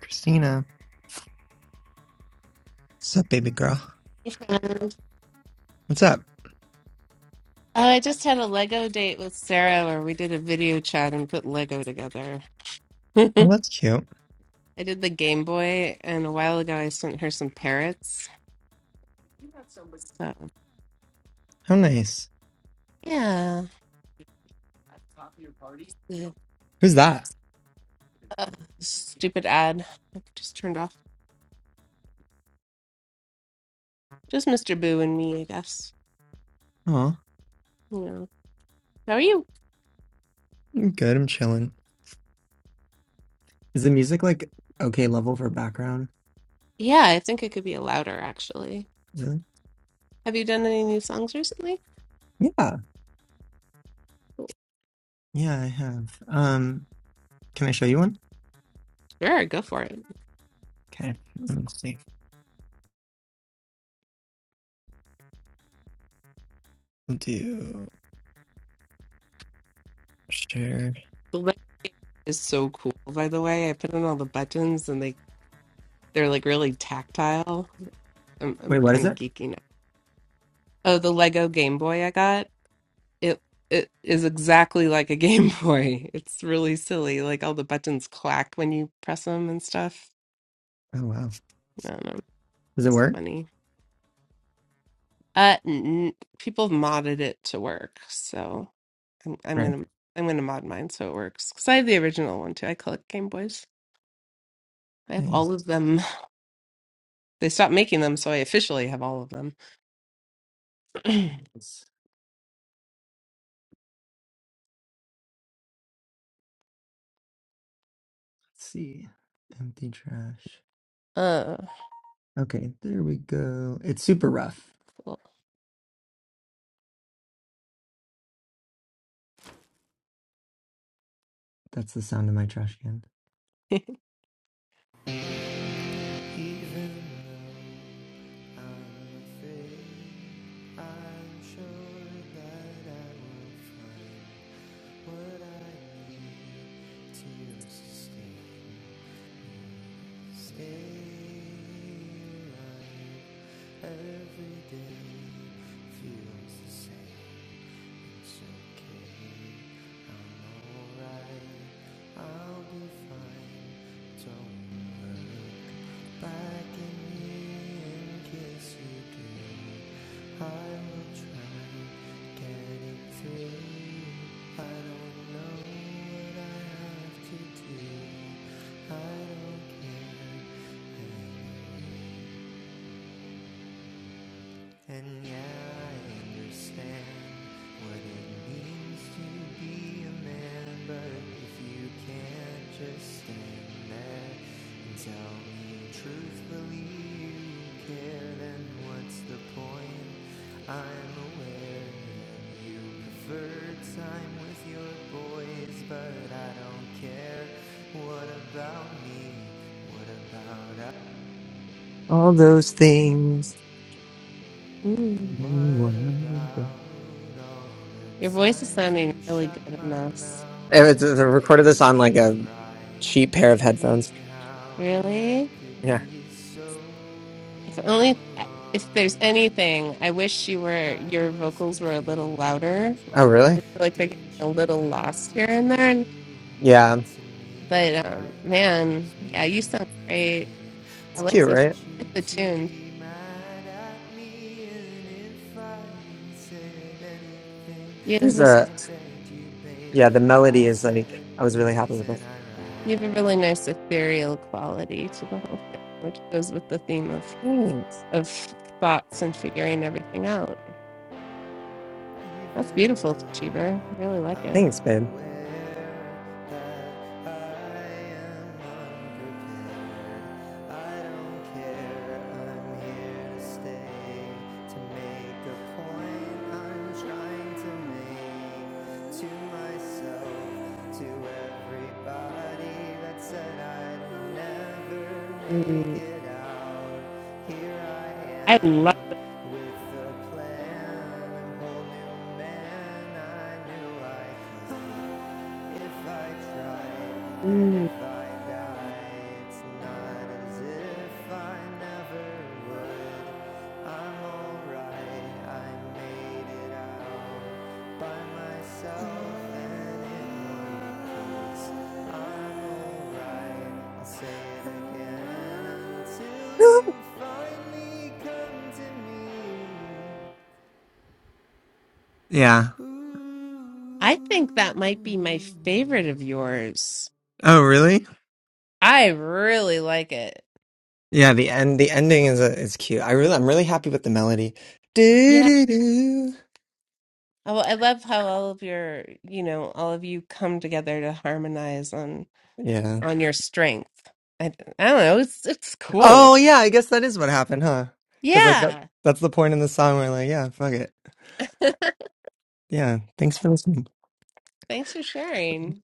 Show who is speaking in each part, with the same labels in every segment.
Speaker 1: Christina. What's up, baby girl?
Speaker 2: And
Speaker 1: What's up?
Speaker 2: uh, I just had a Lego date with Sarah where we did a video chat and put Lego together.
Speaker 1: Oh,
Speaker 2: I
Speaker 1: that's cute.
Speaker 2: did the Game Boy, and a while ago I sent her some parrots. So,
Speaker 1: How nice.
Speaker 2: yeah. The,
Speaker 1: Who's that?
Speaker 2: uh, stupid ad. I just turned off. Just Mr. Boo and me, I guess.
Speaker 1: Oh,
Speaker 2: You know. How are you?
Speaker 1: I'm good. I'm chilling. Is the music like okay level for background?
Speaker 2: Yeah, I think it could be a louder, actually.
Speaker 1: Is it?
Speaker 2: Have you done any new songs recently?
Speaker 1: Yeah. Yeah, I have. Um, can I show you one?
Speaker 2: Sure, go for it.
Speaker 1: Okay. Let me see. I'll Do share.
Speaker 2: The Lego Game Boy is so cool, by the way. I put in all the buttons and they They're like really tactile. I'm I'm
Speaker 1: Wait, what is
Speaker 2: kind of
Speaker 1: it?
Speaker 2: geeking out. Oh, the Lego Game Boy I got, it it is exactly like a Game Boy. It's really silly. Like all the buttons clack when you press them and stuff.
Speaker 1: Oh wow.
Speaker 2: I don't know.
Speaker 1: Does it
Speaker 2: It's
Speaker 1: work?
Speaker 2: funny. Uh, n people have modded it to work, so I'm I'm
Speaker 1: Right.
Speaker 2: gonna I'm gonna mod mine so it works. Because I have the original one too. I collect Game Boys. I have all
Speaker 1: Nice.
Speaker 2: of them. They stopped making them, so I officially have all of them.
Speaker 1: Let's see. Empty trash.
Speaker 2: uh,
Speaker 1: Okay, there we go. It's super rough.
Speaker 2: cool.
Speaker 1: That's the sound of my trash can.
Speaker 3: Even though I'm afraid, I'm sure that I will find what I need to sustain. me. Stay alive every day feels the same. It's okay, I'm alright, I'll be fine. Don't look back at me in case you do. I will try getting through. I don't know what I have to do. I don't care. anymore. And yeah, I understand what it means to be a man, but if you can't just stand there and tell me truthfully you care, then what's the point? I'm aware that you prefer time with your boys, but I don't care. What about me? What about us?
Speaker 1: All those things
Speaker 2: Mm.
Speaker 3: And
Speaker 1: It
Speaker 3: what about all the
Speaker 2: Your voice is
Speaker 3: times
Speaker 2: sounding
Speaker 3: you
Speaker 2: really
Speaker 3: shut
Speaker 2: good in
Speaker 3: my
Speaker 2: this.
Speaker 3: mouth
Speaker 1: was I
Speaker 3: and
Speaker 1: recorded
Speaker 3: made
Speaker 1: this on like
Speaker 3: me
Speaker 1: a
Speaker 3: cry?
Speaker 1: cheap pair of
Speaker 3: Thinking
Speaker 1: headphones.
Speaker 3: how I
Speaker 2: Really?
Speaker 3: could
Speaker 1: Yeah.
Speaker 3: be so
Speaker 2: If only if there's
Speaker 3: wrong.
Speaker 2: anything, I wish you
Speaker 3: I
Speaker 2: were your
Speaker 3: was
Speaker 2: vocals were a little louder.
Speaker 3: confused.
Speaker 1: Oh,
Speaker 3: Why
Speaker 1: really?
Speaker 2: I feel like they're getting
Speaker 3: did
Speaker 2: a
Speaker 3: you
Speaker 2: little
Speaker 3: have
Speaker 2: lost here
Speaker 3: to
Speaker 2: and
Speaker 3: do
Speaker 2: there.
Speaker 3: that
Speaker 1: Yeah.
Speaker 3: to
Speaker 2: But
Speaker 3: me?
Speaker 2: um
Speaker 3: Like I was
Speaker 2: man, yeah, you
Speaker 3: mean.
Speaker 2: sound
Speaker 3: I
Speaker 2: great.
Speaker 3: didn't
Speaker 2: I
Speaker 1: It's
Speaker 2: like
Speaker 1: cute,
Speaker 2: the
Speaker 3: want
Speaker 1: right?
Speaker 3: you
Speaker 2: I like the
Speaker 3: to
Speaker 2: tune.
Speaker 3: be mad at me. And if I said anything,
Speaker 2: You have
Speaker 1: There's
Speaker 3: I
Speaker 2: this
Speaker 1: a
Speaker 3: begged you, babe.
Speaker 1: yeah. The
Speaker 3: I
Speaker 1: melody is like
Speaker 3: said
Speaker 1: I was really happy
Speaker 3: please,
Speaker 1: with it.
Speaker 3: and I
Speaker 2: you have a
Speaker 3: ran.
Speaker 2: really nice ethereal quality to the whole thing, which goes with the theme of
Speaker 1: Thanks,
Speaker 2: of thoughts and figuring everything out. That's
Speaker 3: Even
Speaker 2: beautiful, Cheever. I really
Speaker 3: now,
Speaker 2: like it.
Speaker 1: thanks, babe.
Speaker 3: I'm aware that I am unprepared. I don't care, I'm here to stay, to make a point I'm trying to make to myself, to everybody that said I'd never
Speaker 2: Mm.
Speaker 3: make it out. Here I
Speaker 2: I love.
Speaker 3: am with a plan, a whole new man. I knew I could. If I try and
Speaker 2: mm.
Speaker 3: if I die, it's not as if I never would. I'm alright, I made it out by myself and in one. I'm alright, I'll say it again until you finally come to me.
Speaker 1: yeah.
Speaker 3: Ooh.
Speaker 2: I think that might be my favorite of yours.
Speaker 1: Oh, really?
Speaker 2: I really like it.
Speaker 1: Yeah. The end. The ending is a, is cute. I really, I'm really happy with the melody. Do
Speaker 2: Yeah.
Speaker 1: do do.
Speaker 2: Oh, I love how all of your, you know, all of you come together to harmonize on
Speaker 1: Yeah.
Speaker 2: on your strength. I, I don't know. It's it's cool.
Speaker 1: Oh, yeah. I guess that is what happened, huh? Because like that,
Speaker 2: Yeah.
Speaker 1: that's the point in the song where like yeah, fuck it. Yeah. Thanks for listening.
Speaker 2: Thanks for sharing.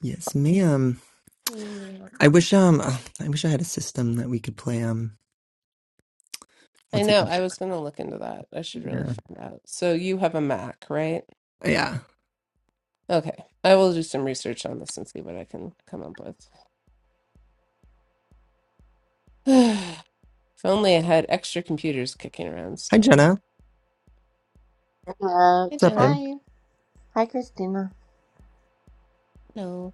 Speaker 1: Yes, me. Um,
Speaker 2: Yeah.
Speaker 1: I wish. Um, uh, I wish I had a system that we could play. Um,
Speaker 2: I
Speaker 1: what's it?
Speaker 2: know. I was going to look into that. I should really
Speaker 1: Yeah.
Speaker 2: find out. So you have a Mac, right?
Speaker 1: Yeah.
Speaker 2: Okay. I will do some research on this and see what I can come up with. If only I had extra computers kicking around
Speaker 1: Hi,
Speaker 2: still.
Speaker 1: Jenna. What's
Speaker 4: Uh,
Speaker 2: I
Speaker 1: up,
Speaker 2: don't
Speaker 1: babe?
Speaker 4: hi, hi, Christina.
Speaker 2: know.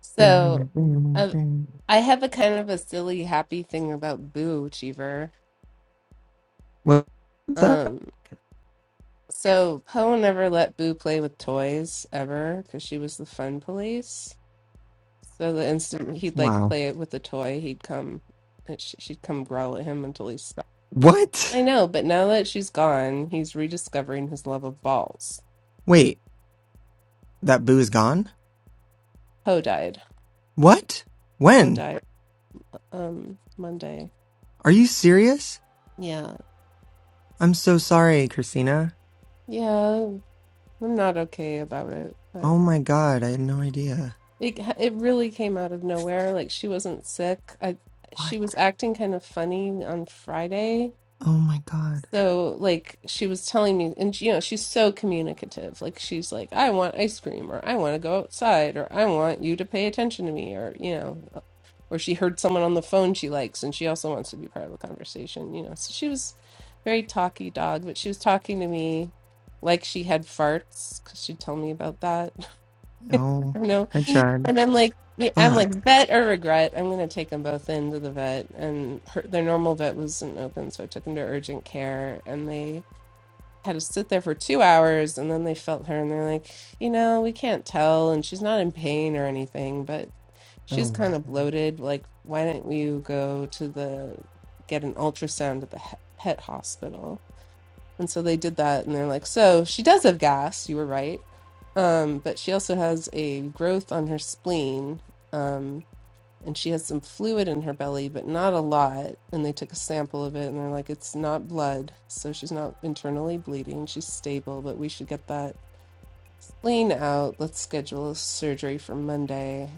Speaker 2: So,
Speaker 1: Bing, bing,
Speaker 2: um,
Speaker 1: bing.
Speaker 2: I have a kind of a silly, happy thing about Boo Cheever.
Speaker 1: What- What's that?
Speaker 2: Um, so Poe never let Boo play with toys ever because she was the fun police. So the instant he'd like
Speaker 1: Wow.
Speaker 2: play it with a toy, he'd come, and sh- she'd come growl at him until he stopped. I
Speaker 1: What?
Speaker 2: know, but now that she's gone, he's rediscovering his love of balls.
Speaker 1: Wait, that boo is gone.
Speaker 2: Poe died.
Speaker 1: What?
Speaker 2: Poe
Speaker 1: When?
Speaker 2: died um Monday.
Speaker 1: Are you serious?
Speaker 2: Yeah.
Speaker 1: I'm so sorry, Christina.
Speaker 2: Yeah, I'm not okay about it, but
Speaker 1: Oh my god, I had no idea.
Speaker 2: it it really came out of nowhere. Like she wasn't sick. I
Speaker 1: What?
Speaker 2: she was acting kind of funny on Friday.
Speaker 1: Oh my god.
Speaker 2: So like she was telling me and you know, she's so communicative. Like she's like, "I want ice cream," or "I want to go outside," or "I want you to pay attention to me," or you know. or she heard someone on the phone she likes and she also wants to be part of the conversation you know so she was very talky dog but she was talking to me like she had farts because she'd tell me about that
Speaker 1: Oh,
Speaker 2: you know
Speaker 1: I tried.
Speaker 2: and i'm like yeah, i'm
Speaker 1: Fuck.
Speaker 2: like vet or regret i'm going to take them both into the vet and her, their normal vet wasn't open so i took them to urgent care and they had to sit there for two hours and then they felt her and they're like you know we can't tell and she's not in pain or anything but she's
Speaker 1: Oh my
Speaker 2: kind of
Speaker 1: god.
Speaker 2: bloated. Like, why don't you go to the get an ultrasound at the he- pet hospital? And so they did that, and they're like, so she does have gas. You were right, um, but she also has a growth on her spleen, um, and she has some fluid in her belly, but not a lot. And they took a sample of it, and they're like, it's not blood, so she's not internally bleeding. She's stable, but we should get that spleen out. Let's schedule a surgery for Monday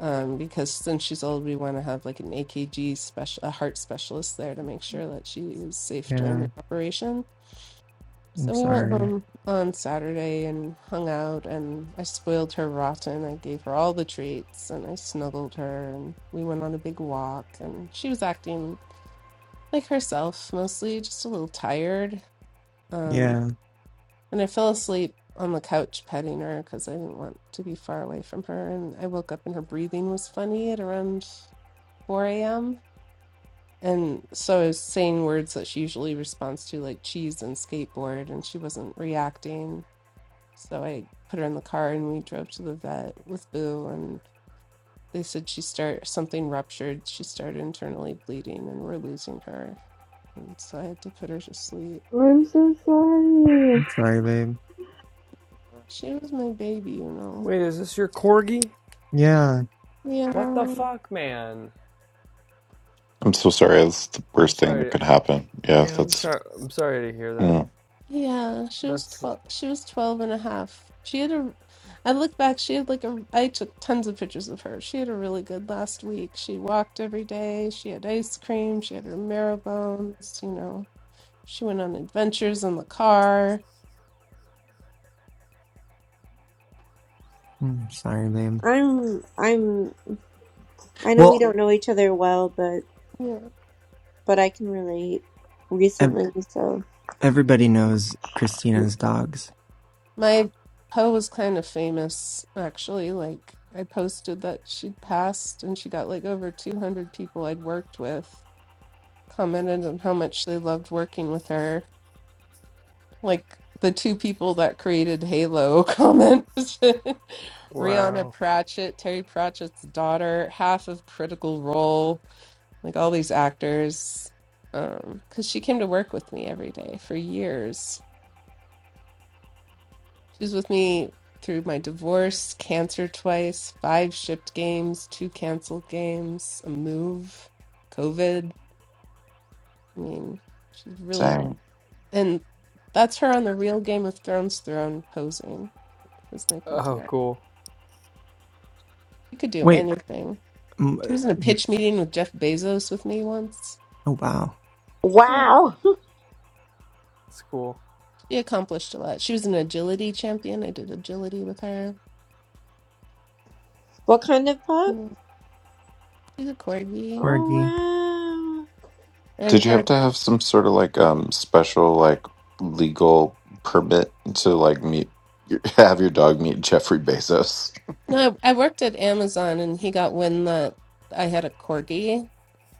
Speaker 2: um, because since she's old, we want to have like an AKG special, a heart specialist there to make sure that she was safe during
Speaker 1: Yeah,
Speaker 2: the operation.
Speaker 1: I'm
Speaker 2: So we went
Speaker 1: sorry.
Speaker 2: home on Saturday and hung out, and I spoiled her rotten. I gave her all the treats, and I snuggled her, and we went on a big walk, and she was acting like herself mostly, just a little tired. Um,
Speaker 1: Yeah.
Speaker 2: and I fell asleep on the couch petting her because I didn't want to be far away from her, and I woke up and her breathing was funny at around. 4 a.m. And so I was saying words that she usually responds to, like cheese and skateboard, and she wasn't reacting. So I put her in the car and we drove to the vet with Boo. And they said she start something ruptured. She started internally bleeding, and we're losing her. And so I had to put her to sleep.
Speaker 4: I'm so sorry.
Speaker 1: I'm sorry, babe.
Speaker 2: She was my baby, you know.
Speaker 5: Wait, is this your corgi?
Speaker 1: Yeah,
Speaker 5: What the
Speaker 2: Yeah.
Speaker 5: fuck, man?
Speaker 6: I'm so sorry. That's the
Speaker 5: I'm
Speaker 6: worst thing that
Speaker 5: sorry.
Speaker 6: could happen. Yeah,
Speaker 5: Yeah, I'm
Speaker 6: that's
Speaker 5: sorry. I'm sorry to hear that.
Speaker 6: mm,
Speaker 2: Yeah, she was
Speaker 5: That's
Speaker 2: 12, she was 12 and a half. She had a, I look back, she had like a, I took tons of pictures of her. She had a really good last week. She walked every day. She had ice cream. She had her marrow bones, you know. She went on adventures in the car.
Speaker 1: I'm sorry, babe.
Speaker 4: I'm, I'm. I know we
Speaker 1: Well,
Speaker 4: don't know each other well, but
Speaker 2: Yeah.
Speaker 4: but I can relate.
Speaker 1: ev-
Speaker 4: Recently, so
Speaker 1: everybody knows Christina's dogs.
Speaker 2: My Poe was kind of famous, actually. Like, I posted that she'd passed and she got like over 200 people I'd worked with commented on how much they loved working with her. like the two people that created Halo comment. Rihanna
Speaker 5: wow.
Speaker 2: Pratchett, Terry Pratchett's daughter, half of Critical Role, like all these actors. Um, because she came to work with me every day for years. She was with me through my divorce, cancer twice, five shipped games, two canceled games, a move, COVID. I mean, she's really
Speaker 6: same.
Speaker 2: and that's her on the real Game of Thrones throne posing. That's my
Speaker 5: Oh,
Speaker 2: PTR.
Speaker 5: cool.
Speaker 2: She could do
Speaker 1: Wait,
Speaker 2: anything.
Speaker 1: mm,
Speaker 2: She was in a
Speaker 1: uh,
Speaker 2: pitch meeting with Jeff Bezos with me once.
Speaker 1: oh wow,
Speaker 2: Yeah.
Speaker 4: wow.
Speaker 5: That's cool.
Speaker 2: She accomplished a lot. She was an agility champion. I did agility with her.
Speaker 4: What kind of pup?
Speaker 2: Mm, She's a corgi.
Speaker 1: Fergie.
Speaker 4: Oh
Speaker 2: And
Speaker 6: Did you have
Speaker 2: her,
Speaker 6: to have some sort of like um special like legal permit to like meet your, have your dog meet Jeffrey Bezos?
Speaker 2: no, I I worked at Amazon and he got wind that I had a corgi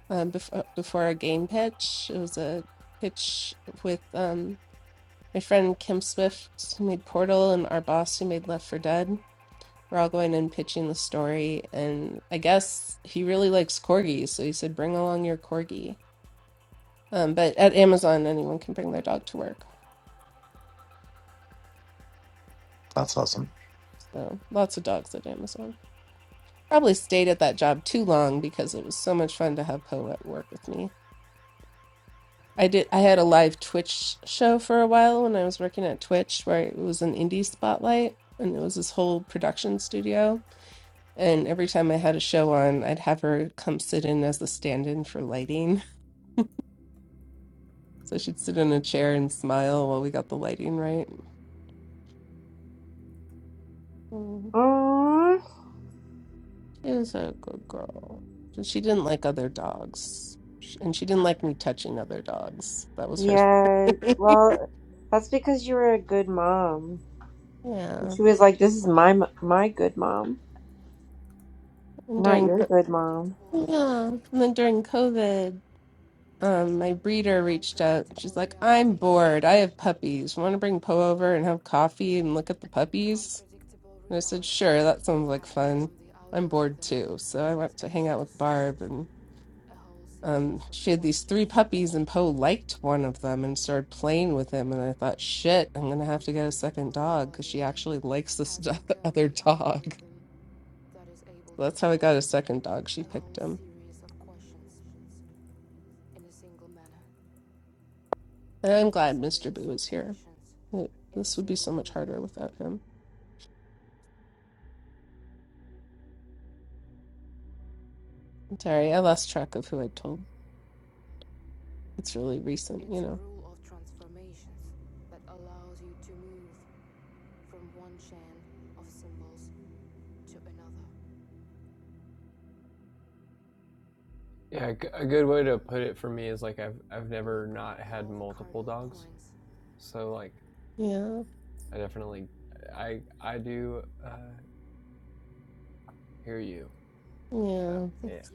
Speaker 2: um, before, before a game pitch. It was a pitch with um, my friend Kim Swift, who made Portal, and our boss, who made Left for Dead. We're all going and pitching the story, and I guess he really likes corgis, so he said, "Bring along your corgi." Um, but at Amazon, anyone can bring their dog to work,
Speaker 6: That's awesome.
Speaker 2: so lots of dogs at Amazon. Probably stayed at that job too long because it was so much fun to have Poe at work with me. I did. I had a live Twitch show for a while when I was working at Twitch, where it was an indie spotlight, and it was this whole production studio. And every time I had a show on, I'd have her come sit in as the stand-in for lighting So she'd sit in a chair and smile while we got the lighting right. Mm,
Speaker 4: wow. Aww.
Speaker 2: She was a good girl. So she didn't like other dogs. Sh- And she didn't like me touching other dogs. That was her
Speaker 4: Yeah. Well, that's because you were a good mom. And
Speaker 2: Yeah.
Speaker 4: she was like, "This is my m- my good mom,
Speaker 2: And
Speaker 4: not
Speaker 2: during
Speaker 4: your
Speaker 2: co-
Speaker 4: good mom."
Speaker 2: yeah, and then during COVID, um, my breeder reached out. She's like, "I'm bored. I have puppies. Want to bring Poe over and have coffee and look at the puppies?" And I said, "Sure, that sounds like fun. I'm bored too." So I went to hang out with Barb, um, she had these three puppies, and Poe liked one of them and started playing with him. And I thought, shit, I'm gonna have to get a second dog because she actually likes this do- other dog. So that's how I got a second dog. She picked him, and I'm glad Mr. Boo is here. It- this would be so much harder without him. I'm sorry, I lost track of who I told. It's really recent, you know.
Speaker 5: Yeah, a good way to put it for me is like I've I've never not had multiple dogs, so like
Speaker 2: Yeah,
Speaker 5: I definitely I I do uh, hear you. So
Speaker 2: yeah.
Speaker 5: yeah,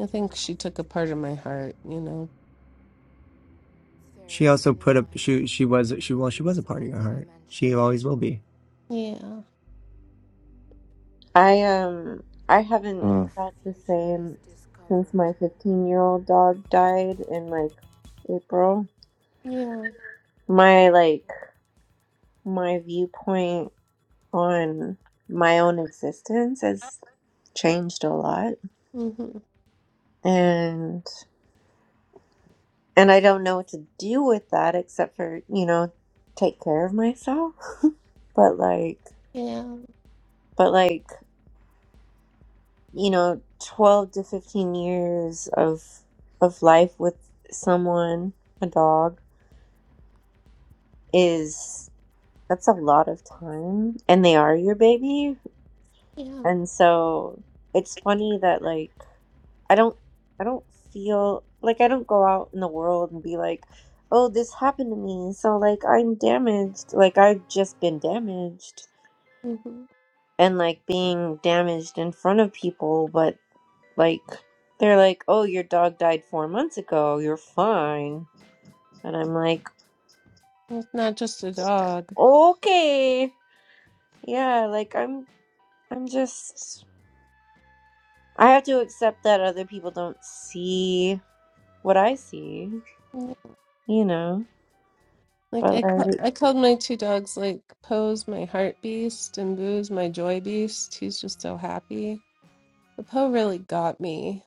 Speaker 2: I think she took a part of my heart, you know.
Speaker 1: She also put up. She she was she well she was a part of your heart. She always will be.
Speaker 2: Yeah,
Speaker 4: I um I haven't
Speaker 6: Mm.
Speaker 4: felt the same since my 15-year-old dog died in like April.
Speaker 2: yeah,
Speaker 4: My like my viewpoint on my own existence has changed a lot
Speaker 2: hmm
Speaker 4: and and I don't know what to do with that except for, you know, take care of myself. But like
Speaker 2: yeah,
Speaker 4: but like, you know, 12 to 15 years of of life with someone, a dog is that's a lot of time and they are your baby
Speaker 2: yeah.
Speaker 4: and so it's funny that like i don't i don't feel like i don't go out in the world and be like oh this happened to me so like i'm damaged like i've just been damaged
Speaker 2: hmm
Speaker 4: and like being damaged in front of people but like they're like oh your dog died 4 months ago you're fine and i'm like
Speaker 2: It's not just a dog.
Speaker 4: okay yeah like i'm I'm just I have to accept that other people don't see what I see,
Speaker 2: Like
Speaker 4: you know. But
Speaker 2: I, ca-
Speaker 4: like,
Speaker 2: I called my two dogs like Poe's my heart beast and Boo's my joy beast. He's just so happy. But Poe really got me.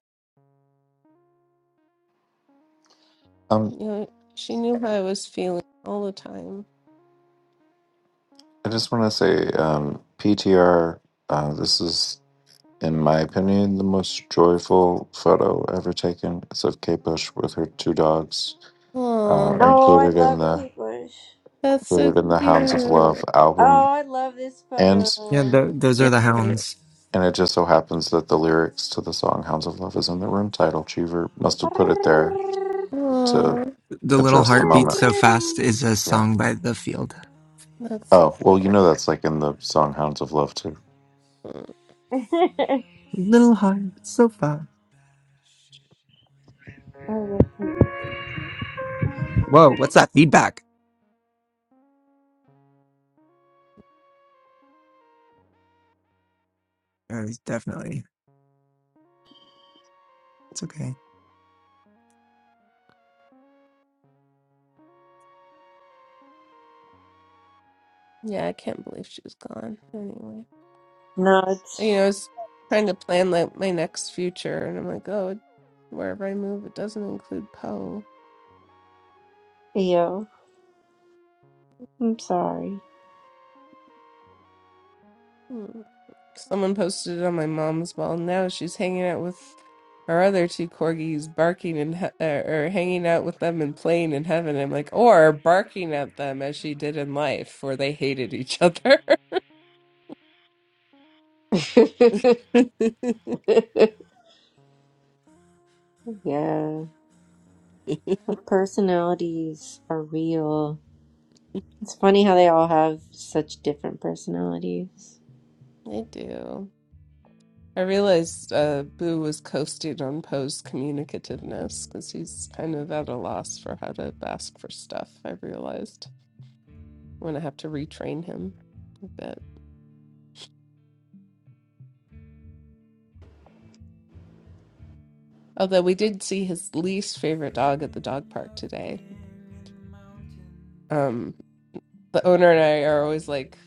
Speaker 6: Um,
Speaker 2: You know, she knew how I was feeling all the time.
Speaker 6: I just want to say, um, PTR. Uh, this is, in my opinion, the most joyful photo ever taken. It's of Kate Bush with her two dogs, uh,
Speaker 2: Aw,
Speaker 4: oh, I
Speaker 6: included in
Speaker 4: love
Speaker 6: the
Speaker 4: Kate Bush.
Speaker 2: that's so
Speaker 6: included in the Hounds of Love
Speaker 2: cute.
Speaker 4: Oh,
Speaker 6: album.
Speaker 4: I love this
Speaker 6: and.
Speaker 1: Yeah,
Speaker 4: photo.
Speaker 1: tho- those are the
Speaker 2: Period.
Speaker 1: hounds.
Speaker 3: Curses
Speaker 6: And it
Speaker 3: that
Speaker 6: just so happens that the
Speaker 3: nobody can
Speaker 6: lyrics to the song
Speaker 3: see.
Speaker 6: Hounds of Love is in the room
Speaker 3: It's
Speaker 6: title. Cheever must
Speaker 3: probably
Speaker 6: have put it there
Speaker 3: all you'll ever be.
Speaker 6: to
Speaker 2: Aw,
Speaker 1: The little
Speaker 6: address the
Speaker 1: heart beats
Speaker 6: moment.
Speaker 1: so fast is a
Speaker 6: Yeah.
Speaker 1: song by The Field.
Speaker 3: Feeling all the
Speaker 2: that's so
Speaker 6: Oh, well,
Speaker 3: owners
Speaker 6: you know that's like in
Speaker 3: knowing
Speaker 6: the
Speaker 3: when
Speaker 6: song
Speaker 3: it
Speaker 6: Hounds of Love, too.
Speaker 3: begins.
Speaker 2: cool.
Speaker 3: The sun goes
Speaker 1: Little heart so
Speaker 3: down,
Speaker 1: fast.
Speaker 3: the bad
Speaker 4: I
Speaker 3: wins.
Speaker 1: Whoa, what's that feedback? Oh, it's definitely. It's okay.
Speaker 2: Yeah, I can't believe she's gone. Anyway,
Speaker 4: no,
Speaker 2: you know, I was trying to plan like my next future, and I'm like, oh, wherever I move, it doesn't include Poe.
Speaker 4: yo. I'm sorry.
Speaker 2: Hmm. Someone posted it on my mom's wall. Now she's hanging out with our other two corgis, barking and he- uh, or hanging out with them and playing in heaven. I'm like, or barking at them as she did in life, where they hated each other.
Speaker 4: yeah, our personalities are real. It's funny how they all have such different personalities.
Speaker 2: I do. I realized uh, Boo was coasting on Poe's communicativeness because he's kind of at a loss for how to ask for stuff. I realized I'm gonna have to retrain him a bit. Although we did see his least favorite dog at the dog park today. Um, the owner and I are always like,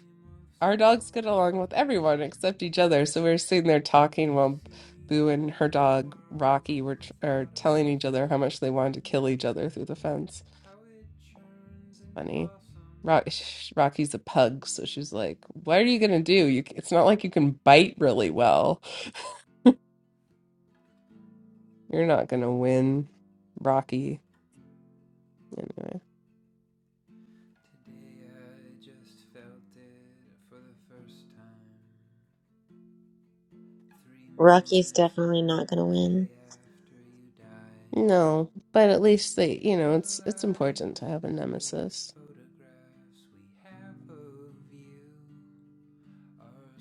Speaker 2: our dogs get along with everyone except each other. So we are sitting there talking while Boo and her dog Rocky were tr are telling each other how much they wanted to kill each other through the fence. Funny. Rock, sh- Rocky's a pug, so she's like, "What are you gonna do? You, c- it's not like you can bite really well. You're not gonna win, Rocky." Anyway.
Speaker 4: Rocky's definitely not gonna win.
Speaker 2: No, but at least they, you know, it's it's important to have a nemesis.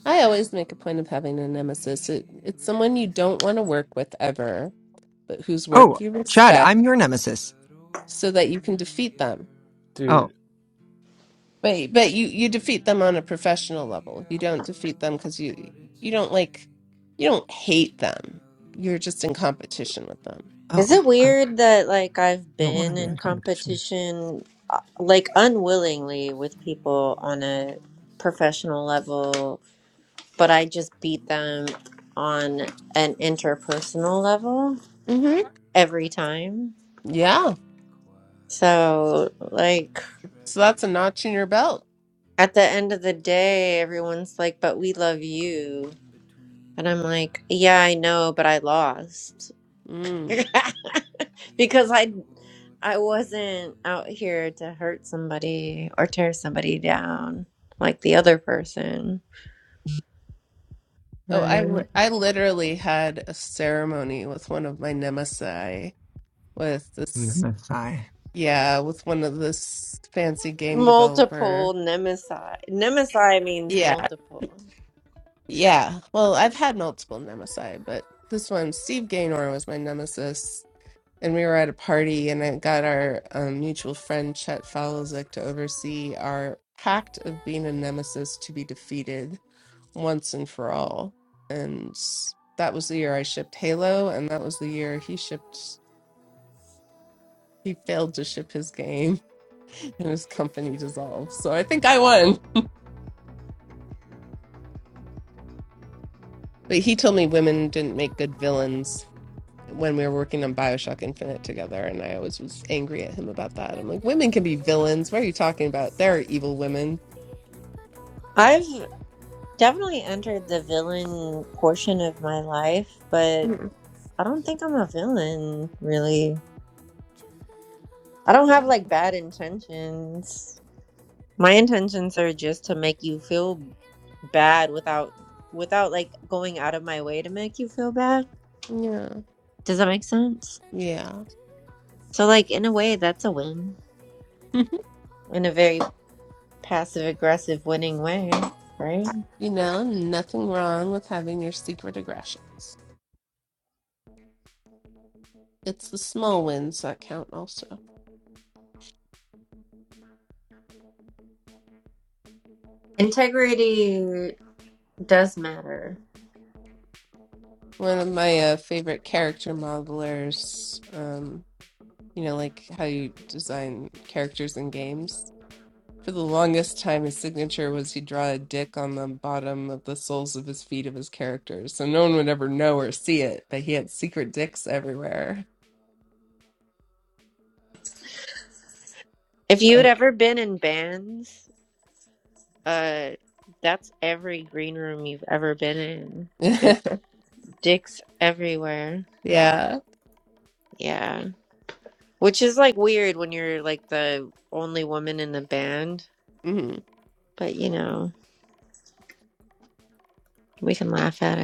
Speaker 2: I always make a point of having a nemesis. It, it's someone you don't want to work with ever, but whose
Speaker 1: Oh,
Speaker 2: work you
Speaker 1: Chad,
Speaker 2: respect
Speaker 1: I'm your nemesis.
Speaker 2: so that you can defeat them.
Speaker 1: Oh,
Speaker 5: dude,
Speaker 2: But but you you defeat them on a professional level. You don't defeat them because you you don't like you don't hate them. You're just in competition with them.
Speaker 4: Is
Speaker 1: oh,
Speaker 4: it
Speaker 1: I
Speaker 4: weird that like I've
Speaker 1: don't want to
Speaker 4: been
Speaker 1: be
Speaker 4: in
Speaker 1: in competition.
Speaker 4: competition uh, like unwillingly with people on a professional level, but I just beat them on an interpersonal level
Speaker 2: hmm
Speaker 4: every time?
Speaker 2: Yeah.
Speaker 4: So like
Speaker 2: So that's a notch in your belt.
Speaker 4: at the end of the day, everyone's like, "But we love you." And I'm like, "Yeah, I know, but I lost."
Speaker 2: Mm.
Speaker 4: because I I wasn't out here to hurt somebody or tear somebody down like the other person,
Speaker 2: Oh, I li-
Speaker 4: right?
Speaker 2: I literally had a ceremony with one of my nemesis with this
Speaker 1: MFI.
Speaker 2: yeah, with one of this fancy game developer.
Speaker 4: Multiple nemesis. Nemesis means
Speaker 2: Yeah.
Speaker 4: multiple.
Speaker 2: Yeah. Well, I've had multiple nemesis, but this one Steve Gaynor was my nemesis and we were at a party and I got our um, mutual friend Chet Falozic to oversee our pact of being a nemesis to be defeated once and for all. And s- that was the year I shipped Halo, and that was the year he shipped, he failed to ship his game and his company dissolved. So I think I won. But he told me women didn't make good villains when we were working on Bioshock Infinite together. And I always was angry at him about that. I'm like, women can be villains. What are you talking about? There are evil women.
Speaker 4: I've definitely entered the villain portion of my life, but
Speaker 2: Mm,
Speaker 4: I don't think I'm a villain, really. I don't have like bad intentions. My intentions are just to make you feel bad without without like going out of my way to make you feel bad.
Speaker 2: Yeah.
Speaker 4: Does that make sense?
Speaker 2: Yeah.
Speaker 4: So, like, in a way, that's a win in a very passive aggressive winning way, right?
Speaker 2: You know, nothing wrong with having your secret aggressions. It's the small wins that count, also.
Speaker 4: Integrity does matter.
Speaker 2: One of my uh, favorite character modelers, um, you know, like how you design characters in games. For the longest time, his signature was he'd draw a dick on the bottom of the soles of his feet of his characters. So no one would ever know or see it, but he had secret dicks everywhere.
Speaker 4: If you had
Speaker 2: Um,
Speaker 4: ever been in bands, uh, that's every green room you've ever been in. There's dicks everywhere.
Speaker 2: yeah.
Speaker 4: Yeah. Which is like weird when you're like the only woman in the band,
Speaker 2: Mhm.
Speaker 4: but you know, we can laugh at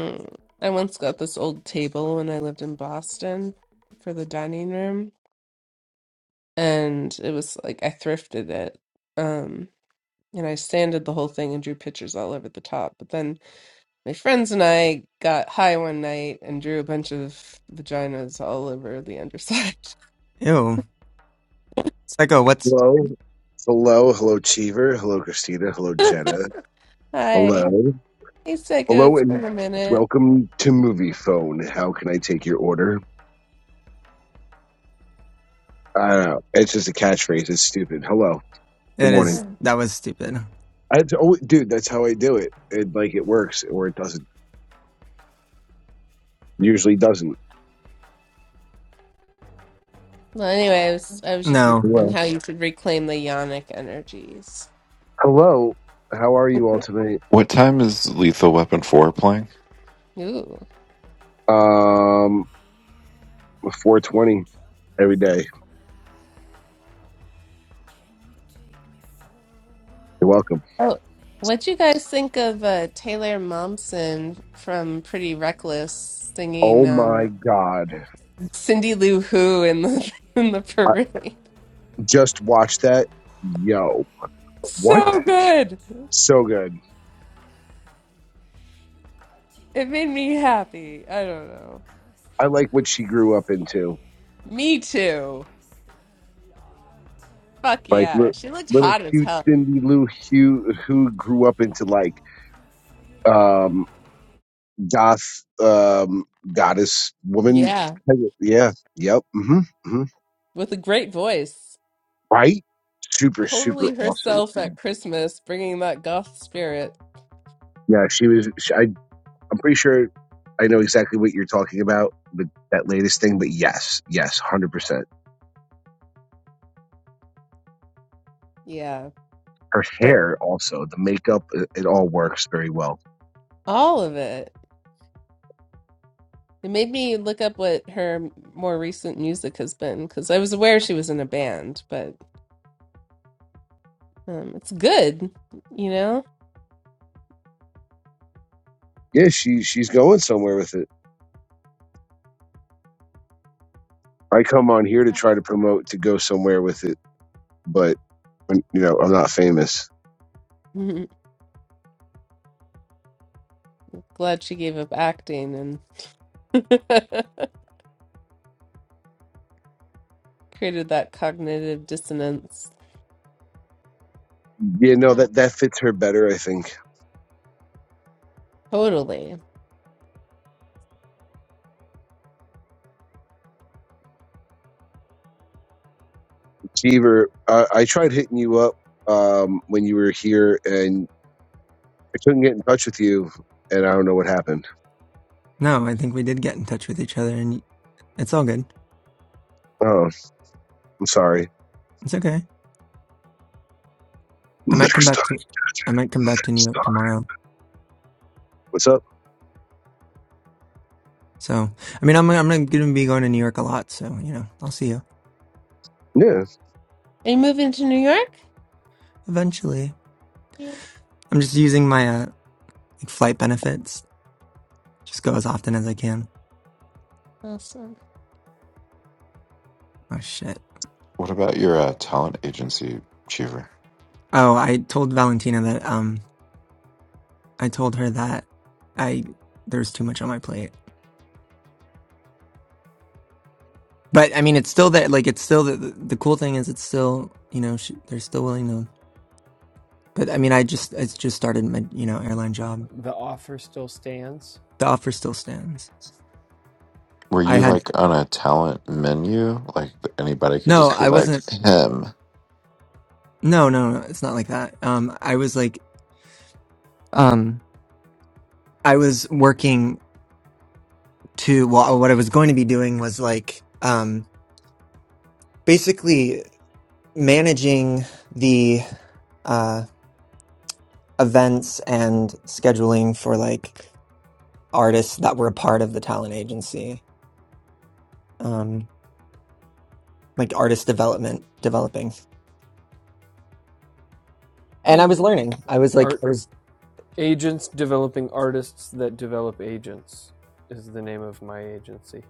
Speaker 2: mm I once got this old table when I lived in Boston for the dining room, and it was like I thrifted it. Um, and I sanded the whole thing and drew pictures all over the top. But then my friends and I got high one night and drew a bunch of vaginas all over the underside.
Speaker 1: Ew. Psycho, what's
Speaker 7: Hello. Hello. Hello, Cheever. Hello, Christina. Hello, Jenna. Hello.
Speaker 2: Hi, hey psycho,
Speaker 7: Hello,
Speaker 2: it's
Speaker 7: and
Speaker 2: been a minute.
Speaker 7: welcome to Movie Phone. How can I take your order? I don't know. It's just a catchphrase. It's stupid. Hello. Good
Speaker 1: it is?
Speaker 7: morning.
Speaker 1: that was stupid.
Speaker 7: I had to, oh, dude, that's how I do it. it. Like, it works or it doesn't. Usually doesn't.
Speaker 2: Well, anyway, I was I was just
Speaker 1: No.
Speaker 2: mentioning
Speaker 7: Well,
Speaker 2: how you could reclaim the yonic energies.
Speaker 7: hello. How are you all tonight?
Speaker 6: What time is Lethal Weapon 4 playing?
Speaker 2: Ooh.
Speaker 7: Um, 420 every day. You're welcome.
Speaker 2: Oh, what'd you guys think of uh, Taylor Momsen from Pretty Reckless
Speaker 7: Oh
Speaker 2: singing
Speaker 7: my
Speaker 2: um,
Speaker 7: God.
Speaker 2: Cindy Lou Who in the in the
Speaker 7: I
Speaker 2: parade?
Speaker 7: just watched that. Yo. What?
Speaker 2: So good.
Speaker 7: So good.
Speaker 2: It made me happy. I don't know.
Speaker 7: I like what she grew up into.
Speaker 2: Me too. Fuck
Speaker 7: Like
Speaker 2: yeah.
Speaker 7: li-
Speaker 2: She looked
Speaker 7: little
Speaker 2: hot as
Speaker 7: cute
Speaker 2: hell.
Speaker 7: Cindy Lou Who who grew up into like um goth um goddess woman.
Speaker 2: Yeah,
Speaker 7: Yeah. Yep. hmm hmm
Speaker 2: with a great voice.
Speaker 7: Right. Super super
Speaker 2: Totally
Speaker 7: awesome.
Speaker 2: herself at Christmas, bringing that goth spirit.
Speaker 7: Yeah. She was. She, I I'm pretty sure I know exactly what you're talking about with that latest thing. But yes, yes, hundred percent.
Speaker 2: Yeah.
Speaker 7: Her
Speaker 2: Right.
Speaker 7: hair also the makeup it, it all works very well.
Speaker 2: All of it. It made me look up what her m- more recent music has been because I was aware she was in a band, but um, it's good, you know?
Speaker 7: Yeah. She she's going somewhere with it. I come on here to try to promote to go somewhere with it, but when- you know I'm not famous.
Speaker 2: Glad she gave up acting and created that cognitive dissonance.
Speaker 7: Yeah, no, that that fits her better. I think.
Speaker 2: Totally.
Speaker 7: Cheever, uh, I tried hitting you up um, when you were here, and I couldn't get in touch with you, and I don't know what happened.
Speaker 1: No, I think we did get in touch with each other and it's all good.
Speaker 7: Oh, I'm sorry.
Speaker 1: It's okay. I might come
Speaker 7: Next time,
Speaker 1: back to I might come back to New York
Speaker 7: stop.
Speaker 1: tomorrow.
Speaker 7: What's up?
Speaker 1: So I mean I'm I'm gonna be going to New York a lot, so you know, I'll see you
Speaker 7: Yeah.
Speaker 2: Are you moving to New York?
Speaker 1: eventually.
Speaker 2: Yeah.
Speaker 1: I'm just using my uh like flight benefits. Just go as often as I can.
Speaker 2: Awesome.
Speaker 1: Oh shit.
Speaker 6: What about your uh, talent agency, Cheever?
Speaker 1: Oh, I told Valentina that um I told her that I there's too much on my plate. But I mean, it's still that like it's still the the the cool thing is it's still you know she, they're still willing to. But I mean, I just I just started my you know airline job.
Speaker 5: the offer still stands.
Speaker 1: The offer still stands.
Speaker 6: Were
Speaker 1: I
Speaker 6: you
Speaker 1: had
Speaker 6: like on a talent menu? Like anybody could
Speaker 1: no,
Speaker 6: just be
Speaker 1: I
Speaker 6: like
Speaker 1: wasn't.
Speaker 6: him.
Speaker 1: No, no, no. It's not like that. Um, I was like, um, I was working to. Well, uh, what I was going to be doing was like, um, basically managing the uh events and scheduling for like artists that were a part of the talent agency. Um, like artist development developing and i was
Speaker 2: Hmm.
Speaker 1: learning i was like
Speaker 5: Art
Speaker 1: I was,
Speaker 5: agents developing artists that develop agents is the name of my agency.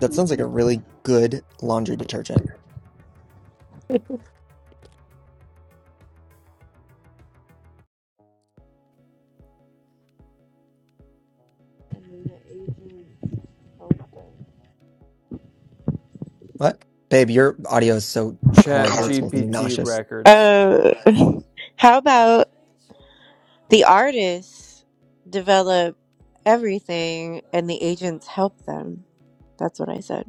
Speaker 1: that sounds like a really good laundry detergent
Speaker 4: it.
Speaker 1: what babe your audio is so
Speaker 5: Chat
Speaker 1: horrible it's
Speaker 4: horrible.
Speaker 1: making me
Speaker 5: GPT
Speaker 1: nauseous
Speaker 5: records.
Speaker 4: Uh, how about the artists develop everything and the agents help them? That's what I said.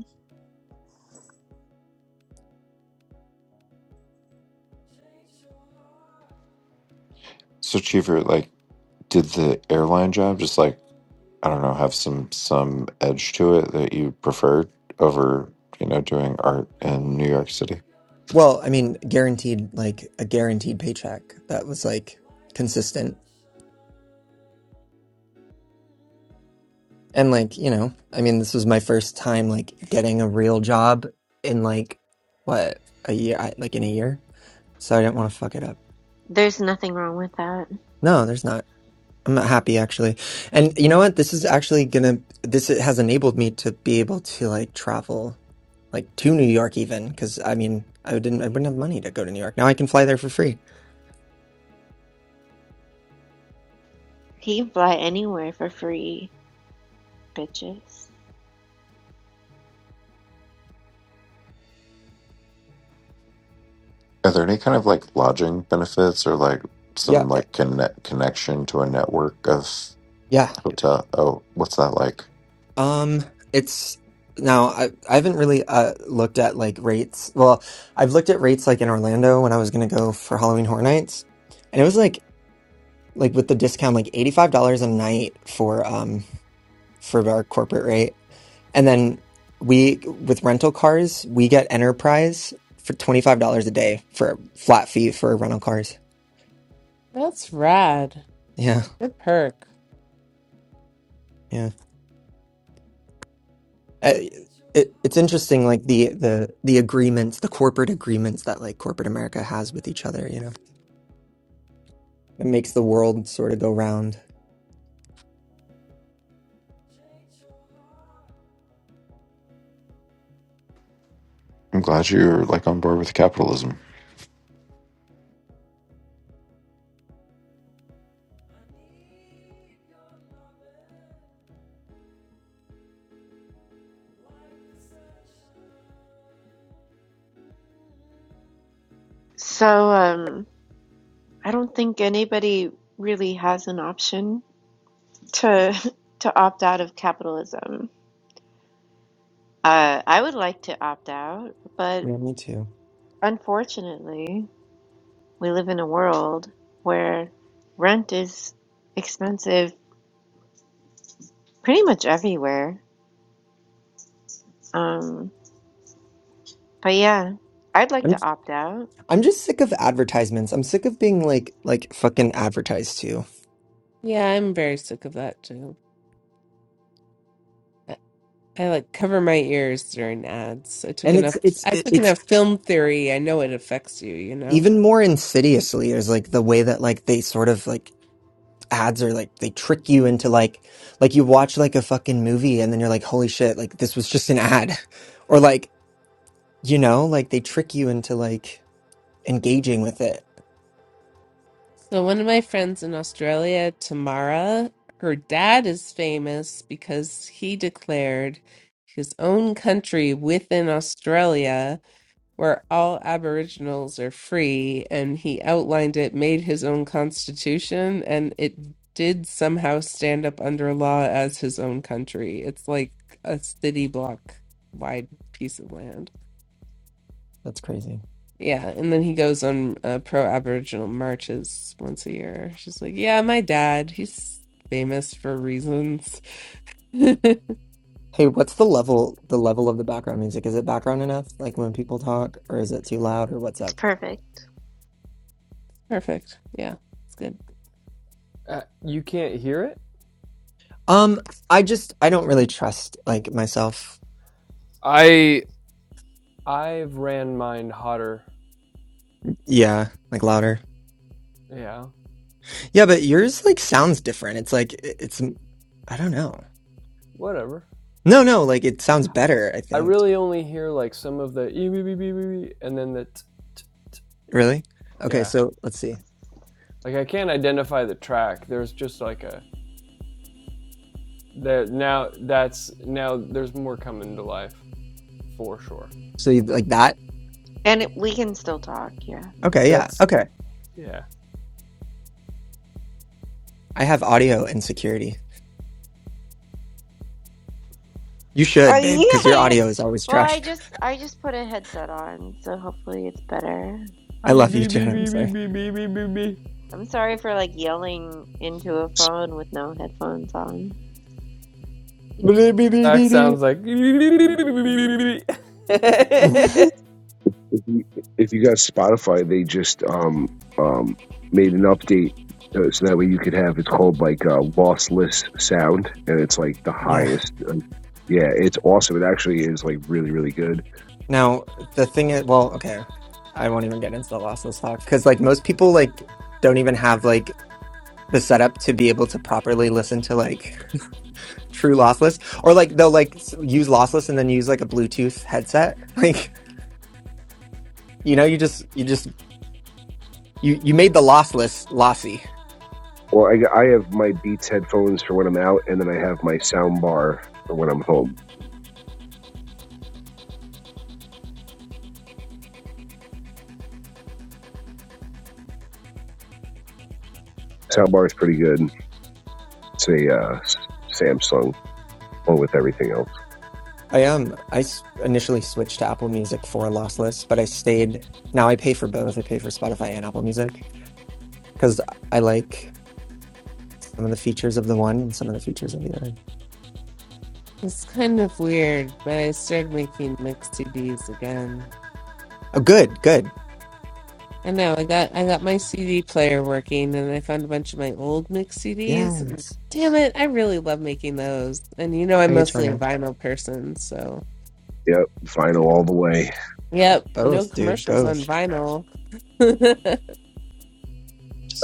Speaker 6: So Cheever, like, did the airline job just like I don't know have some some edge to it that you preferred over you know doing art in New York City?
Speaker 1: well i mean guaranteed like a guaranteed paycheck that was like consistent And like, you know, I mean, this was my first time like getting a real job in like what, a year, I, like in a year. So I didn't want to fuck it up.
Speaker 4: There's nothing wrong with that.
Speaker 1: No, there's not. I'm happy actually. And you know what? This is actually gonna, this has enabled me to be able to like travel like to New York even, because I mean, I didn't, I wouldn't have money to go to New York. Now I can fly there for free.
Speaker 4: He can fly anywhere for free, bitches.
Speaker 6: Are there any kind of like lodging benefits or like
Speaker 1: Yeah.
Speaker 6: some like connect connection to a network of
Speaker 1: Yeah.
Speaker 6: hotel? Oh, what's that like?
Speaker 1: Um, it's now I I haven't really uh looked at like rates. Well, I've looked at rates like in Orlando when I was gonna go for Halloween Horror Nights, and it was like like with the discount like eighty five dollars a night for um for our corporate rate, and then we with rental cars we get Enterprise for twenty five dollars a day for a flat fee for rental cars.
Speaker 2: That's rad.
Speaker 1: Yeah,
Speaker 2: Good perk.
Speaker 1: yeah. I, it it's interesting like the the the agreements the corporate agreements that like corporate America has with each other. You know. It makes the world sort of go round.
Speaker 6: I'm glad you're like on board with capitalism.
Speaker 4: So, um, I don't think anybody really has an option. to to opt out of capitalism. Uh, I would like to opt out, but
Speaker 1: Yeah, me too.
Speaker 4: unfortunately, we live in a world where rent is expensive pretty much everywhere. Um, but yeah, I'd like
Speaker 1: I'm
Speaker 4: to opt out.
Speaker 1: I'm just sick of advertisements. I'm sick of being like like fucking advertised to.
Speaker 2: Yeah, I'm very sick of that too. I, I like cover my ears during ads. I took
Speaker 1: And it's
Speaker 2: enough
Speaker 1: it's
Speaker 2: I
Speaker 1: it-
Speaker 2: took
Speaker 1: it's
Speaker 2: enough film theory. I know it affects you, you know?
Speaker 1: even more insidiously is like the way that like they sort of like ads are like they trick you into like like you watch like a fucking movie and then you're like holy shit like this was just an ad or like you know like they trick you into like engaging with it.
Speaker 2: So one of my friends in Australia, Tamara, her dad is famous because he declared his own country within Australia where all Aboriginals are free, and he outlined it, made his own constitution, and it did somehow stand up under law as his own country. It's like a city block wide piece of land.
Speaker 1: That's crazy.
Speaker 2: Yeah, and then he goes on uh, pro Aboriginal marches once a year. She's like, "Yeah, my dad, he's famous for reasons."
Speaker 1: Hey, what's the level the level of the background music? Is it background enough, like when people talk, or is it too loud, or what's
Speaker 4: It's
Speaker 1: up?
Speaker 4: perfect,
Speaker 2: Perfect. Yeah, it's good.
Speaker 5: Uh, you can't hear it?
Speaker 1: Um, I just I don't really trust like myself.
Speaker 5: I I've ran mine hotter.
Speaker 1: Yeah, like louder.
Speaker 5: Yeah,
Speaker 1: Yeah, but yours like sounds different. It's like it- it's I don't know.
Speaker 5: whatever.
Speaker 1: No, no, like it sounds better, I
Speaker 5: I
Speaker 1: think.
Speaker 5: really only hear like some of the ee- and then the t- t-
Speaker 1: Really? Okay,
Speaker 5: yeah.
Speaker 1: so let's see.
Speaker 5: Like I can't identify the track. There's just like a there now that's now there's more coming to life for sure.
Speaker 1: So you like that?
Speaker 4: and it, we can still talk. Yeah.
Speaker 1: Okay, yeah.
Speaker 5: That's
Speaker 1: Okay.
Speaker 5: yeah.
Speaker 1: I have audio insecurity. You
Speaker 4: Oh
Speaker 1: should, babe, because your
Speaker 4: yeah, yeah.
Speaker 1: audio is always
Speaker 4: Well, I
Speaker 1: trashed.
Speaker 4: just I just put a headset on, so hopefully it's better.
Speaker 1: I
Speaker 5: Ee-
Speaker 1: love you,
Speaker 5: wee- wee-
Speaker 1: Jenna. I'm
Speaker 5: wee- wee-
Speaker 1: sorry.
Speaker 5: wee- wee- wee- wee-
Speaker 4: I'm sorry for like yelling into a phone with no headphones on.
Speaker 5: Back sounds like
Speaker 7: if you if you got Spotify, they just um um made an update uh, so that way you could have it's called like uh, lossless sound, and it's like the
Speaker 1: Yeah.
Speaker 7: highest. Uh, yeah, it's awesome. It actually is like really really good.
Speaker 1: Now, the thing is, well, okay, I won't even get into the lossless talk because, like, most people like don't even have like the setup to be able to properly listen to like true lossless, or like they'll like s- use lossless and then use like a Bluetooth headset. Like, you know, you just you just you you made the lossless lossy.
Speaker 7: Or I I have my Beats headphones for when I'm out, and then I have my sound bar for when I'm home. Sound bar is pretty good. It's a uh, Samsung along with everything else.
Speaker 1: I am. I s- initially switched to Apple Music for lossless, but I stayed. Now I pay for both. I pay for Spotify and Apple Music because I like some of the features of the one and some of the features of the other.
Speaker 2: It's kind of weird, but I started making mixed CDs again.
Speaker 1: Oh, good, good.
Speaker 2: I know I got I got my CD player working, and I found a bunch of my old mixed CDs. and
Speaker 1: Yes.
Speaker 2: damn it, I really love making those. And you know, I'm
Speaker 1: How you trying
Speaker 2: mostly a vinyl person, so
Speaker 7: Yep, vinyl all the way.
Speaker 2: yep, no
Speaker 1: Both, dude.
Speaker 2: commercials on
Speaker 1: Both.
Speaker 2: vinyl. Ooh,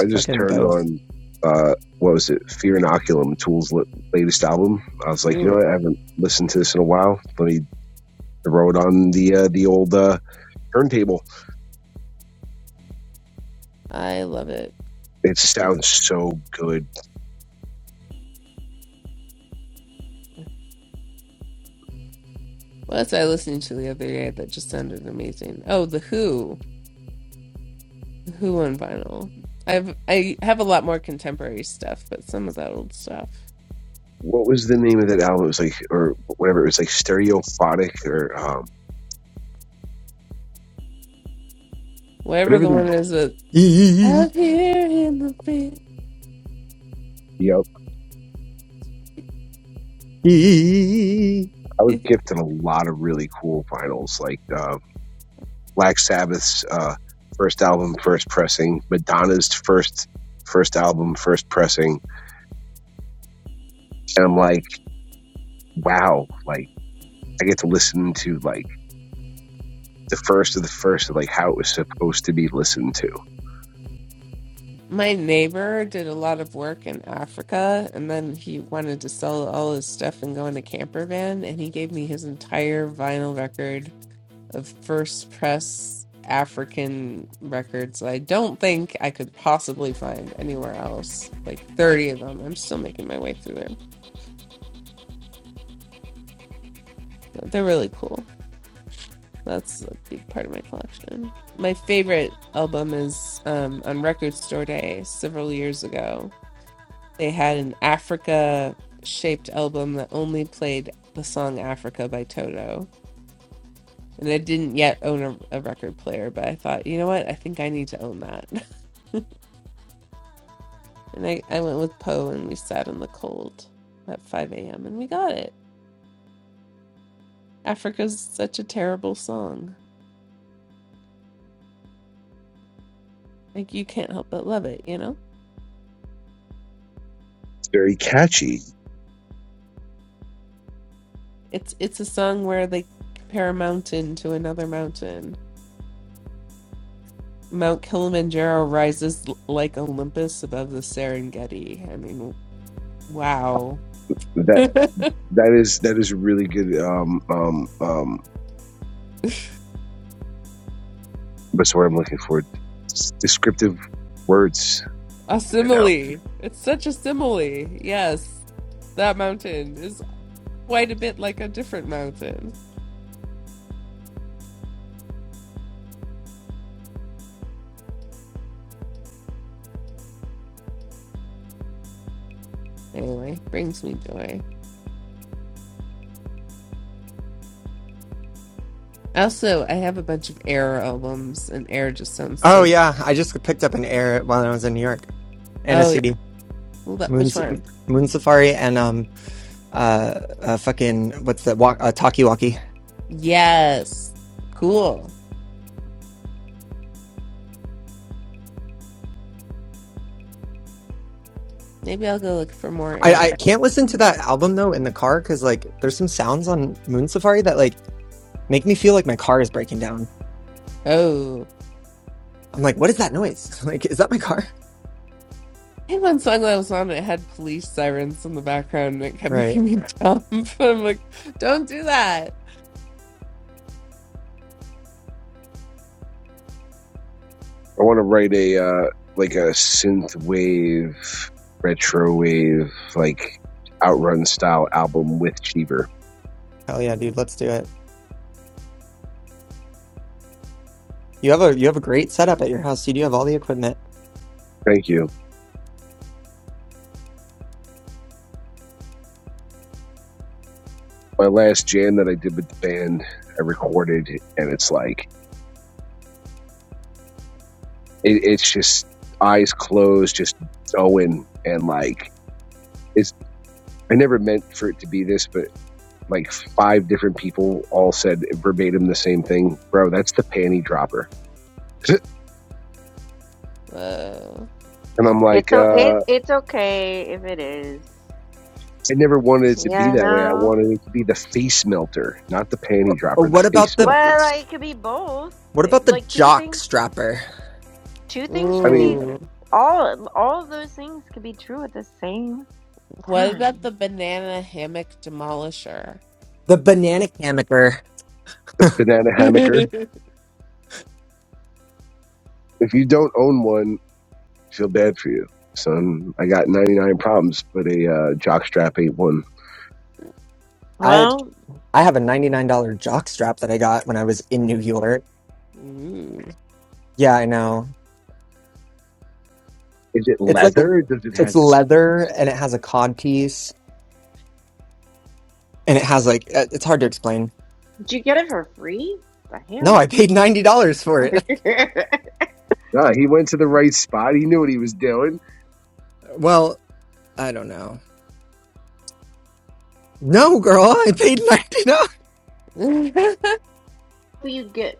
Speaker 7: I just
Speaker 1: fucking
Speaker 7: turned
Speaker 1: both.
Speaker 7: on uh what was it? Fear Inoculum, Tool's latest album. I was like, you know what? I haven't listened to this in a while. Let me throw it on the uh, the old uh, turntable.
Speaker 2: I love it.
Speaker 7: It sounds so good.
Speaker 2: What was I listening to the other day that just sounded amazing? Oh, The Who. The Who on vinyl. I've I have a lot more contemporary stuff, but some of that old stuff.
Speaker 7: What was the name of that album? It was like or whatever. It was like Stereophonic or um
Speaker 2: Whatever
Speaker 7: whatever
Speaker 2: the
Speaker 7: the
Speaker 2: one is that
Speaker 1: Eee,
Speaker 2: out here in the field.
Speaker 7: you know.
Speaker 1: eee.
Speaker 7: I was gifted a lot of really cool vinyls, like uh, Black Sabbath's uh, first album, first pressing, Madonna's first first album, first pressing, and I'm like wow, like I get to listen to like the first of the first of like how it was supposed to be listened to. It's
Speaker 2: My neighbor did a lot of work in Africa and then he wanted to sell all his stuff and go in a camper van and he gave me his entire vinyl record of first press African records. that I don't think I could possibly find anywhere else. Like 30 of them. I'm still making my way through there. But They're really cool. That's a big part of my collection. My favorite album is um, on Record Store Day several years ago. They had an Africa shaped album that only played the song Africa by Toto. And I didn't yet own a, a record player, but I thought, you know what? I think I need to own that. And I, I went with Poe and we sat in the cold at 5 a.m. and we got it. Africa's such a terrible song. Like you can't help but love it, you know?
Speaker 7: very catchy.
Speaker 2: It's it's a song where they compare a mountain to another mountain. Mount Kilimanjaro rises l- like Olympus above the Serengeti. I mean, wow.
Speaker 7: That
Speaker 2: a
Speaker 7: that is that is a really good um um um what's the word I'm looking for? Descriptive words in and out.
Speaker 2: simile. It's such a simile. Yes. That mountain is quite a bit like a different mountain. Anyway, brings me joy. Also, I have a bunch of Air albums, and Air just sounds
Speaker 1: Oh
Speaker 2: so good.
Speaker 1: yeah, I just picked up an air while I was in New York and a
Speaker 2: Oh yeah,
Speaker 1: CD.
Speaker 2: Lo-
Speaker 1: Moon,
Speaker 2: which
Speaker 1: Sa-
Speaker 2: one?
Speaker 1: Moon Safari and um uh, uh fucking what's that walk uh, Talkie Walkie.
Speaker 2: Yes, cool. Maybe I'll go look for more
Speaker 1: I
Speaker 2: Air.
Speaker 1: I can't listen to that album though in the car because like there's some sounds on Moon Safari that like make me feel like my car is breaking down.
Speaker 2: Oh,
Speaker 1: I'm like, what is that noise? like, is that my car?
Speaker 2: I had one song that I was on. It had police sirens in the background, and it kept
Speaker 1: Right.
Speaker 2: making me jump. I'm like, don't do that.
Speaker 7: I wanna write a uh like a synth wave, retro wave, like outrun style album with Cheever.
Speaker 1: Hell yeah, dude. Let's do it. You have a you have a great setup at your house. You do have all the equipment.
Speaker 7: Thank you. My last jam that I did with the band, I recorded and it's like It, it's just eyes closed, just going and like it's. I never meant for it to be this, but like five different people all said verbatim the same thing, bro. That's the panty dropper.
Speaker 2: Whoa.
Speaker 7: And I'm
Speaker 4: It's
Speaker 7: like, uh,
Speaker 4: o it it's okay if it is.
Speaker 7: I never wanted it to be
Speaker 4: Yeah,
Speaker 7: that way. I
Speaker 4: no.
Speaker 7: wanted it to be the face melter, not the panty
Speaker 1: Oh,
Speaker 7: dropper, the
Speaker 1: what about
Speaker 7: face
Speaker 1: the
Speaker 7: melter.
Speaker 4: Well, like, it could be both.
Speaker 1: what
Speaker 4: It-
Speaker 1: about the
Speaker 4: Like two
Speaker 1: jock
Speaker 4: things,
Speaker 1: strapper?
Speaker 4: two things
Speaker 7: I
Speaker 4: can be
Speaker 7: mean,
Speaker 2: Ooh.
Speaker 4: all all of those things can be true at the same
Speaker 2: What about
Speaker 4: time.
Speaker 2: the banana hammock demolisher?
Speaker 1: The banana hammocker.
Speaker 7: the banana hammocker. If you don't own one, feel bad for you, son. I got 99 problems, but a uh, jock ain't one.
Speaker 1: I
Speaker 4: Well,
Speaker 1: I have a $99 jock strap that I got when I was in New York.
Speaker 2: Ooh.
Speaker 1: Yeah, I know.
Speaker 7: Is it
Speaker 1: It's like
Speaker 7: leather? Does it
Speaker 1: it's
Speaker 7: have
Speaker 1: leather and it has a cod piece and it has like uh, it's hard to explain.
Speaker 4: did you get it for free? The
Speaker 1: No,
Speaker 4: hell?
Speaker 1: I paid $90 for it.
Speaker 7: Nah, he went to the right spot. He knew what he was doing.
Speaker 1: Well, I don't know. No, girl, I paid $90.
Speaker 4: You get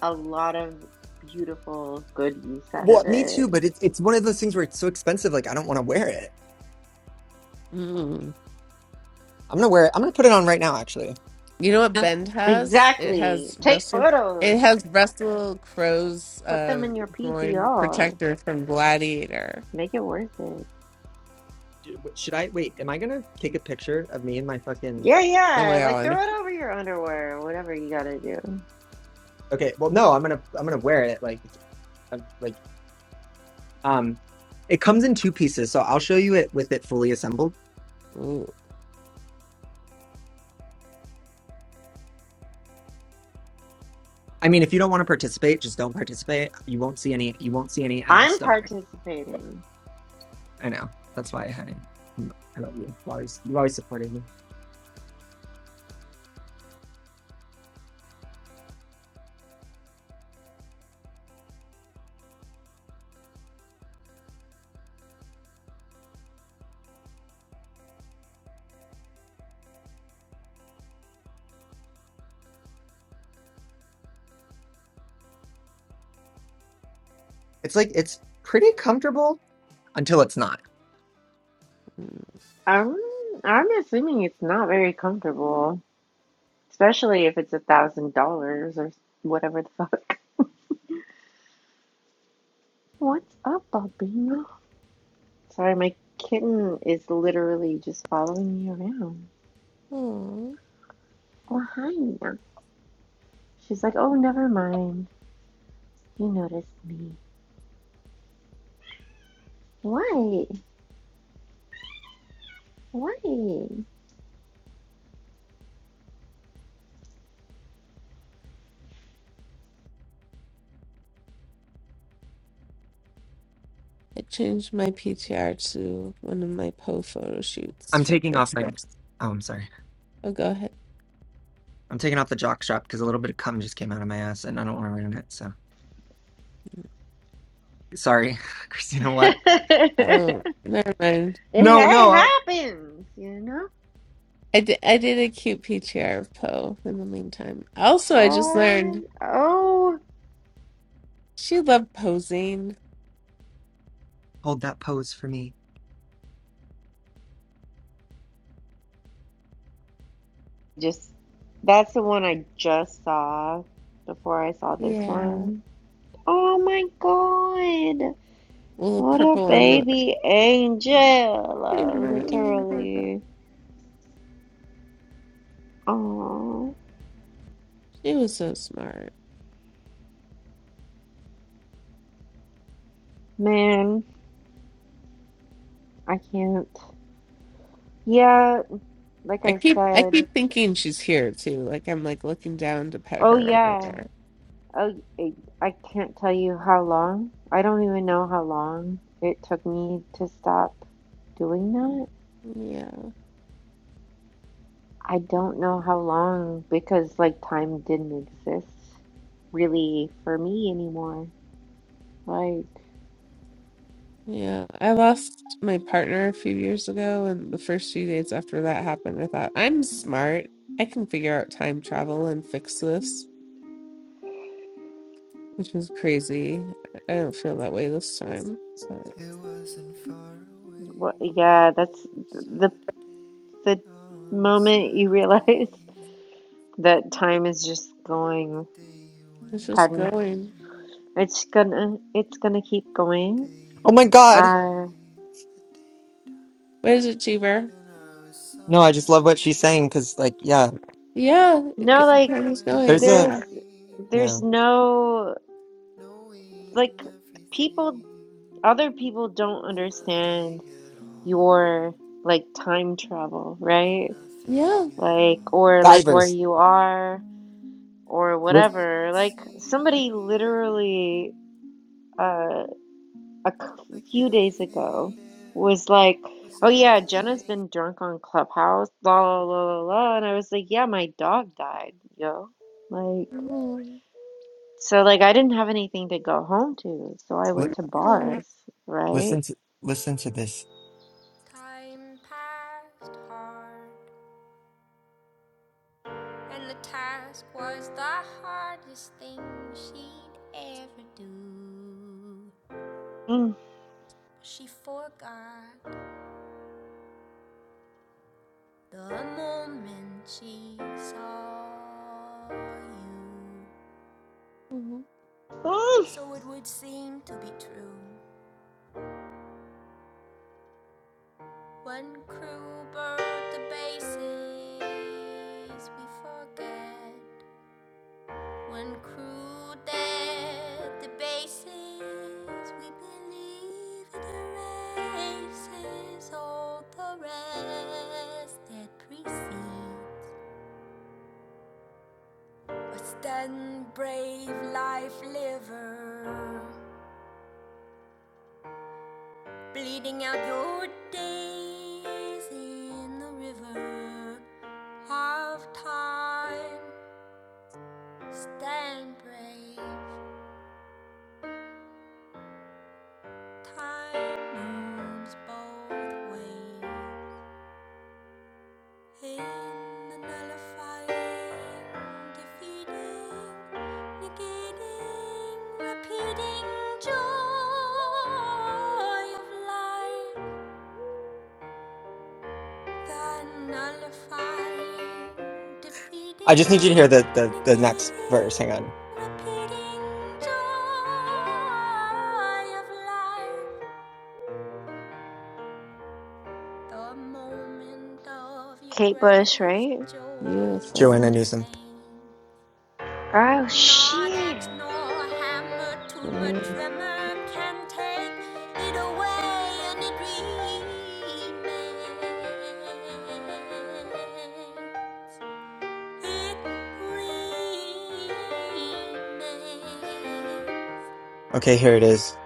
Speaker 4: a lot of beautiful, good use out
Speaker 1: Well,
Speaker 4: of
Speaker 1: me
Speaker 4: it.
Speaker 1: too, but it's it's one of those things where it's so expensive like I don't want to wear it.
Speaker 2: Mm.
Speaker 1: I'm gonna wear it. I'm gonna put it on right now, actually.
Speaker 2: You know what Bend has? It
Speaker 4: Exactly.
Speaker 2: has
Speaker 4: Take
Speaker 2: Russell. It
Speaker 4: photos.
Speaker 2: has Russell Crowe's
Speaker 4: Put them
Speaker 2: uh,
Speaker 4: in your
Speaker 2: groin
Speaker 4: PTR.
Speaker 2: protector from Gladiator.
Speaker 4: Make it worth it.
Speaker 1: d- w- should I wait? Am I gonna take a picture of me and my fucking?
Speaker 4: Yeah,
Speaker 2: Oh
Speaker 4: yeah.
Speaker 2: my
Speaker 4: Like throw
Speaker 2: god!
Speaker 4: it over your underwear or whatever you gotta do.
Speaker 1: Okay, well, no, I'm gonna I'm gonna wear it like I'm, like um, it comes in two pieces, so I'll show you it with it fully assembled.
Speaker 2: Ooh.
Speaker 1: I mean, if you don't want to participate, just don't participate. You won't see any. You won't see any ass.
Speaker 4: I'm
Speaker 1: Don't worry.
Speaker 4: participating.
Speaker 1: I know. That's why I had it. Mm, I love you. You always you always supported me. It's like it's pretty comfortable until it's not.
Speaker 4: I'm I'm assuming it's not very comfortable, especially if it's a thousand dollars or whatever the fuck. What's up, Bobina? Sorry, my kitten is literally just following me around.
Speaker 2: Aw.
Speaker 4: Oh hi. She's like, oh, never mind. You noticed me. Why? Why? it
Speaker 2: I changed my PTR to one of my Poe photo shoots
Speaker 1: I'm
Speaker 2: for
Speaker 1: taking off my.
Speaker 2: Christmas.
Speaker 1: Oh, I'm sorry.
Speaker 2: Oh, go ahead.
Speaker 1: I'm taking off the jock strap because a little bit of cum just came out of my ass, and I don't want to ruin it. So sorry, Christina. What?
Speaker 2: Oh, never mind.
Speaker 1: No, no. I-
Speaker 4: happens, you know.
Speaker 2: I did, I did a cute PTR of Poe in the meantime. Also, I
Speaker 4: Oh,
Speaker 2: just
Speaker 4: I
Speaker 2: learned
Speaker 4: wanted. Oh,
Speaker 2: she loved posing.
Speaker 1: Hold that pose for me.
Speaker 4: just that's the one I just saw before I saw this
Speaker 2: Yeah.
Speaker 4: one. Oh my God.
Speaker 2: Well,
Speaker 4: What a
Speaker 2: purple
Speaker 4: baby angel, uh,
Speaker 2: and
Speaker 4: literally. Oh,
Speaker 2: She was so smart.
Speaker 4: man, I can't. Yeah, like
Speaker 2: I
Speaker 4: I
Speaker 2: keep I
Speaker 4: said.
Speaker 2: keep thinking she's here too. Like I'm like looking down to pet
Speaker 4: Oh,
Speaker 2: her or
Speaker 4: yeah.
Speaker 2: whatever.
Speaker 4: Oh, I I can't tell you how long. I don't even know how long it took me to stop doing that
Speaker 2: Yeah.
Speaker 4: I don't know how long because like time didn't exist really for me anymore. Like,
Speaker 2: Yeah. I lost my partner a few years ago and the first few days after that happened I thought, I'm smart. I can figure out time travel and fix this. Which was crazy. I don't feel that way this time. But
Speaker 3: It wasn't far away.
Speaker 4: what, yeah, that's the
Speaker 3: Saturday,
Speaker 4: the
Speaker 3: on a
Speaker 4: moment you realize
Speaker 3: Saturday,
Speaker 4: that time is just going,
Speaker 3: the day you
Speaker 2: it's just
Speaker 3: went
Speaker 4: pardon,
Speaker 2: going.
Speaker 3: away.
Speaker 4: it's gonna it's gonna keep
Speaker 3: The
Speaker 4: going.
Speaker 3: day you
Speaker 1: Oh my
Speaker 3: went
Speaker 1: God.
Speaker 4: Uh,
Speaker 3: away, the day you died,
Speaker 2: What is it, Cheever?
Speaker 3: and I was
Speaker 1: No, I just love what she's
Speaker 3: somewhere,
Speaker 1: saying because, like, yeah,
Speaker 2: Yeah, it
Speaker 4: no,
Speaker 2: go-
Speaker 4: like
Speaker 2: time is
Speaker 3: somewhere
Speaker 1: there's
Speaker 2: going.
Speaker 3: in
Speaker 1: a,
Speaker 4: there's
Speaker 2: Yeah.
Speaker 3: between,
Speaker 1: yeah,
Speaker 4: there's no like
Speaker 3: knowing
Speaker 4: people
Speaker 3: everything
Speaker 4: other people don't
Speaker 3: and
Speaker 4: understand
Speaker 3: nothing at all,
Speaker 4: your like time travel, right?
Speaker 3: and
Speaker 2: Yeah.
Speaker 3: nothing at
Speaker 4: like or
Speaker 3: all.
Speaker 4: like where
Speaker 1: divers.
Speaker 4: you are or
Speaker 3: It
Speaker 1: Li-
Speaker 4: whatever.
Speaker 3: didn't
Speaker 4: Like somebody literally
Speaker 3: seem
Speaker 4: uh a c-
Speaker 3: like
Speaker 4: few days ago
Speaker 3: anything there
Speaker 4: was like,
Speaker 3: was
Speaker 4: "Oh yeah,
Speaker 3: always
Speaker 4: Jenna's been drunk on Clubhouse, la la la la la," and I was like, "Yeah, my dog died, yo." Like
Speaker 2: Oh,
Speaker 4: so like I didn't have anything to go home to, so I
Speaker 1: li-
Speaker 4: went to
Speaker 2: oh,
Speaker 4: bars, right?
Speaker 1: listen to listen to this.
Speaker 4: Mm.
Speaker 2: oh.
Speaker 4: Mm.
Speaker 1: I just need you to hear the, the, the next verse. Hang on.
Speaker 4: Kate Bush, right?
Speaker 2: Beautiful.
Speaker 1: Joanna Newsom.
Speaker 4: Oh shit.
Speaker 2: Mm,
Speaker 1: Okay, here it is.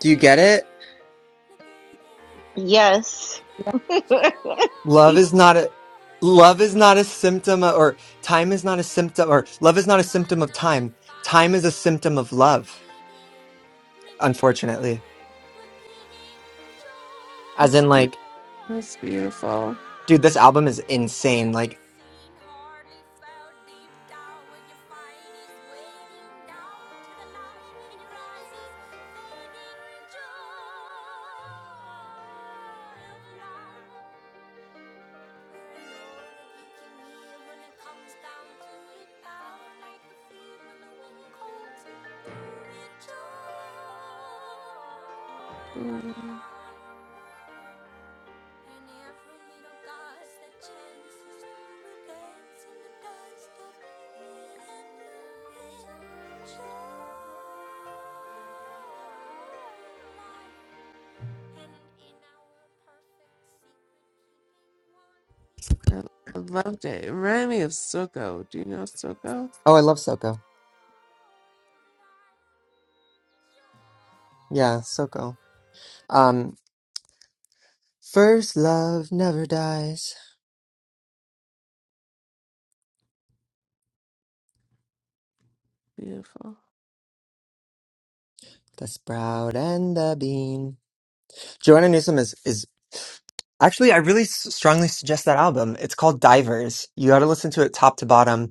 Speaker 1: Do you get it?
Speaker 4: Yes.
Speaker 2: yeah,
Speaker 1: Love is not a, love is not a symptom of, or time is not a symptom, or love is not a symptom of time. Time is a symptom of love, unfortunately. As
Speaker 2: That's,
Speaker 1: in,
Speaker 2: be-
Speaker 1: like,
Speaker 2: that's beautiful.
Speaker 1: dude, this album is insane. Like,
Speaker 2: Mm, I, I loved it. It reminded me of Soko. Do you know Soko?
Speaker 1: oh, I love Soko. Yeah, so cool. Um, first love never dies.
Speaker 2: Beautiful.
Speaker 1: The sprout and the bean. Joanna Newsom is is actually I really s- strongly suggest that album. It's called Divers. You got to listen to it top to bottom.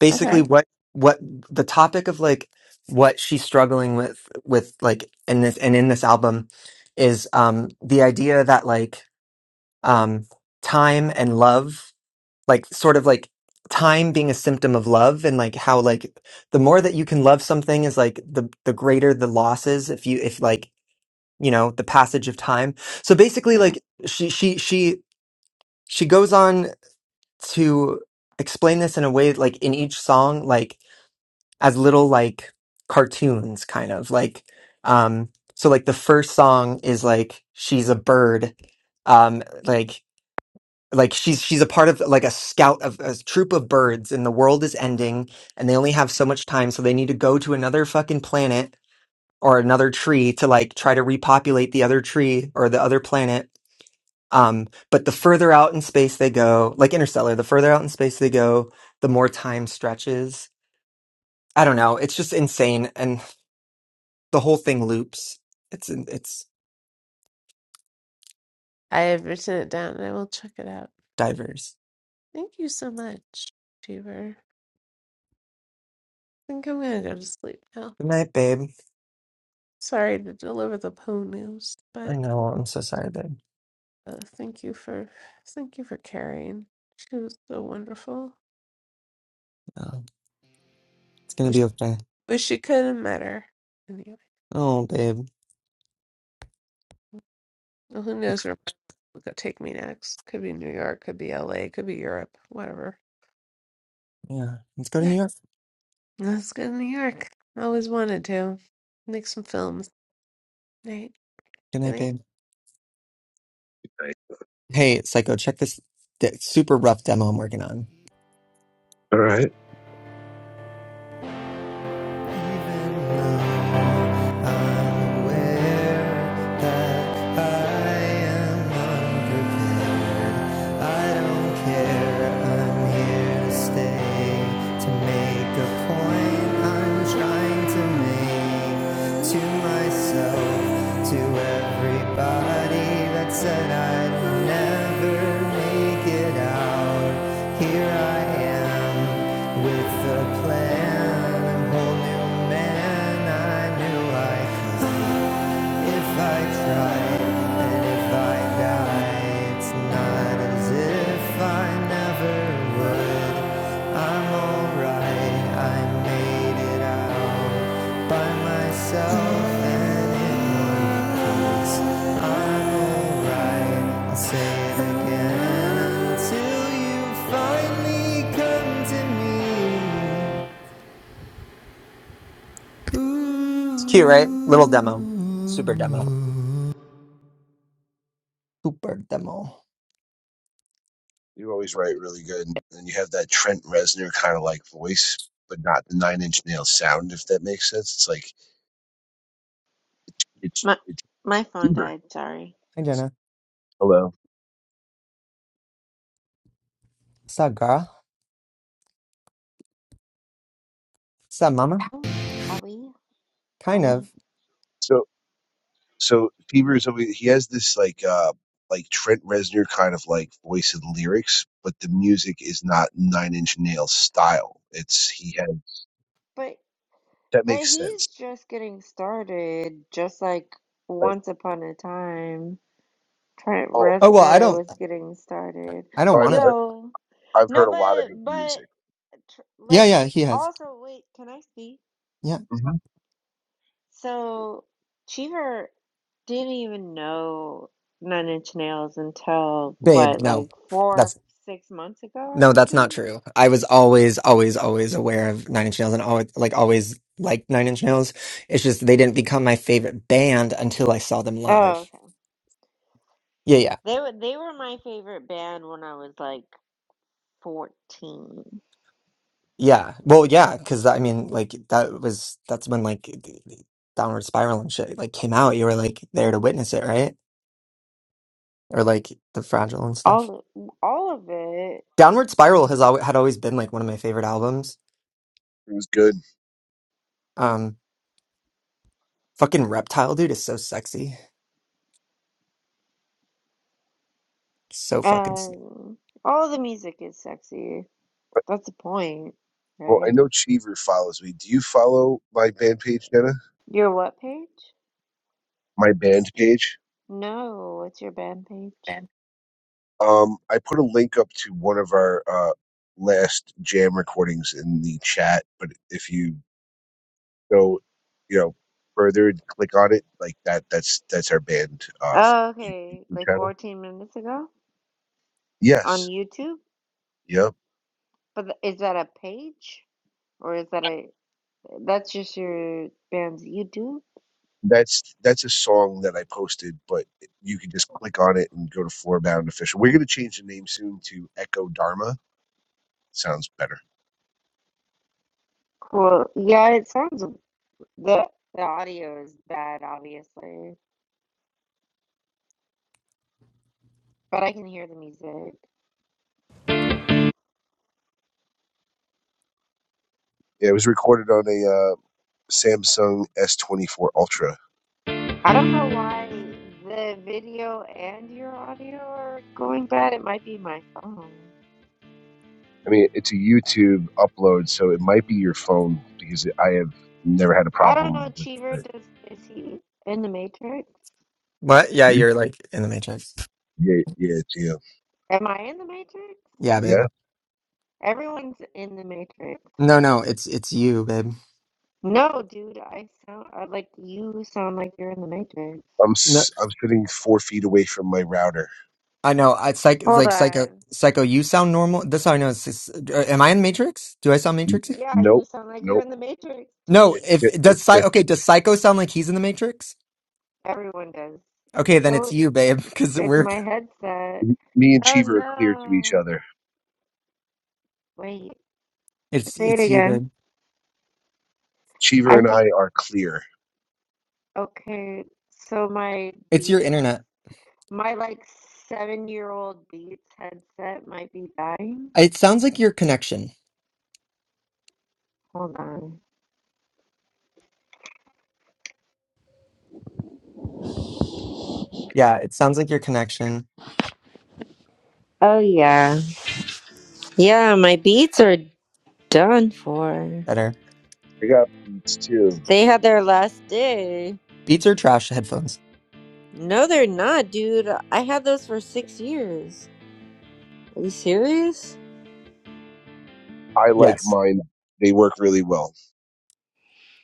Speaker 1: Basically,
Speaker 2: Okay.
Speaker 1: what what the topic of like what she's struggling with with like in this and in this album is um the idea that like um time and love like sort of like time being a symptom of love and like how like the more that you can love something is like the the greater the losses if you if like you know the passage of time so basically
Speaker 2: Yeah.
Speaker 1: like she she she she goes on to explain this in a way like in each song like as little like cartoons kind of like um so like the first song is like she's a bird um like like she's she's a part of like a scout of a troop of birds and the world is ending and they only have so much time so they need to go to another fucking planet or another tree to like try to repopulate the other tree or the other planet um but the further out in space they go like interstellar the further out in space they go the more time stretches i don't know it's just insane and the whole thing loops it's it's
Speaker 2: I have written it down and I will check it out.
Speaker 1: diverse
Speaker 2: Thank you so much, Cheever. I think I'm going to go to sleep now.
Speaker 1: good night babe
Speaker 2: Sorry to deliver the poo news,
Speaker 1: i
Speaker 2: but
Speaker 1: know i'm so sorry babe
Speaker 2: uh, thank you for thank you for carrying. She was so wonderful.
Speaker 1: oh, it's gonna
Speaker 2: Wish,
Speaker 1: be okay
Speaker 2: wish you could have met her. Anyway.
Speaker 1: oh babe
Speaker 2: Well, who knows where my will take me next? Could be New York, could be LA, could be Europe, whatever.
Speaker 1: Yeah, let's go to New York.
Speaker 2: Let's go to New York. Always wanted to. Make some films. Night,
Speaker 1: Good
Speaker 2: Good
Speaker 1: night,
Speaker 2: night.
Speaker 1: babe.
Speaker 7: Nice.
Speaker 1: Hey, Psycho, check this de- super rough demo I'm working on.
Speaker 7: All right.
Speaker 3: leaving. I'm aware that I am unprepared. I don't care. I'm here to stay to make a point. I'm trying to make to myself, to everybody that said I'd never make it out. Here I am with a plan. a whole new man. I knew I could. If I try and if I die, it's not as if I never would. I'm alright, I made it out by myself and in one. I'm alright, I'll say it again until you finally come to me. Ooh.
Speaker 1: It's cute, right? Little demo. Super demo. Super demo.
Speaker 7: You always write really good, and you have that Trent Reznor kind of like voice, but not the Nine Inch Nail sound. If that makes sense, it's like it's
Speaker 4: My
Speaker 7: it's
Speaker 4: my phone
Speaker 7: Bieber.
Speaker 4: died, sorry.
Speaker 1: Hi,
Speaker 7: It's
Speaker 1: Jenna.
Speaker 7: hello.
Speaker 1: What's up, girl? What's up, mama?
Speaker 4: Are we? Are
Speaker 1: Kind
Speaker 4: we?
Speaker 1: of.
Speaker 7: So so Bieber is always he has this like uh like Trent Reznor kind of like voice and lyrics, but the music is not Nine Inch Nail style. It's he has
Speaker 4: But
Speaker 7: that
Speaker 4: but
Speaker 7: makes
Speaker 4: he's
Speaker 7: sense.
Speaker 4: just getting started, just like
Speaker 7: Like,
Speaker 4: Once Upon a Time. Trent
Speaker 7: oh,
Speaker 1: Oh, well, I
Speaker 4: Reznor
Speaker 1: don't.
Speaker 4: was getting started.
Speaker 1: I don't
Speaker 7: so I've
Speaker 1: want to.
Speaker 4: Yo,
Speaker 7: I've
Speaker 4: no,
Speaker 7: heard a lot of his
Speaker 4: but but
Speaker 7: music.
Speaker 4: tr-
Speaker 1: Yeah,
Speaker 4: like
Speaker 1: yeah, he has.
Speaker 4: also wait, can I speak?
Speaker 1: Yeah.
Speaker 7: hmm
Speaker 4: So Cheever didn't even know Nine Inch Nails until
Speaker 1: Babe,
Speaker 4: what,
Speaker 1: no.
Speaker 4: like four,
Speaker 1: That's
Speaker 4: six months ago or
Speaker 1: no, that's not
Speaker 4: something?
Speaker 1: true. I was always, always, always aware of Nine Inch Nails and always like always liked Nine Inch Nails. It's just they didn't become my favorite band until I saw them
Speaker 4: Oh,
Speaker 1: live.
Speaker 4: okay.
Speaker 1: Yeah, yeah.
Speaker 4: They were they were my favorite band when I was like 14.
Speaker 1: Yeah. Well, yeah, because I mean, like that was that's when like the- the Downward Spiral and shit like came out. You were like there to witness it, right? Or like the Fragile and stuff.
Speaker 4: All of, all of it,
Speaker 1: Downward Spiral has always had always been like one of my favorite albums.
Speaker 7: It was good.
Speaker 1: Um, fucking Reptile dude is so sexy. So fucking sick.
Speaker 4: um, all of the music is sexy. That's the point,
Speaker 7: Well, I
Speaker 4: right?
Speaker 7: know Cheever follows me. Do you follow my band page, Jenna?
Speaker 4: Your what page?
Speaker 7: My band page?
Speaker 4: No, what's your band page?
Speaker 1: Man.
Speaker 7: Um, I put a link up to one of our uh, last jam recordings in the chat, but if you go, you know, further and click on it, like that, that's that's our band uh,
Speaker 4: Oh,
Speaker 7: you-
Speaker 4: okay,
Speaker 7: YouTube
Speaker 4: like
Speaker 7: channel.
Speaker 4: 14 minutes ago on
Speaker 7: Yes.
Speaker 4: YouTube.
Speaker 7: Yep.
Speaker 4: But th- is that a page or is that a that's just your band's YouTube?
Speaker 7: That's that's a song that I posted, but you can just click on it and go to Floorbound Official. We're gonna change the name soon to Echo Dharma. Sounds better.
Speaker 4: Cool. Yeah, it sounds the the audio is bad, obviously. but I can hear the music.
Speaker 7: Yeah, it was recorded on a Samsung S24 Ultra.
Speaker 4: I don't know why the video and your audio are going bad. It might be my phone.
Speaker 7: I mean, it's a YouTube upload, so it might be your phone because I have never had a
Speaker 4: I don't know,
Speaker 7: problem with
Speaker 4: Cheever,
Speaker 7: it.
Speaker 4: does is he in the Matrix?
Speaker 1: What? Yeah,
Speaker 7: You,
Speaker 1: you're like in the Matrix.
Speaker 7: yeah, yeah, yeah,
Speaker 4: Am I in the Matrix?
Speaker 1: Yeah, babe.
Speaker 7: yeah.
Speaker 4: Everyone's in the Matrix.
Speaker 1: No, no, it's it's you, babe.
Speaker 4: No, dude, I sound I, like you sound like you're in the Matrix.
Speaker 7: I'm
Speaker 1: No,
Speaker 7: s- I'm sitting four feet away from my router.
Speaker 1: I know. I psych it's
Speaker 4: Hold
Speaker 1: like psycho
Speaker 4: on.
Speaker 1: psycho. You sound normal. That's how I know. It's, it's, uh, am I in the Matrix? Do I sound Matrixy?
Speaker 4: Yeah, you
Speaker 7: Nope,
Speaker 4: sound like you're
Speaker 7: nope.
Speaker 4: in the Matrix to
Speaker 1: No.
Speaker 7: It's
Speaker 4: me.
Speaker 1: If
Speaker 7: just, it's
Speaker 1: does psy okay,
Speaker 7: just
Speaker 1: does psycho sound like he's in the Matrix?
Speaker 4: Everyone does.
Speaker 1: Okay, then it's
Speaker 4: So
Speaker 1: you, babe. Because
Speaker 4: it's
Speaker 1: we're
Speaker 4: my headset.
Speaker 7: me and
Speaker 4: Oh
Speaker 7: Cheever are clear to each
Speaker 4: no.
Speaker 7: other.
Speaker 4: Wait,
Speaker 1: it's
Speaker 4: say it
Speaker 1: it's you,
Speaker 4: again.
Speaker 1: babe.
Speaker 7: Cheever
Speaker 4: I
Speaker 7: and
Speaker 4: think
Speaker 7: I are clear.
Speaker 4: okay, so my
Speaker 1: It's your
Speaker 4: Beats,
Speaker 1: internet.
Speaker 4: my like seven year old Beats headset might be dying.
Speaker 1: It sounds like your connection.
Speaker 4: Hold on.
Speaker 1: Yeah, it sounds like your connection.
Speaker 4: Oh yeah. Yeah, my Beats are done for.
Speaker 1: Better.
Speaker 7: I got Beats too.
Speaker 4: They had their last day.
Speaker 1: Beats are trash headphones.
Speaker 4: No, they're not, dude. I had those for six years. Are you serious?
Speaker 7: I like
Speaker 1: Yes.
Speaker 7: mine. They work really well.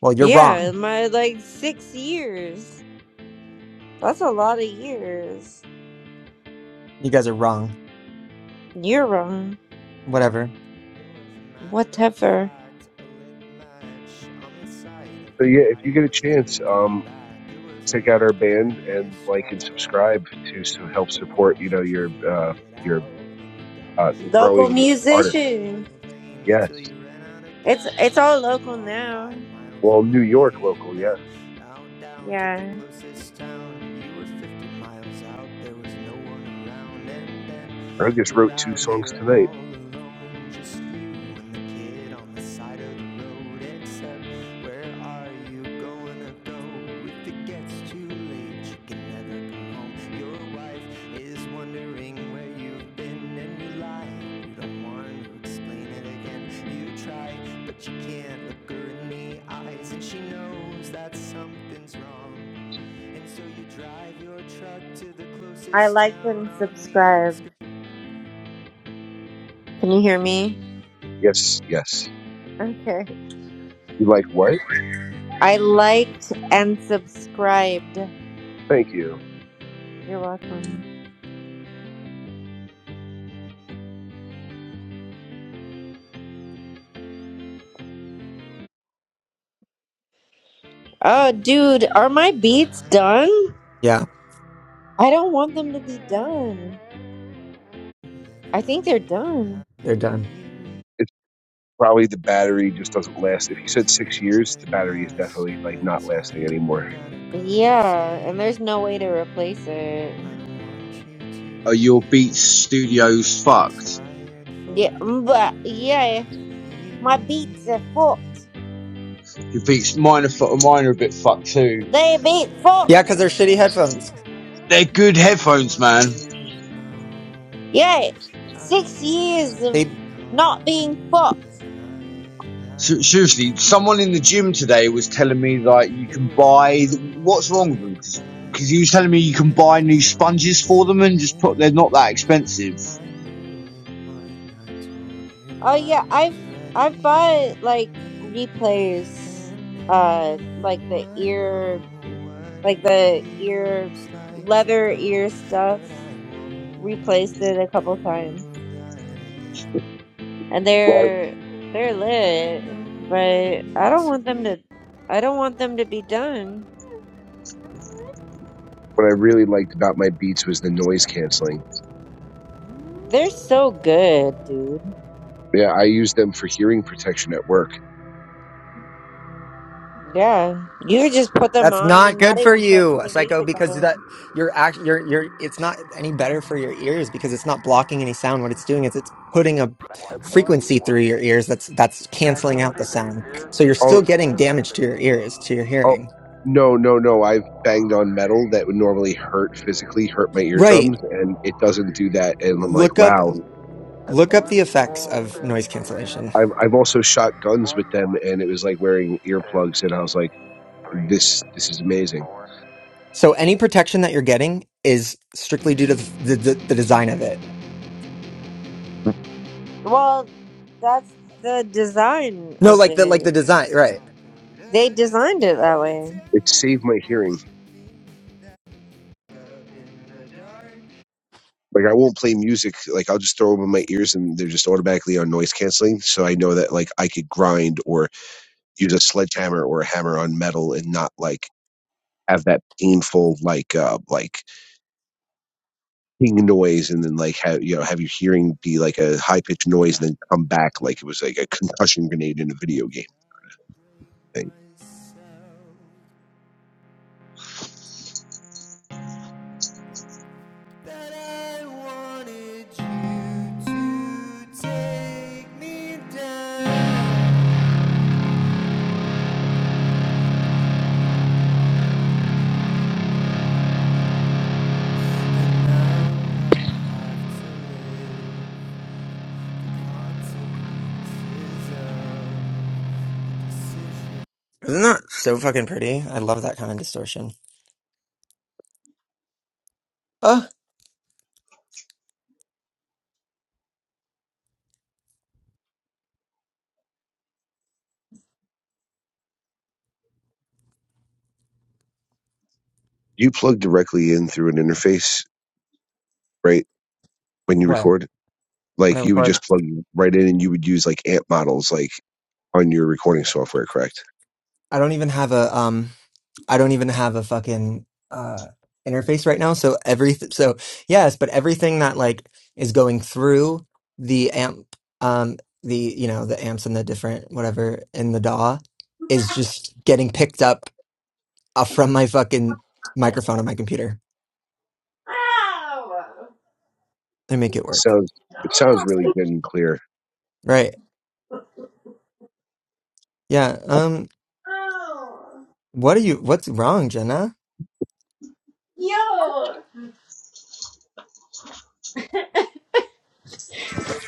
Speaker 1: Well, you're
Speaker 4: Yeah,
Speaker 1: wrong.
Speaker 4: my like six years. That's a lot of years.
Speaker 1: You guys are wrong.
Speaker 4: You're wrong.
Speaker 1: Whatever.
Speaker 3: As a matter of
Speaker 4: Whatever.
Speaker 3: fact, a lit match on the side of
Speaker 7: So
Speaker 3: the
Speaker 7: yeah, if you get a
Speaker 3: highway
Speaker 7: chance,
Speaker 3: couldn't
Speaker 7: um.
Speaker 3: come back. It was a
Speaker 7: check out
Speaker 3: map
Speaker 7: our
Speaker 3: that
Speaker 7: band
Speaker 3: you
Speaker 7: and like and
Speaker 3: scratched off.
Speaker 7: subscribe to so help
Speaker 3: But
Speaker 7: support
Speaker 3: watch
Speaker 7: you know
Speaker 3: what you
Speaker 7: your uh
Speaker 3: figure it
Speaker 7: your
Speaker 3: out. You got
Speaker 7: uh
Speaker 3: what you
Speaker 4: Local
Speaker 7: growing
Speaker 3: got,
Speaker 7: artist
Speaker 3: and
Speaker 4: musician.
Speaker 3: didn't complain until
Speaker 7: yes
Speaker 3: you ran out of
Speaker 4: It's
Speaker 3: gas
Speaker 4: it's
Speaker 3: and
Speaker 4: all
Speaker 3: had to
Speaker 4: local
Speaker 3: walk five
Speaker 4: now.
Speaker 3: miles
Speaker 7: well
Speaker 3: in
Speaker 7: new
Speaker 3: the
Speaker 7: york
Speaker 3: rain.
Speaker 7: local yes
Speaker 3: Then out down to the
Speaker 4: Yeah.
Speaker 3: closest town. You were 50 miles out, there was no one around, and then
Speaker 7: i just
Speaker 3: you're
Speaker 7: wrote two
Speaker 3: out here
Speaker 7: songs tonight
Speaker 3: all alone, just you and the kid on the side of the road except where are you gonna go if it gets too late you can never come home your wife is wondering where you've been and you lie you don't want to explain it again you try but you can't look her in the eyes and she knows that something's wrong and so you drive your truck to the
Speaker 4: I
Speaker 3: closest
Speaker 4: liked
Speaker 3: town
Speaker 4: and
Speaker 3: on the
Speaker 4: subscribed.
Speaker 3: outskirts
Speaker 4: Can you hear me?
Speaker 7: yes yes
Speaker 4: Okay.
Speaker 7: you like what
Speaker 4: I liked and subscribed.
Speaker 7: thank you
Speaker 4: You're welcome. Oh, dude, are my beats done?
Speaker 1: Yeah.
Speaker 4: I don't want them to be done. I think they're done.
Speaker 1: They're done.
Speaker 7: it's probably the battery just doesn't last if you
Speaker 3: It was a
Speaker 7: said six
Speaker 3: little
Speaker 7: years the
Speaker 3: bit
Speaker 7: battery is
Speaker 3: past
Speaker 7: definitely like not lasting
Speaker 3: bedtime.
Speaker 7: anymore
Speaker 3: You gotta go to sleep.
Speaker 4: Yeah, and there's no way to replace
Speaker 3: I
Speaker 4: it.
Speaker 3: don't want you
Speaker 8: are your
Speaker 3: to
Speaker 8: Beats Studios
Speaker 3: be
Speaker 8: fucked?
Speaker 3: tired for
Speaker 4: Yeah, mm,
Speaker 3: the
Speaker 4: but
Speaker 3: movie
Speaker 4: yeah,
Speaker 3: and
Speaker 4: my beats are fucked.
Speaker 3: me.
Speaker 8: Your Beats mine are, fu- mine are a bit fucked too.
Speaker 4: They
Speaker 3: couldn't
Speaker 4: beat
Speaker 3: get you
Speaker 4: fucked.
Speaker 1: Yeah, because they're
Speaker 3: to
Speaker 1: shitty headphones.
Speaker 3: go.
Speaker 8: They're
Speaker 3: I
Speaker 8: good
Speaker 3: really
Speaker 8: headphones, man.
Speaker 3: wanted you to know.
Speaker 4: Yeah,
Speaker 3: I'm
Speaker 4: six years
Speaker 3: trying
Speaker 4: of
Speaker 1: They
Speaker 4: not being fucked.
Speaker 3: harder than I
Speaker 8: Seriously,
Speaker 3: have
Speaker 8: someone
Speaker 3: before.
Speaker 8: in the gym today was telling me like you
Speaker 3: It
Speaker 8: can
Speaker 3: was
Speaker 8: buy. What's wrong with them? Because he was telling me you can buy new sponges for them and just put. They're not that expensive.
Speaker 4: Oh yeah, I've I've bought like replays, uh, like the ear, like the ear
Speaker 3: like
Speaker 4: leather ear stuff. Replaced it a couple times, and
Speaker 7: what I,
Speaker 4: they're they're lit, but I don't want them to. I don't want them to be done.
Speaker 7: what I really liked about my beats was the noise canceling
Speaker 4: They're so good, dude.
Speaker 7: yeah i use them for hearing protection at work
Speaker 4: Yeah, you could just put them
Speaker 1: that's
Speaker 4: on
Speaker 1: not
Speaker 4: and not
Speaker 1: good for
Speaker 4: even turn
Speaker 1: you,
Speaker 4: any
Speaker 1: psycho.
Speaker 4: music
Speaker 1: Because that
Speaker 4: on.
Speaker 1: you're act you're you're it's not any better for your ears because it's not blocking any sound. What it's doing is it's putting a
Speaker 3: That's one.
Speaker 1: frequency
Speaker 3: One.
Speaker 1: through your ears that's that's canceling out
Speaker 3: Tranquility
Speaker 1: the
Speaker 3: Base
Speaker 1: sound.
Speaker 3: here.
Speaker 1: So you're
Speaker 7: Oh.
Speaker 3: The
Speaker 1: still
Speaker 3: Eagle
Speaker 1: getting
Speaker 3: has
Speaker 1: damage
Speaker 3: landed.
Speaker 1: to your ears to your
Speaker 7: Oh
Speaker 1: hearing.
Speaker 7: no, no, no! I've banged on metal that would normally hurt physically, hurt my eardrums,
Speaker 1: Right.
Speaker 7: and it doesn't do that. And I'm like,
Speaker 1: Look up
Speaker 7: wow.
Speaker 3: That's
Speaker 1: look up the
Speaker 3: one
Speaker 1: effects
Speaker 3: small
Speaker 1: of
Speaker 3: step
Speaker 1: noise
Speaker 3: for man,
Speaker 1: cancellation.
Speaker 7: I've I've also shot guns with
Speaker 3: One,
Speaker 7: them,
Speaker 3: one,
Speaker 7: and it was like wearing earplugs,
Speaker 3: two,
Speaker 7: and I was like,
Speaker 3: three,
Speaker 7: this this is
Speaker 3: four. One, two, three,
Speaker 7: amazing.
Speaker 3: four.
Speaker 1: So any protection that you're getting is strictly due to the the, the, the design of it.
Speaker 4: Well, that's the design
Speaker 1: No,
Speaker 4: of
Speaker 1: like the like
Speaker 4: it.
Speaker 1: the design,
Speaker 3: Guess
Speaker 1: right?
Speaker 3: I'll go
Speaker 4: They
Speaker 3: to hell. I'm
Speaker 4: designed it that
Speaker 3: trying
Speaker 4: way.
Speaker 3: to tell
Speaker 7: It saved
Speaker 3: it
Speaker 7: my hearing.
Speaker 3: that up in the dark
Speaker 7: Like I won't play music. Like I'll just throw them in my ears, and they're just automatically on noise canceling. So I know that like I could grind or use a sledgehammer or a hammer on metal, and not like have that painful like uh like noise and then like have you know have your hearing be like a high pitched noise and then come back like it was like a concussion grenade in a video game thing.
Speaker 3: myself that I wanted you to take me down. and Now I have to live
Speaker 1: Isn't that so fucking pretty? I love that kind of distortion. Uh,
Speaker 7: You plug directly in through an interface, right? When you
Speaker 1: what?
Speaker 7: record,
Speaker 1: When I
Speaker 7: like you would
Speaker 1: record,
Speaker 7: just plug right in and you would use like amp models like on your recording software, correct?
Speaker 1: I don't even have a um, I don't even have a fucking uh interface right now. So every so yes, but everything that like is going through the amp, um, the you know the amps and the different whatever in the DAW is just getting picked up uh, from my fucking microphone on my computer. I make it work,
Speaker 7: Sounds it sounds really good and clear.
Speaker 1: right? Yeah. Um, what are you? What's wrong, Jenna?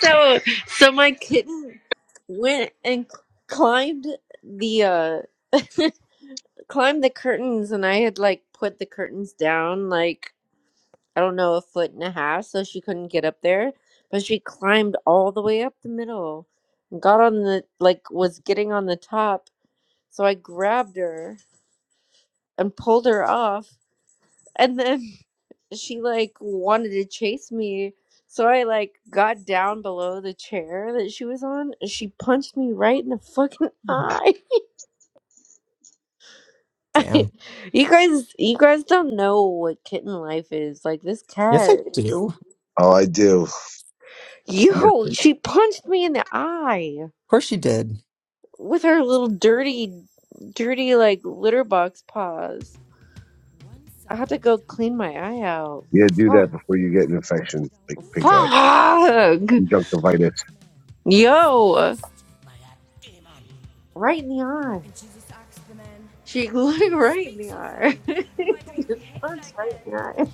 Speaker 4: So, so my kitten went and c- climbed the uh climbed the curtains, and I had like put the curtains down like I don't know a foot and a half, so she couldn't get up there. But she climbed all the way up the middle, and got on the like was getting on the top. So I grabbed her and pulled her off, and then she like wanted to chase me. So I like got down below the chair that she was on and she punched me right in the fucking eye. I,
Speaker 1: Damn.
Speaker 4: you guys you guys don't know what kitten life is. Like this
Speaker 1: Yes, I
Speaker 4: cat is
Speaker 1: do.
Speaker 7: Oh, I do.
Speaker 4: Yo, she punched me in the eye
Speaker 1: Of course you did.
Speaker 4: with her little dirty dirty like litter box paws. I had to go clean my eye out.
Speaker 7: Yeah, do that
Speaker 4: Fuck.
Speaker 7: before you get an infection like pink eye,
Speaker 4: Fuck.
Speaker 7: conjunctivitis.
Speaker 4: Yo, right in the eye. She looked right in the eye. Just punched right in the eye.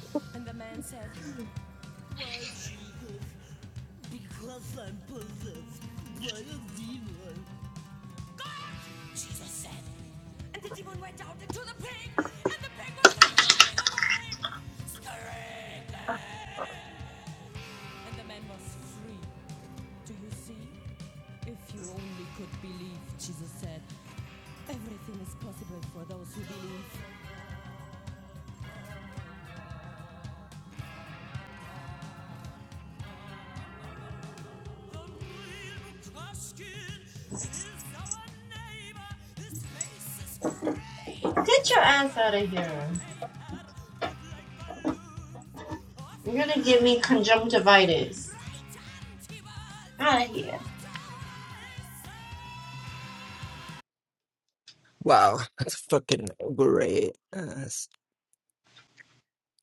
Speaker 4: Get your ass out of here. You're gonna give me conjunctivitis. Out of here.
Speaker 1: Wow, that's fucking great. Yes.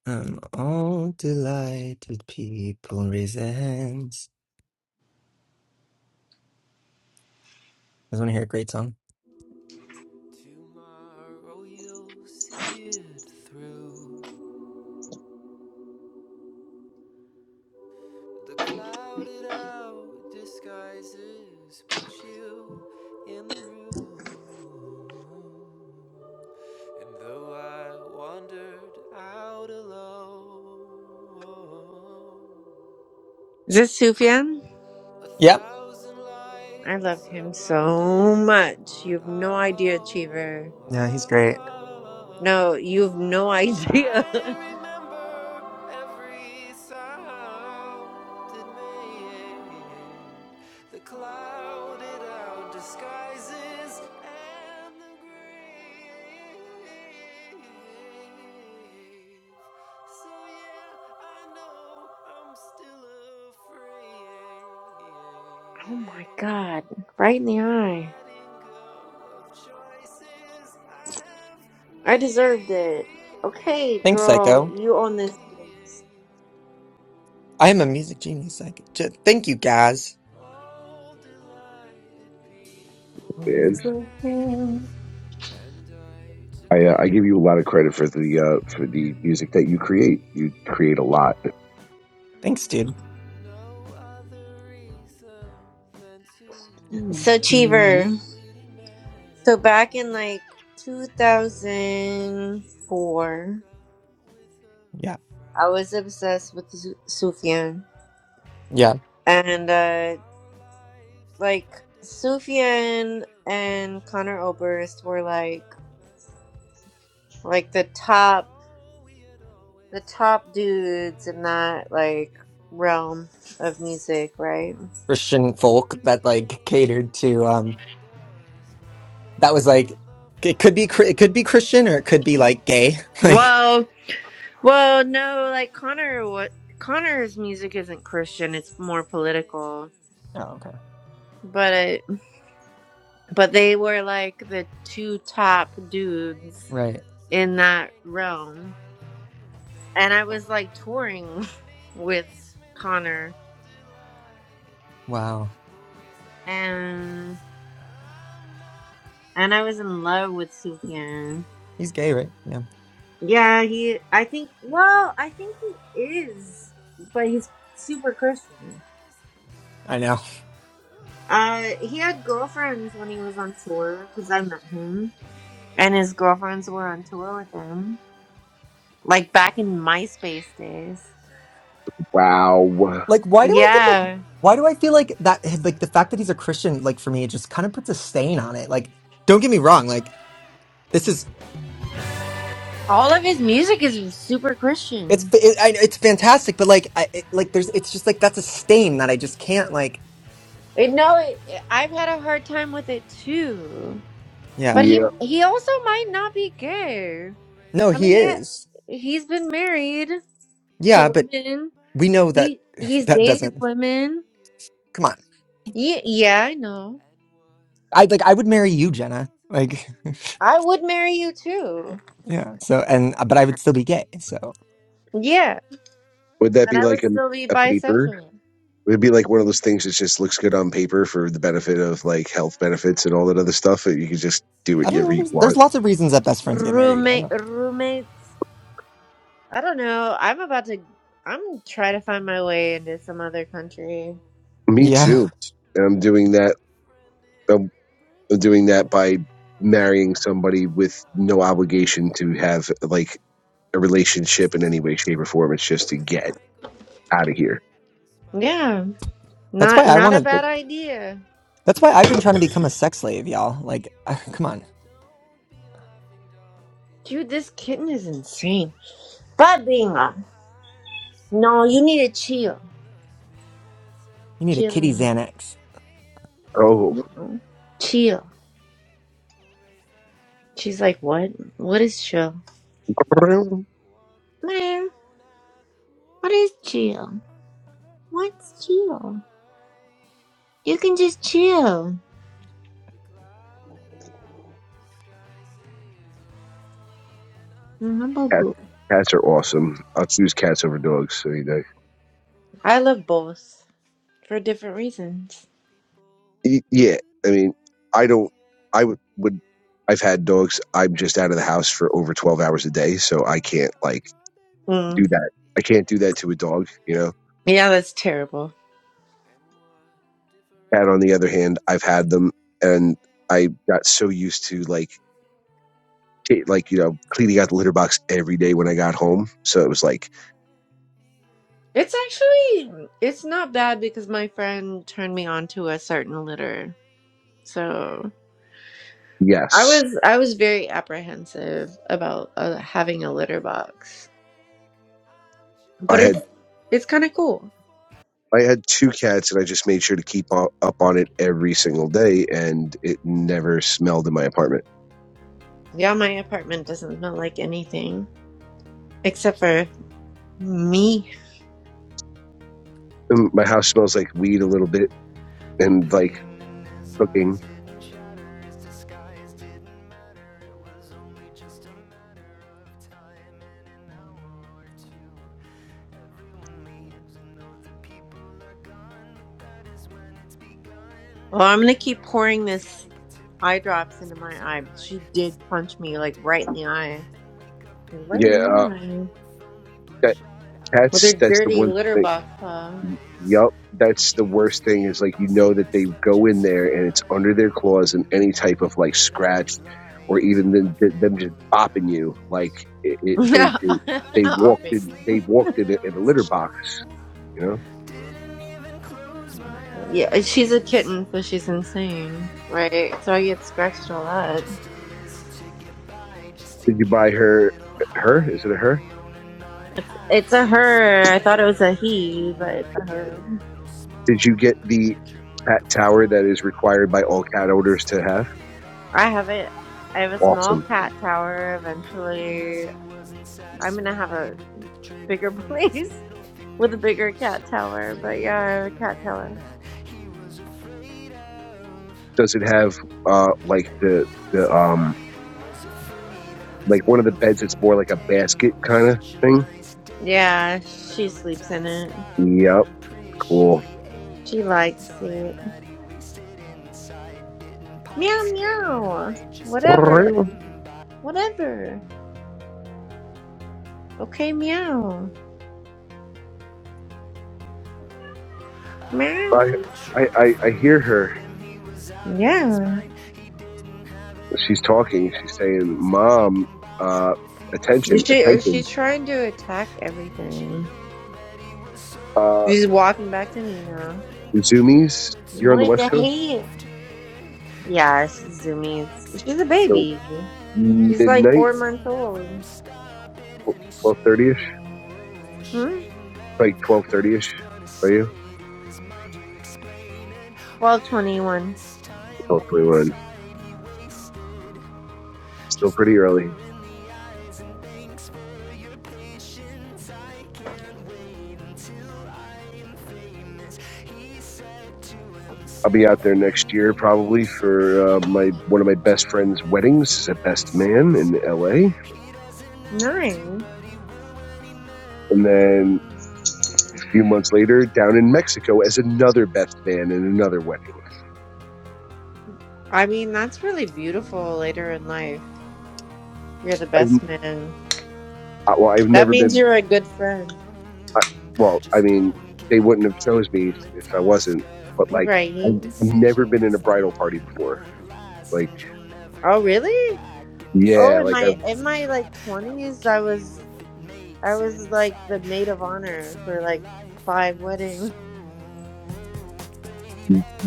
Speaker 1: Um, all delighted people raise their hands. You guys want to hear a great song?
Speaker 4: Is this Sufyan?
Speaker 1: Yep.
Speaker 4: I love him so much. You have no idea, Cheever.
Speaker 1: Yeah, he's great.
Speaker 4: No, you have no idea. oh my god. Right in the eye. I deserved it. Okay,
Speaker 1: Thanks,
Speaker 4: girl,
Speaker 1: Psycho.
Speaker 4: you own this.
Speaker 1: I am a music genius. Psycho. J- Thank you, guys.
Speaker 7: And
Speaker 1: Always love you.
Speaker 7: I, uh, I give you a lot of credit for the uh, for the music that you create. You create a lot.
Speaker 1: Thanks, dude. Mm.
Speaker 4: So,
Speaker 1: Mhm.
Speaker 4: Cheever. So, back in like 2004.
Speaker 1: Yeah.
Speaker 4: I was obsessed with Su- Sufjan.
Speaker 1: Yeah.
Speaker 4: And, uh, like, Sufjan and Connor Oberst were, like, like the top, the top dudes in that, like, realm of music, right?
Speaker 1: Christian folk that like catered to um that was like it could be Chri- it could be Christian or it could be like gay. Like
Speaker 4: Well, well, no, like, Connor, what, Connor's music isn't Christian, it's more political.
Speaker 1: Oh, okay.
Speaker 4: But it, but they were like the two top dudes
Speaker 1: Right.
Speaker 4: in that realm. and I was like touring with Connor
Speaker 1: Wow.
Speaker 4: and and I was in love with Sufjan.
Speaker 1: He's gay, right? Yeah.
Speaker 4: Yeah, he I think well, I think he is, but he's super Christian.
Speaker 1: I know.
Speaker 4: Uh he had girlfriends when he was on tour cuz I met him and his girlfriends were on tour with him like back in MySpace days.
Speaker 7: Wow.
Speaker 1: Like why do I get the
Speaker 4: Yeah.
Speaker 1: why do I feel like that like the fact that he's a Christian like for me it just kind of puts a stain on it. Like don't get me wrong, like this is
Speaker 4: All of his music is super
Speaker 1: it's
Speaker 4: Christian.
Speaker 1: it, I, it's fantastic, but like I it, like there's it's just like that's a stain that I just can't like
Speaker 4: It, No, it, I've had a hard time with it too But
Speaker 1: Yeah.
Speaker 4: he
Speaker 7: Yeah.
Speaker 4: he also might not be gay.
Speaker 1: No,
Speaker 4: I mean,
Speaker 1: he
Speaker 4: he
Speaker 1: is.
Speaker 4: he's been married
Speaker 1: Yeah,
Speaker 4: to
Speaker 1: but
Speaker 4: women.
Speaker 1: we know that
Speaker 4: He he's
Speaker 1: that
Speaker 4: dated
Speaker 1: doesn't
Speaker 4: women.
Speaker 1: come on
Speaker 4: Yeah, yeah, I know.
Speaker 1: i like i would marry you jenna like
Speaker 4: I would marry you too.
Speaker 1: yeah so and uh, but i would still be gay so
Speaker 4: Yeah,
Speaker 7: Would that
Speaker 4: and
Speaker 7: be
Speaker 4: I
Speaker 7: like
Speaker 4: would
Speaker 7: a,
Speaker 4: still be
Speaker 7: a paper?
Speaker 4: bisexual.
Speaker 7: Would it be like one of
Speaker 4: Mm.
Speaker 7: those things that just looks good on paper for the benefit of like health benefits and all that other stuff that you can just do
Speaker 1: i don't
Speaker 7: whatever
Speaker 1: know
Speaker 7: you
Speaker 1: there's, there's
Speaker 7: want?
Speaker 1: lots of reasons that best friends get married i don't
Speaker 4: Roommate
Speaker 1: know
Speaker 4: roommates. I don't know. I'm about to. I'm trying to find my way into some other country.
Speaker 7: Me
Speaker 1: yeah
Speaker 7: too. And I'm doing that. I'm I'm doing that by marrying somebody with no obligation to have like a relationship in any way, shape, or form. It's just to get out of here.
Speaker 4: Yeah,
Speaker 1: that's why
Speaker 4: not
Speaker 1: i
Speaker 4: not a
Speaker 1: want
Speaker 4: bad
Speaker 1: to
Speaker 4: idea.
Speaker 1: that's why i've been trying to become a sex slave y'all like uh, come on
Speaker 4: Dude, this kitten is insane. But bingo. No, you need to chill.
Speaker 1: you need a kitty
Speaker 4: Chilling.
Speaker 1: xanax
Speaker 7: Oh,
Speaker 4: You know. Chill. She's like, What? What is chill? Man, what is chill? What's chill? You can just chill. Mm, how about
Speaker 7: cats,
Speaker 4: boo?
Speaker 7: cats are awesome. I'll choose cats over dogs any day.
Speaker 4: I love both for different reasons.
Speaker 7: Y- Yeah, I mean, I don't. I would. would I've had dogs. I'm just out of the house for over 12 hours a day, so I can't like do
Speaker 4: Mm.
Speaker 7: that. I can't do that to a dog. You know.
Speaker 4: Yeah, that's terrible.
Speaker 7: Cat, on the other hand, I've had them, and I got so used to like t- like you know cleaning out the litter box every day when I got home. So it was like
Speaker 4: It's actually it's not bad because my friend turned me on to a certain litter. So I
Speaker 7: yes,
Speaker 4: was I was very apprehensive about uh, having a litter box,
Speaker 7: I
Speaker 4: but
Speaker 7: had.
Speaker 4: it's it's kind of cool
Speaker 7: I had two cats, and I just made sure to keep up on it every single day, and it never smelled in my apartment.
Speaker 4: Yeah, my apartment doesn't smell like anything except for me.
Speaker 7: Um, My house smells like weed a little bit and like cooking.
Speaker 4: Well, I'm gonna keep pouring this eye drops into my eye because she did punch me like right in the eye, right
Speaker 7: Yeah,
Speaker 4: in the
Speaker 7: uh,
Speaker 4: eye
Speaker 7: that
Speaker 4: with her
Speaker 7: cats. That's the
Speaker 4: dirty
Speaker 7: one
Speaker 4: litter
Speaker 7: thing.
Speaker 4: box. Huh?
Speaker 7: Yup, that's the worst thing is like you know that they go in there and it's under their claws and any type of like scratch or even them, them just bopping you like it, it they, they they walked in
Speaker 4: Opping.
Speaker 7: they walked in a, in a litter box. You know?
Speaker 4: Yeah, she's a kitten, so she's insane, right? So I get scratched a lot.
Speaker 7: Did you buy her her? Is it a her?
Speaker 4: It's a her. I thought it was a he, but it's a her.
Speaker 7: Did you get the cat tower that is required by all cat owners to have?
Speaker 4: I have it. I have a small
Speaker 7: Awesome.
Speaker 4: cat tower eventually. I'm gonna have a bigger place with a bigger cat tower. But yeah, I have a cat tower.
Speaker 7: Does it have uh like the the um like one of the beds? It's more like a basket kind of thing.
Speaker 4: Yeah, she sleeps in it.
Speaker 7: Yep. Cool.
Speaker 4: She likes it. Meow meow. Whatever.
Speaker 7: I
Speaker 4: Whatever. Okay, meow. Meow.
Speaker 7: I I, I hear her.
Speaker 4: Yeah.
Speaker 7: She's talking. She's saying, "Mom, uh, attention,
Speaker 4: She
Speaker 7: attention,
Speaker 4: she's trying to attack everything.
Speaker 7: uh,
Speaker 4: She's walking back to me now.
Speaker 7: Zoomies, you're on the
Speaker 4: What the
Speaker 7: West Coast,
Speaker 4: heck? Yeah, she's zoomies. She's a
Speaker 7: so
Speaker 4: baby. She's like
Speaker 7: midnight,
Speaker 4: four months old.
Speaker 7: twelve thirty ish,
Speaker 4: Hmm?
Speaker 7: like twelve thirty ish, are you?
Speaker 4: Well, 21.
Speaker 7: Twelve twenty one. Still pretty early. I'll be out there next year probably for uh, my one of my best friend's weddings as a best man in L.A.
Speaker 4: Nine.
Speaker 7: And then a few months later, down in Mexico as another best man in another wedding.
Speaker 4: I mean, that's really beautiful later in life. You're the
Speaker 7: I've
Speaker 4: best man.
Speaker 7: uh, well, I've
Speaker 4: That
Speaker 7: never
Speaker 4: means
Speaker 7: been.
Speaker 4: you're a good friend.
Speaker 7: I, well, I mean, they wouldn't have chose me if I wasn't. But like, I've
Speaker 4: Right.
Speaker 7: never been in a
Speaker 3: cause the
Speaker 7: bridal party before.
Speaker 3: last
Speaker 7: Like,
Speaker 3: and you'll never
Speaker 4: Oh,
Speaker 3: get
Speaker 4: really?
Speaker 3: it.
Speaker 4: Oh,
Speaker 7: yeah,
Speaker 4: in
Speaker 7: like
Speaker 4: my
Speaker 7: I've
Speaker 3: Indecision
Speaker 4: in
Speaker 3: is a
Speaker 4: my like
Speaker 3: trap that will
Speaker 4: 20s, I
Speaker 3: kill you
Speaker 4: was
Speaker 3: if it
Speaker 4: I
Speaker 3: makes it
Speaker 4: was like the
Speaker 3: inside.
Speaker 4: maid of
Speaker 3: It gets
Speaker 4: honor
Speaker 3: on
Speaker 4: for
Speaker 3: your
Speaker 4: like
Speaker 3: life
Speaker 4: five
Speaker 3: and it's so
Speaker 4: weddings.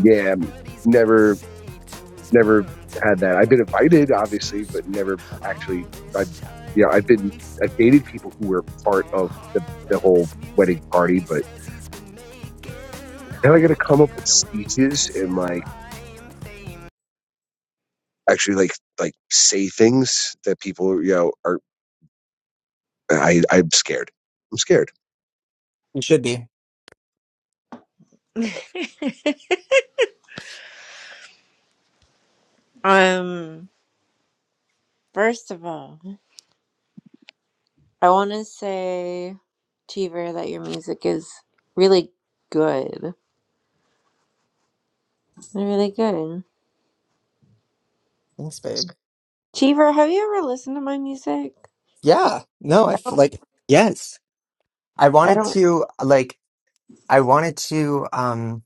Speaker 7: yeah,
Speaker 3: what he's gonna
Speaker 7: never.
Speaker 3: say to his
Speaker 7: never
Speaker 3: mom to
Speaker 7: had that. I've been invited,
Speaker 3: make
Speaker 7: obviously,
Speaker 3: excuse
Speaker 7: but never
Speaker 3: for all
Speaker 7: actually. I,
Speaker 3: this time
Speaker 7: yeah, I've
Speaker 3: he
Speaker 7: been, I've
Speaker 3: wasted.
Speaker 7: dated people who were part of the, the whole wedding party, but now I got to come up with speeches and like actually like like say things that people you know are. I I'm scared. I'm scared.
Speaker 1: you should be
Speaker 4: Um, first of all, I want to say, Cheever, that your music is really good. Really good.
Speaker 1: thanks babe
Speaker 4: Cheever, have you ever listened to my music?
Speaker 1: yeah no i feel like yes i
Speaker 4: I
Speaker 1: wanted
Speaker 4: don't
Speaker 1: to like i wanted to um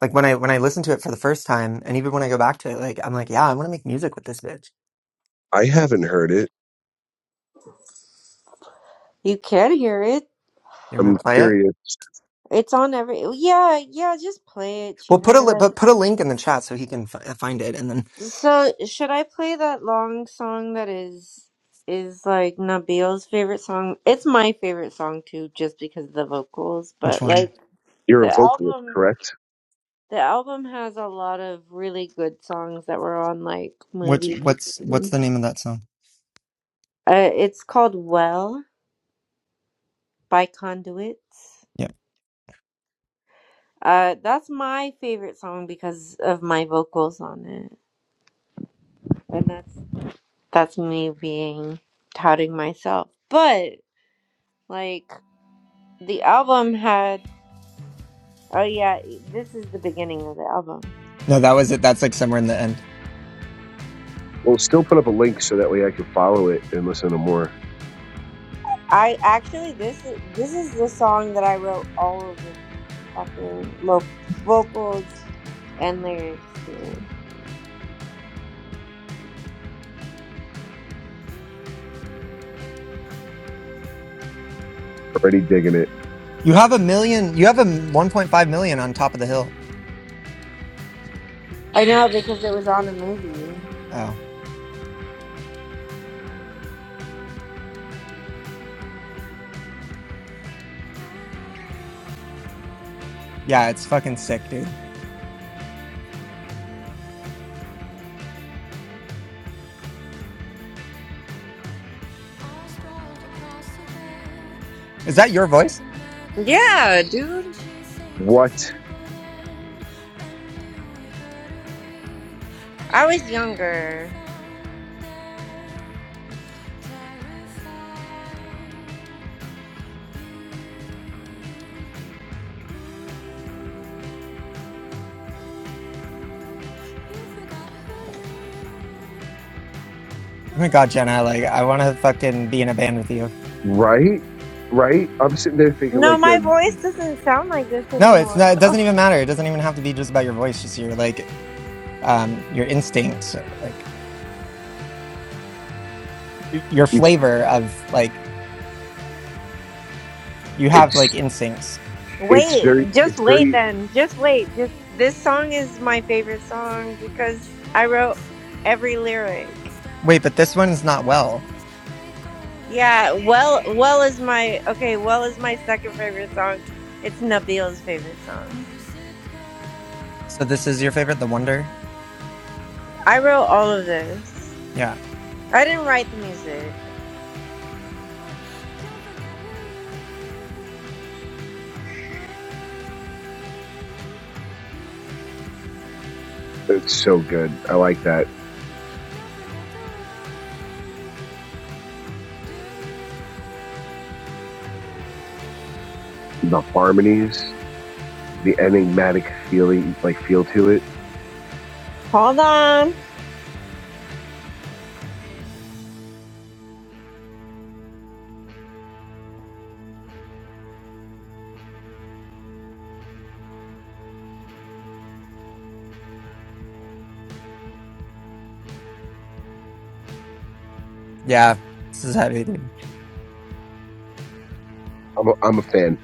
Speaker 1: like when i when i listened to it for the first time and even when i go back to it like i'm like yeah i want to make music with this bitch
Speaker 7: I haven't heard it.
Speaker 4: You can hear it.
Speaker 1: You want me
Speaker 7: I'm
Speaker 1: to play it?
Speaker 7: curious.
Speaker 4: It's on every. Yeah, yeah, just play it,
Speaker 1: Well, put a li-
Speaker 4: Cheever. Like,
Speaker 1: but put a link in the chat so he can f- find it. And then
Speaker 4: so should I play that long song that is is like Nabil's favorite song? It's my favorite song too, just because of the vocals.
Speaker 1: which
Speaker 4: But
Speaker 1: one?
Speaker 4: like
Speaker 7: You're a
Speaker 4: the
Speaker 7: vocalist,
Speaker 4: album,
Speaker 7: correct?
Speaker 4: the album has a lot of really good songs that were on like
Speaker 1: Which
Speaker 4: movies.
Speaker 1: what's what's
Speaker 4: Uh,
Speaker 1: the name of that song?
Speaker 4: it's called "Well" by Conduits.
Speaker 1: Yeah,
Speaker 4: Uh, that's my favorite song because of my vocals on it, and that's. that's me being touting myself. But like the album had oh yeah, e, this is the beginning of the album.
Speaker 1: no, that was it. That's like somewhere in the end.
Speaker 7: We'll still put up a link so that way I can follow it and listen to more.
Speaker 4: I actually this is this is the song that I wrote all of the fucking lo- vocals and lyrics to.
Speaker 7: Already digging it.
Speaker 1: You have a million. You have a one point five million on top of the hill.
Speaker 4: I know because it was on a movie.
Speaker 1: Oh yeah, it's fucking sick, dude. Is that your voice?
Speaker 4: Yeah, dude.
Speaker 7: What?
Speaker 4: I was younger.
Speaker 1: Oh my god, Jenna, like I want to fucking be in a band with you.
Speaker 7: Right? Right? I'm sitting there thinking
Speaker 4: No,
Speaker 7: like, you
Speaker 4: my
Speaker 7: know,
Speaker 4: voice doesn't sound like this
Speaker 1: No, it's
Speaker 4: anymore
Speaker 1: not. It
Speaker 4: though.
Speaker 1: doesn't even matter. It doesn't even have to be just about your voice. Just your like, um, your instincts, uh, like your
Speaker 7: you
Speaker 1: flavor of like you have
Speaker 7: It's
Speaker 1: like instincts.
Speaker 7: it's
Speaker 4: Wait,
Speaker 7: very
Speaker 4: just
Speaker 7: it's
Speaker 4: wait
Speaker 7: very
Speaker 4: then. Just wait. Just this song is my favorite song because I wrote every lyric.
Speaker 1: Wait, but this one's not well.
Speaker 4: Yeah, well well is my okay, well is my second favorite song. It's Nabil's favorite song.
Speaker 1: So this is your favorite, The Wonder?
Speaker 4: I wrote all of this.
Speaker 1: Yeah.
Speaker 4: I didn't write the music.
Speaker 7: it's so good. I like that the harmonies, the enigmatic feeling like feel to it.
Speaker 4: Hold on.
Speaker 1: Yeah. This is heavy. dude.
Speaker 7: I'm a, I'm a fan.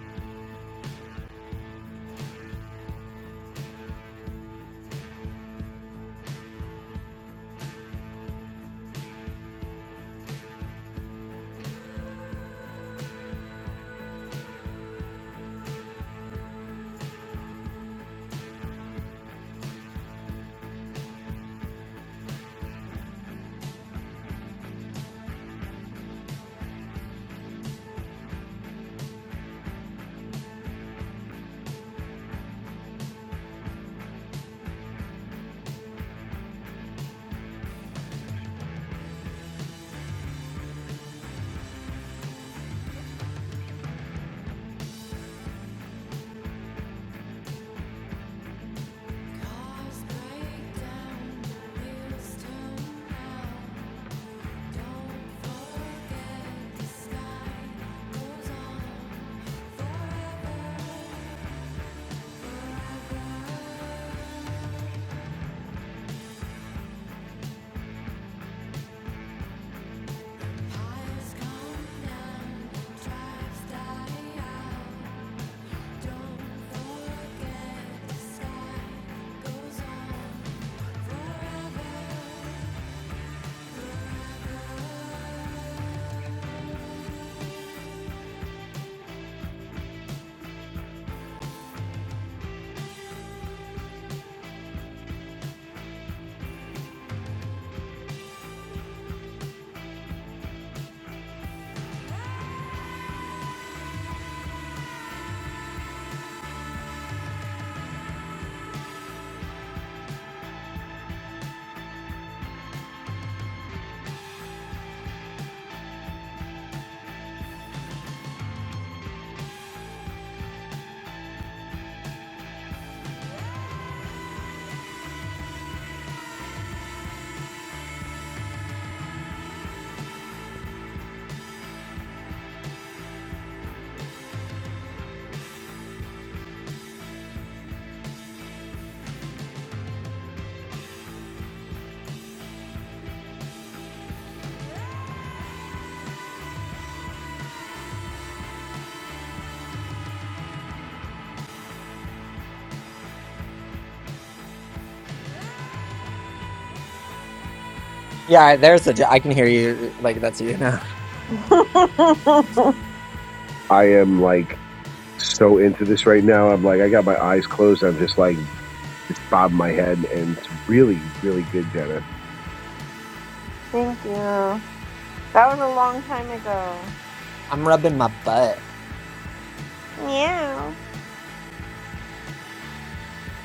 Speaker 1: Yeah, there's a. j- I can hear you. Like that's you now.
Speaker 7: I am like so into this right now. I'm like I got my eyes closed. I'm just like just bobbing my head, and it's really really good, Jenna.
Speaker 4: Thank you. That was a long time ago.
Speaker 1: I'm rubbing my butt.
Speaker 4: Meow.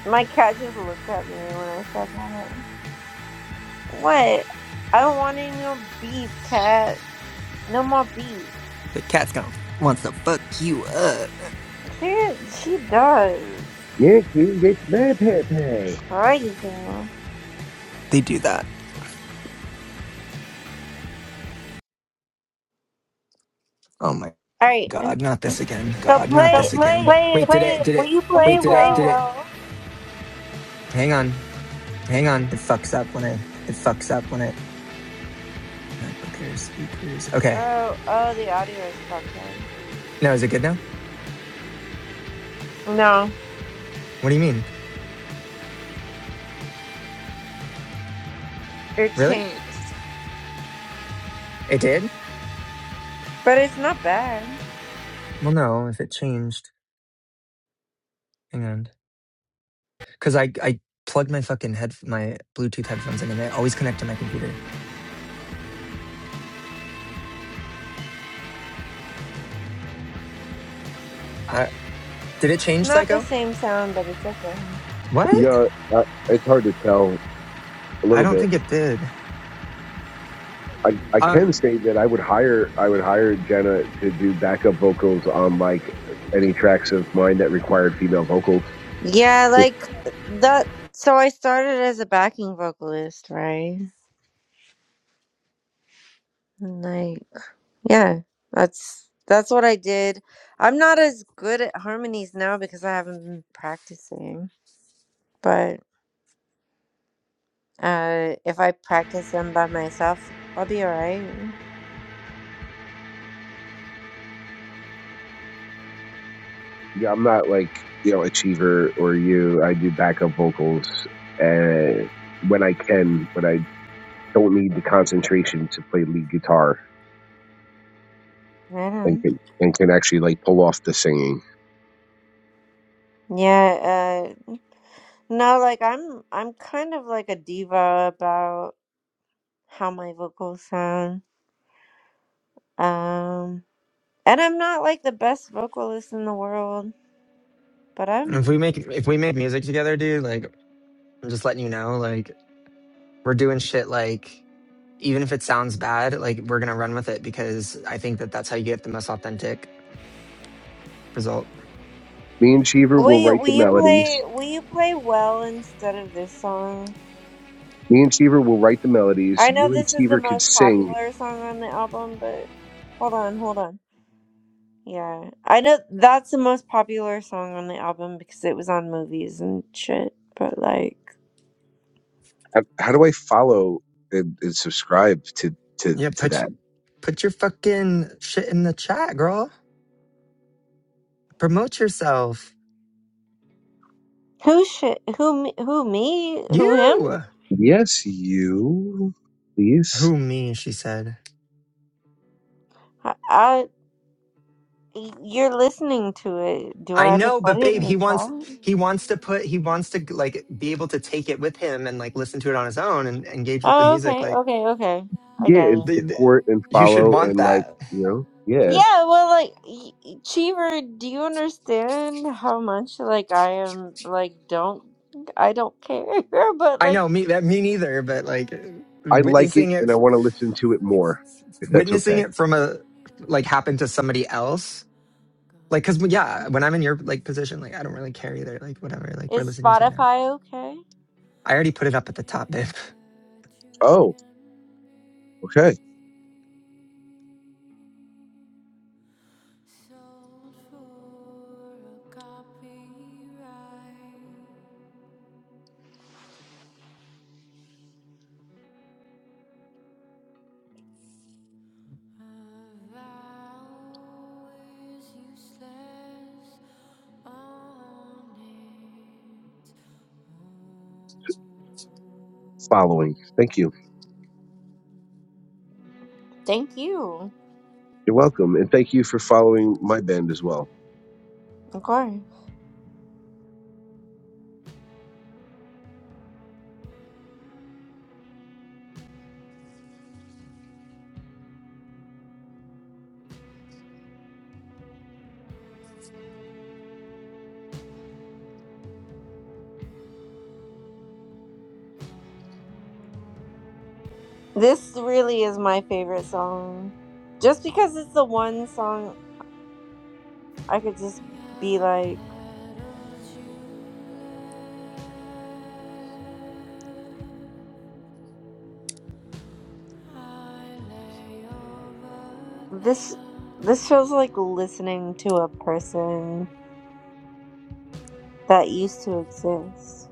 Speaker 4: My cat just looked at me when I said that. What? I don't want any more beef, cat. No more beef.
Speaker 1: The cat's gonna wants to fuck you up.
Speaker 4: She she does.
Speaker 7: Yeah, you get my
Speaker 4: It's
Speaker 7: pepe.
Speaker 4: crazy. All
Speaker 1: They do that. Oh my
Speaker 4: right.
Speaker 1: god, not this again.
Speaker 4: So
Speaker 3: God, not So
Speaker 4: play
Speaker 3: this again.
Speaker 4: play.
Speaker 1: Wait, did it? Did
Speaker 4: Will
Speaker 1: it?
Speaker 4: you play well?
Speaker 3: well.
Speaker 1: Hang on.
Speaker 3: hang on.
Speaker 1: It fucks up when I
Speaker 3: It fucks up when it.
Speaker 1: MacBook Air speakers. Okay.
Speaker 4: Oh oh, the audio is fucked up.
Speaker 1: No, is it good now?
Speaker 4: No,
Speaker 1: What do you mean?
Speaker 4: it
Speaker 1: Really?
Speaker 4: changed,
Speaker 1: It did?
Speaker 4: but it's not bad.
Speaker 1: Well, no. If it changed, hang on. Cause I I plugged my fucking head my Bluetooth headphones in, and they always connect to my computer. Did it
Speaker 4: It's
Speaker 1: change
Speaker 4: not the
Speaker 1: Psycho?
Speaker 4: same sound, but it's okay.
Speaker 1: What?
Speaker 7: No, uh, it's hard to tell a
Speaker 1: I
Speaker 7: little
Speaker 1: don't
Speaker 7: bit
Speaker 1: think it did.
Speaker 7: I, I
Speaker 1: Um,
Speaker 7: can say that I would hire I would hire Jenna to do backup vocals on like any tracks of mine that required female vocals.
Speaker 4: Yeah, like that. So I started as a backing vocalist, right? Like. Yeah, that's that's what I did. I'm not as good at harmonies now because I haven't been practicing, but uh if I practice them by myself, I'll be all right.
Speaker 7: Yeah, I'm not like you know achiever or you. I do backup vocals and when I can, when I don't need the concentration to play lead guitar
Speaker 4: I
Speaker 7: and
Speaker 4: don't.
Speaker 7: can and can actually like pull off the singing.
Speaker 4: Yeah, uh no, like I'm I'm kind of like a diva about how my vocals sound. Um and I'm not like the best vocalist in the world, but I'm
Speaker 1: if we make if we make music together, dude, like I'm just letting you know, like we're doing shit. Like even if it sounds bad, like we're gonna run with it because I think that that's how you get the most authentic result.
Speaker 7: Me and Cheever
Speaker 4: Will
Speaker 7: will
Speaker 4: you
Speaker 7: write
Speaker 4: will
Speaker 7: the
Speaker 4: you
Speaker 7: melodies
Speaker 4: play will you play well instead of this song?
Speaker 7: Me and Cheever will write the melodies.
Speaker 4: I know
Speaker 7: You and
Speaker 4: this is the
Speaker 7: Cheever could
Speaker 4: most
Speaker 7: sing.
Speaker 4: popular song on the album, but hold on, hold on. Yeah, I know that's the most popular song on the album because it was on movies and shit. But like,
Speaker 7: How, how do I follow and, and subscribe to, to,
Speaker 1: Yeah,
Speaker 7: to
Speaker 1: put
Speaker 7: that?
Speaker 1: y- put your fucking shit in the chat, girl. Promote yourself.
Speaker 4: who shit? Who me? Who me? Who him?
Speaker 1: You.
Speaker 7: Yes, you. Please.
Speaker 1: Who me? She said.
Speaker 4: I, I you're listening to it. Do
Speaker 1: I
Speaker 4: I have to
Speaker 1: know,
Speaker 4: put
Speaker 1: but
Speaker 4: it in
Speaker 1: babe, he
Speaker 4: the
Speaker 1: wants
Speaker 4: chat?
Speaker 1: he wants to put he wants to like be able to take it with him and like listen to it on his own and engage with the
Speaker 4: Oh,
Speaker 1: music.
Speaker 4: okay,
Speaker 1: Like
Speaker 4: okay, okay. I
Speaker 7: Yeah, and
Speaker 4: got it.
Speaker 1: the, the
Speaker 7: support and
Speaker 1: you should
Speaker 7: follow
Speaker 1: want
Speaker 7: and like,
Speaker 1: that.
Speaker 7: you know, yeah.
Speaker 4: Yeah, well, like, y- y- Cheever, do you understand how much like I am? Like, don't I don't care, but
Speaker 1: I
Speaker 4: like.
Speaker 1: know me that me neither, but like
Speaker 7: I like it
Speaker 1: witnessing
Speaker 7: and I
Speaker 1: it,
Speaker 7: want to listen to it more, if that's
Speaker 1: witnessing
Speaker 7: okay.
Speaker 1: it from a like happen to somebody else, like because yeah, when I'm in your like position, like I don't really care either. Like whatever, like we're
Speaker 4: Is
Speaker 1: listening to it now.
Speaker 4: Spotify okay?
Speaker 1: I already put it up at the top, babe.
Speaker 7: Oh, okay. Following. Thank you.
Speaker 4: Thank you.
Speaker 7: You're welcome. And thank you for following my band as well.
Speaker 4: Of course. This really is my favorite song. Just because it's the one song I could just be like this this feels like listening to a person that used to exist.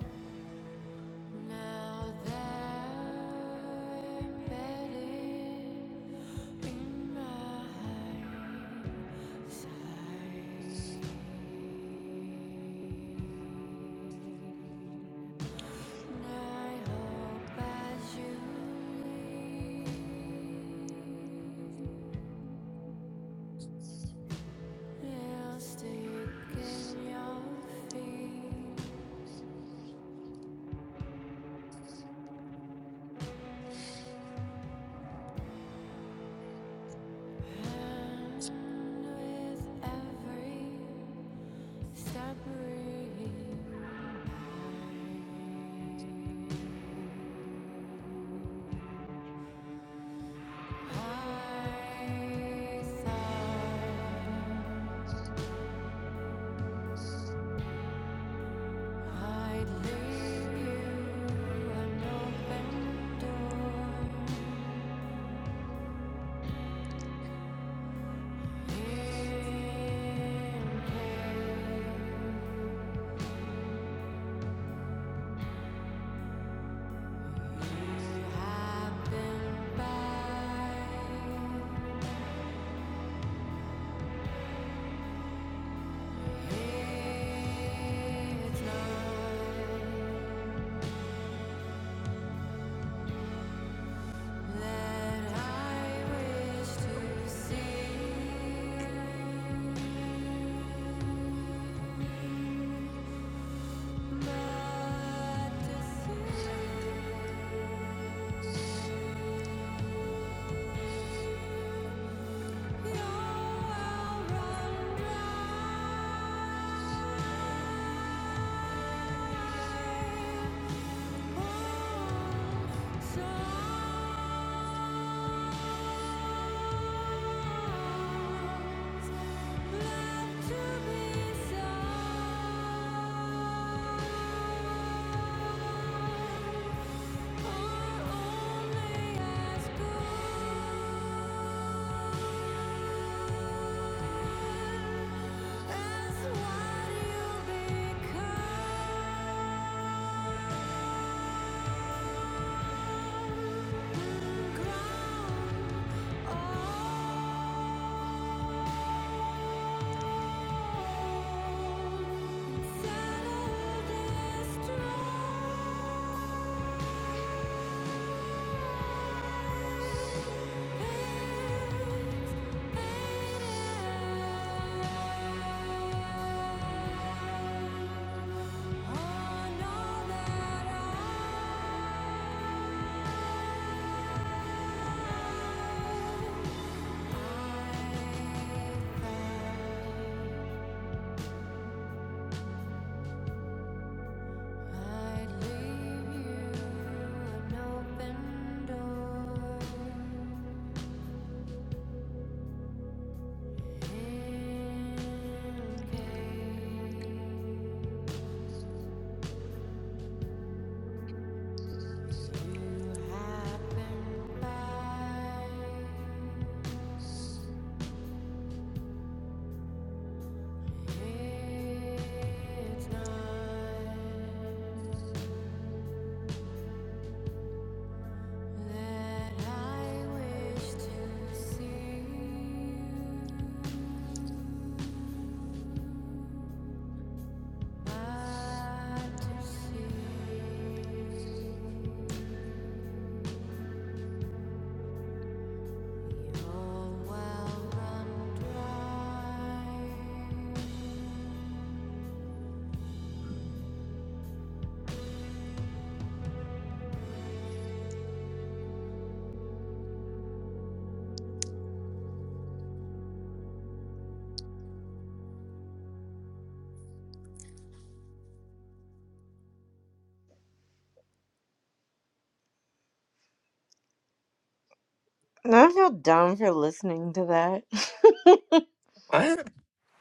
Speaker 4: And I feel dumb for listening to that.
Speaker 1: What?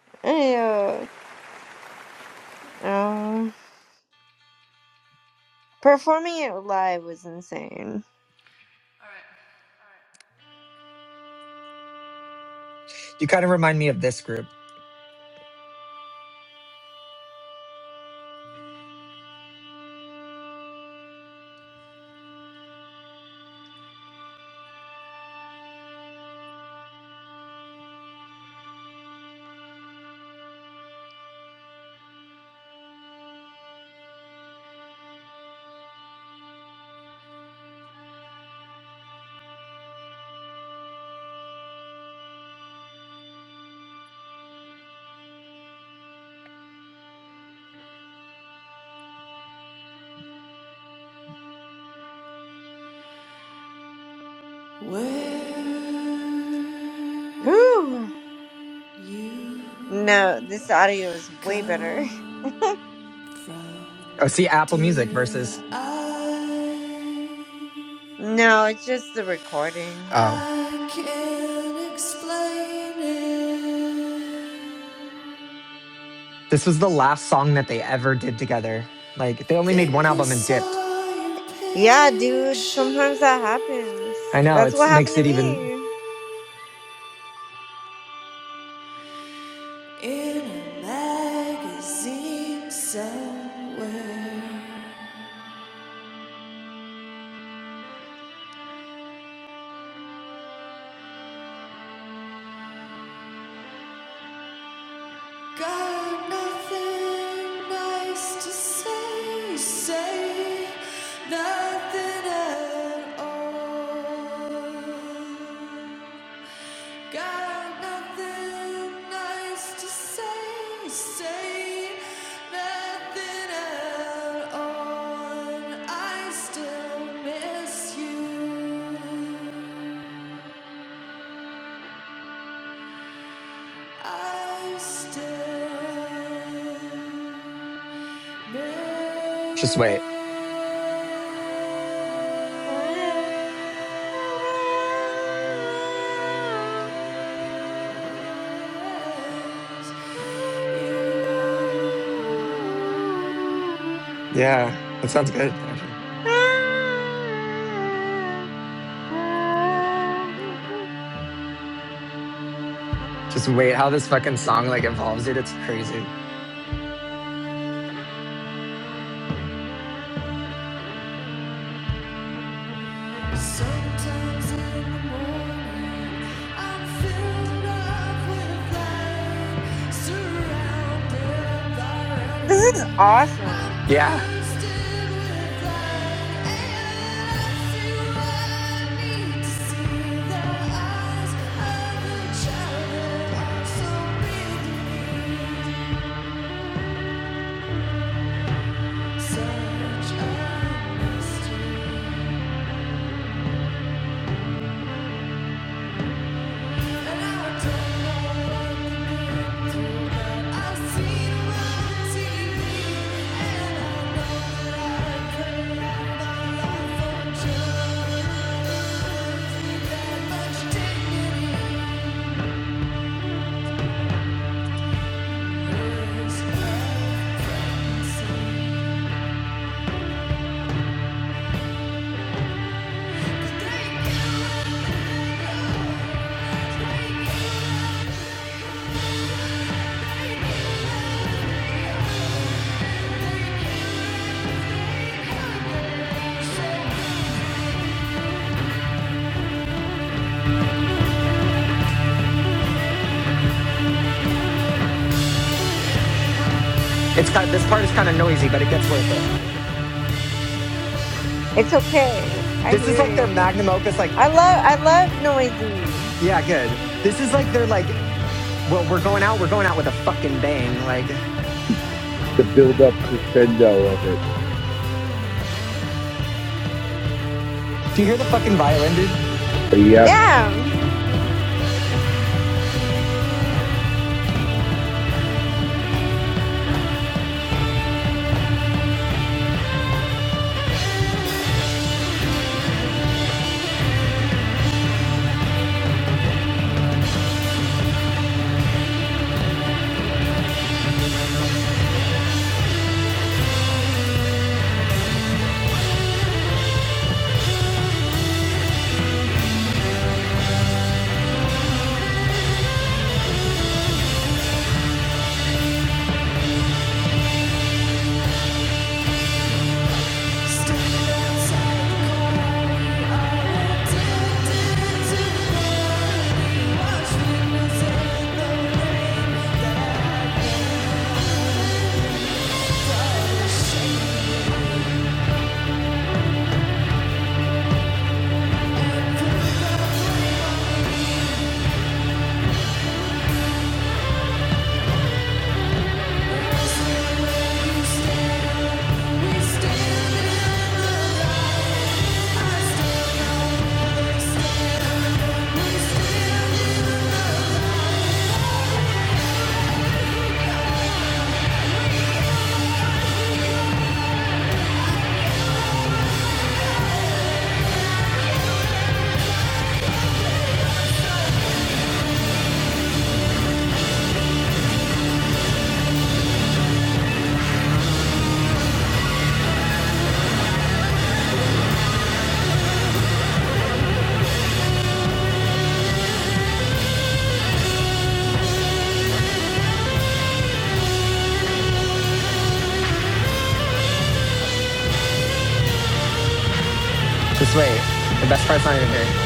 Speaker 4: yeah. Um performing it live was insane.
Speaker 1: You kind of remind me of this group.
Speaker 4: Whew. No, this audio is way better.
Speaker 1: Oh, see, Apple Music
Speaker 3: Dear
Speaker 1: versus
Speaker 3: I
Speaker 4: No, it's just the recording.
Speaker 1: oh,
Speaker 3: I can't explain it.
Speaker 1: this was the last song that they ever did together. Like they only made one
Speaker 3: Think I
Speaker 1: album and dipped.
Speaker 3: saw your
Speaker 4: Yeah, dude,
Speaker 3: picture.
Speaker 4: sometimes that happens.
Speaker 1: I know
Speaker 4: That's
Speaker 1: it's
Speaker 4: what happened
Speaker 1: makes
Speaker 4: to
Speaker 1: it even.
Speaker 4: me.
Speaker 1: Just wait. Yeah, that sounds good. Actually. Just wait how this fucking song like evolves, dude. It's crazy.
Speaker 4: This is awesome.
Speaker 1: Yeah.
Speaker 3: Such a mystery. And I don't know what the meaning to that. I seen it on TV. And I pray my life for children. That much dignity.
Speaker 1: It's kind this part is kind of noisy, but it gets worth it.
Speaker 4: It's okay. I
Speaker 1: This is like their
Speaker 4: hear it.
Speaker 1: magnum opus, like,
Speaker 4: I love I love noisy.
Speaker 1: yeah, good. This is like their like, well, we're going out, we're going out with a fucking bang. Like, do
Speaker 7: The build up crescendo of it.
Speaker 1: you hear the fucking violin, dude?
Speaker 7: Yes,
Speaker 4: Yeah.
Speaker 3: Stand outside the cold.
Speaker 1: Just wait. The best part's not even here.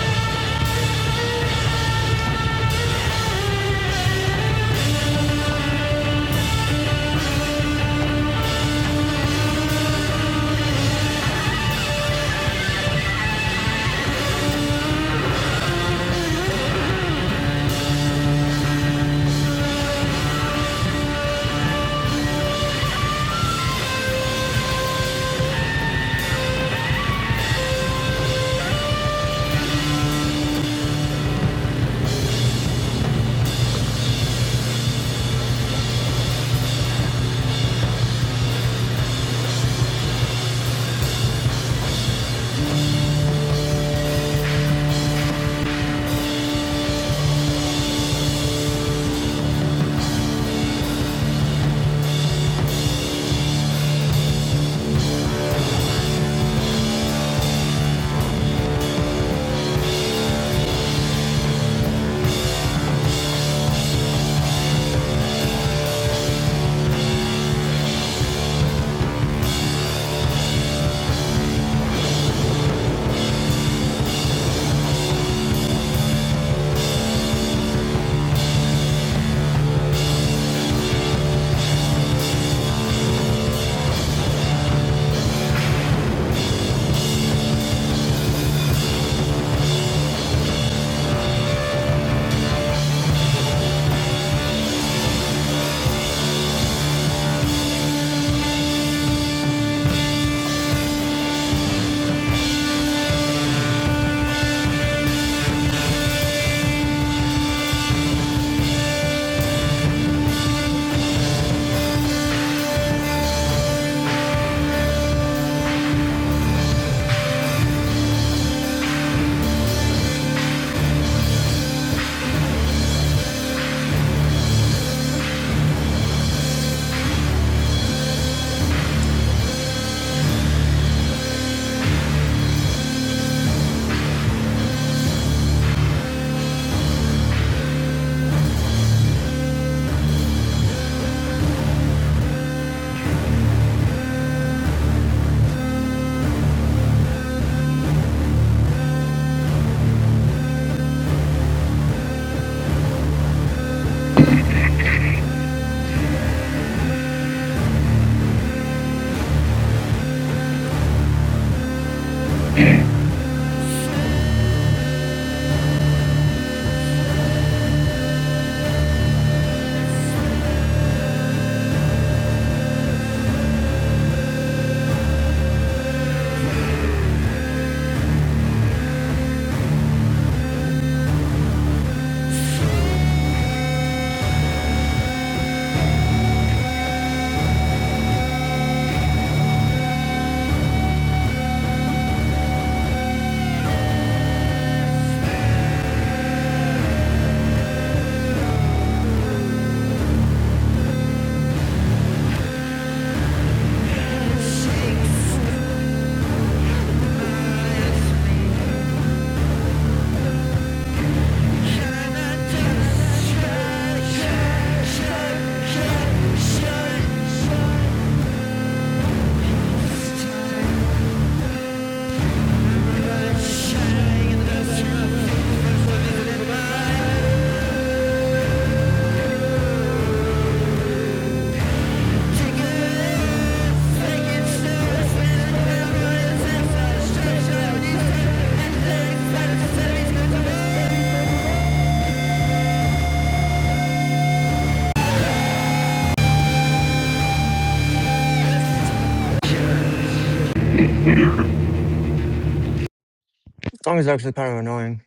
Speaker 1: The song is actually kind of annoying.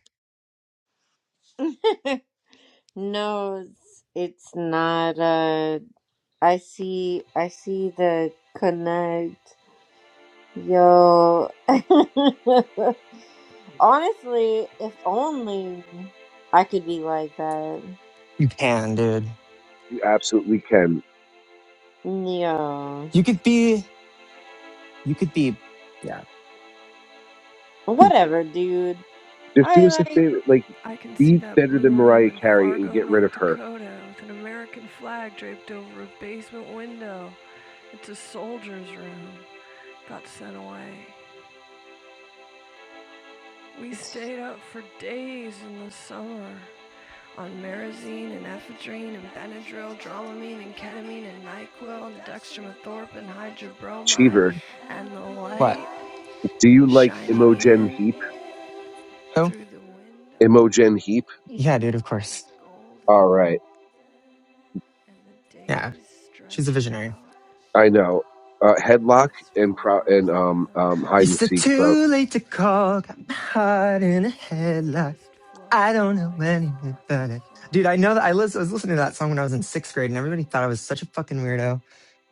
Speaker 4: no, it's, it's not uh I see I see the connect. Yo. Honestly, if only I could be like that.
Speaker 1: You can, dude.
Speaker 7: you absolutely can.
Speaker 4: Yeah.
Speaker 1: You could be you could be yeah.
Speaker 4: Whatever, dude.
Speaker 7: Just do
Speaker 4: I
Speaker 7: us a
Speaker 4: like.
Speaker 7: favor, like
Speaker 3: I can see
Speaker 7: be
Speaker 3: that.
Speaker 7: better than Mariah Carey and get rid of her. Cheever,
Speaker 1: What?
Speaker 7: do you like Imogen Heap?
Speaker 1: Who?
Speaker 7: Imogen Heap.
Speaker 1: Yeah, dude, of course.
Speaker 7: All right,
Speaker 1: Yeah. She's a visionary.
Speaker 7: I know. Uh, headlock and pro and um um hide
Speaker 1: It's
Speaker 7: and seek. Pro
Speaker 1: too late to call. Got my heart in a headlock. I don't know anything about it. Dude, I know that I, lis- was listening to that song when I was in sixth grade and everybody thought I was such a fucking weirdo.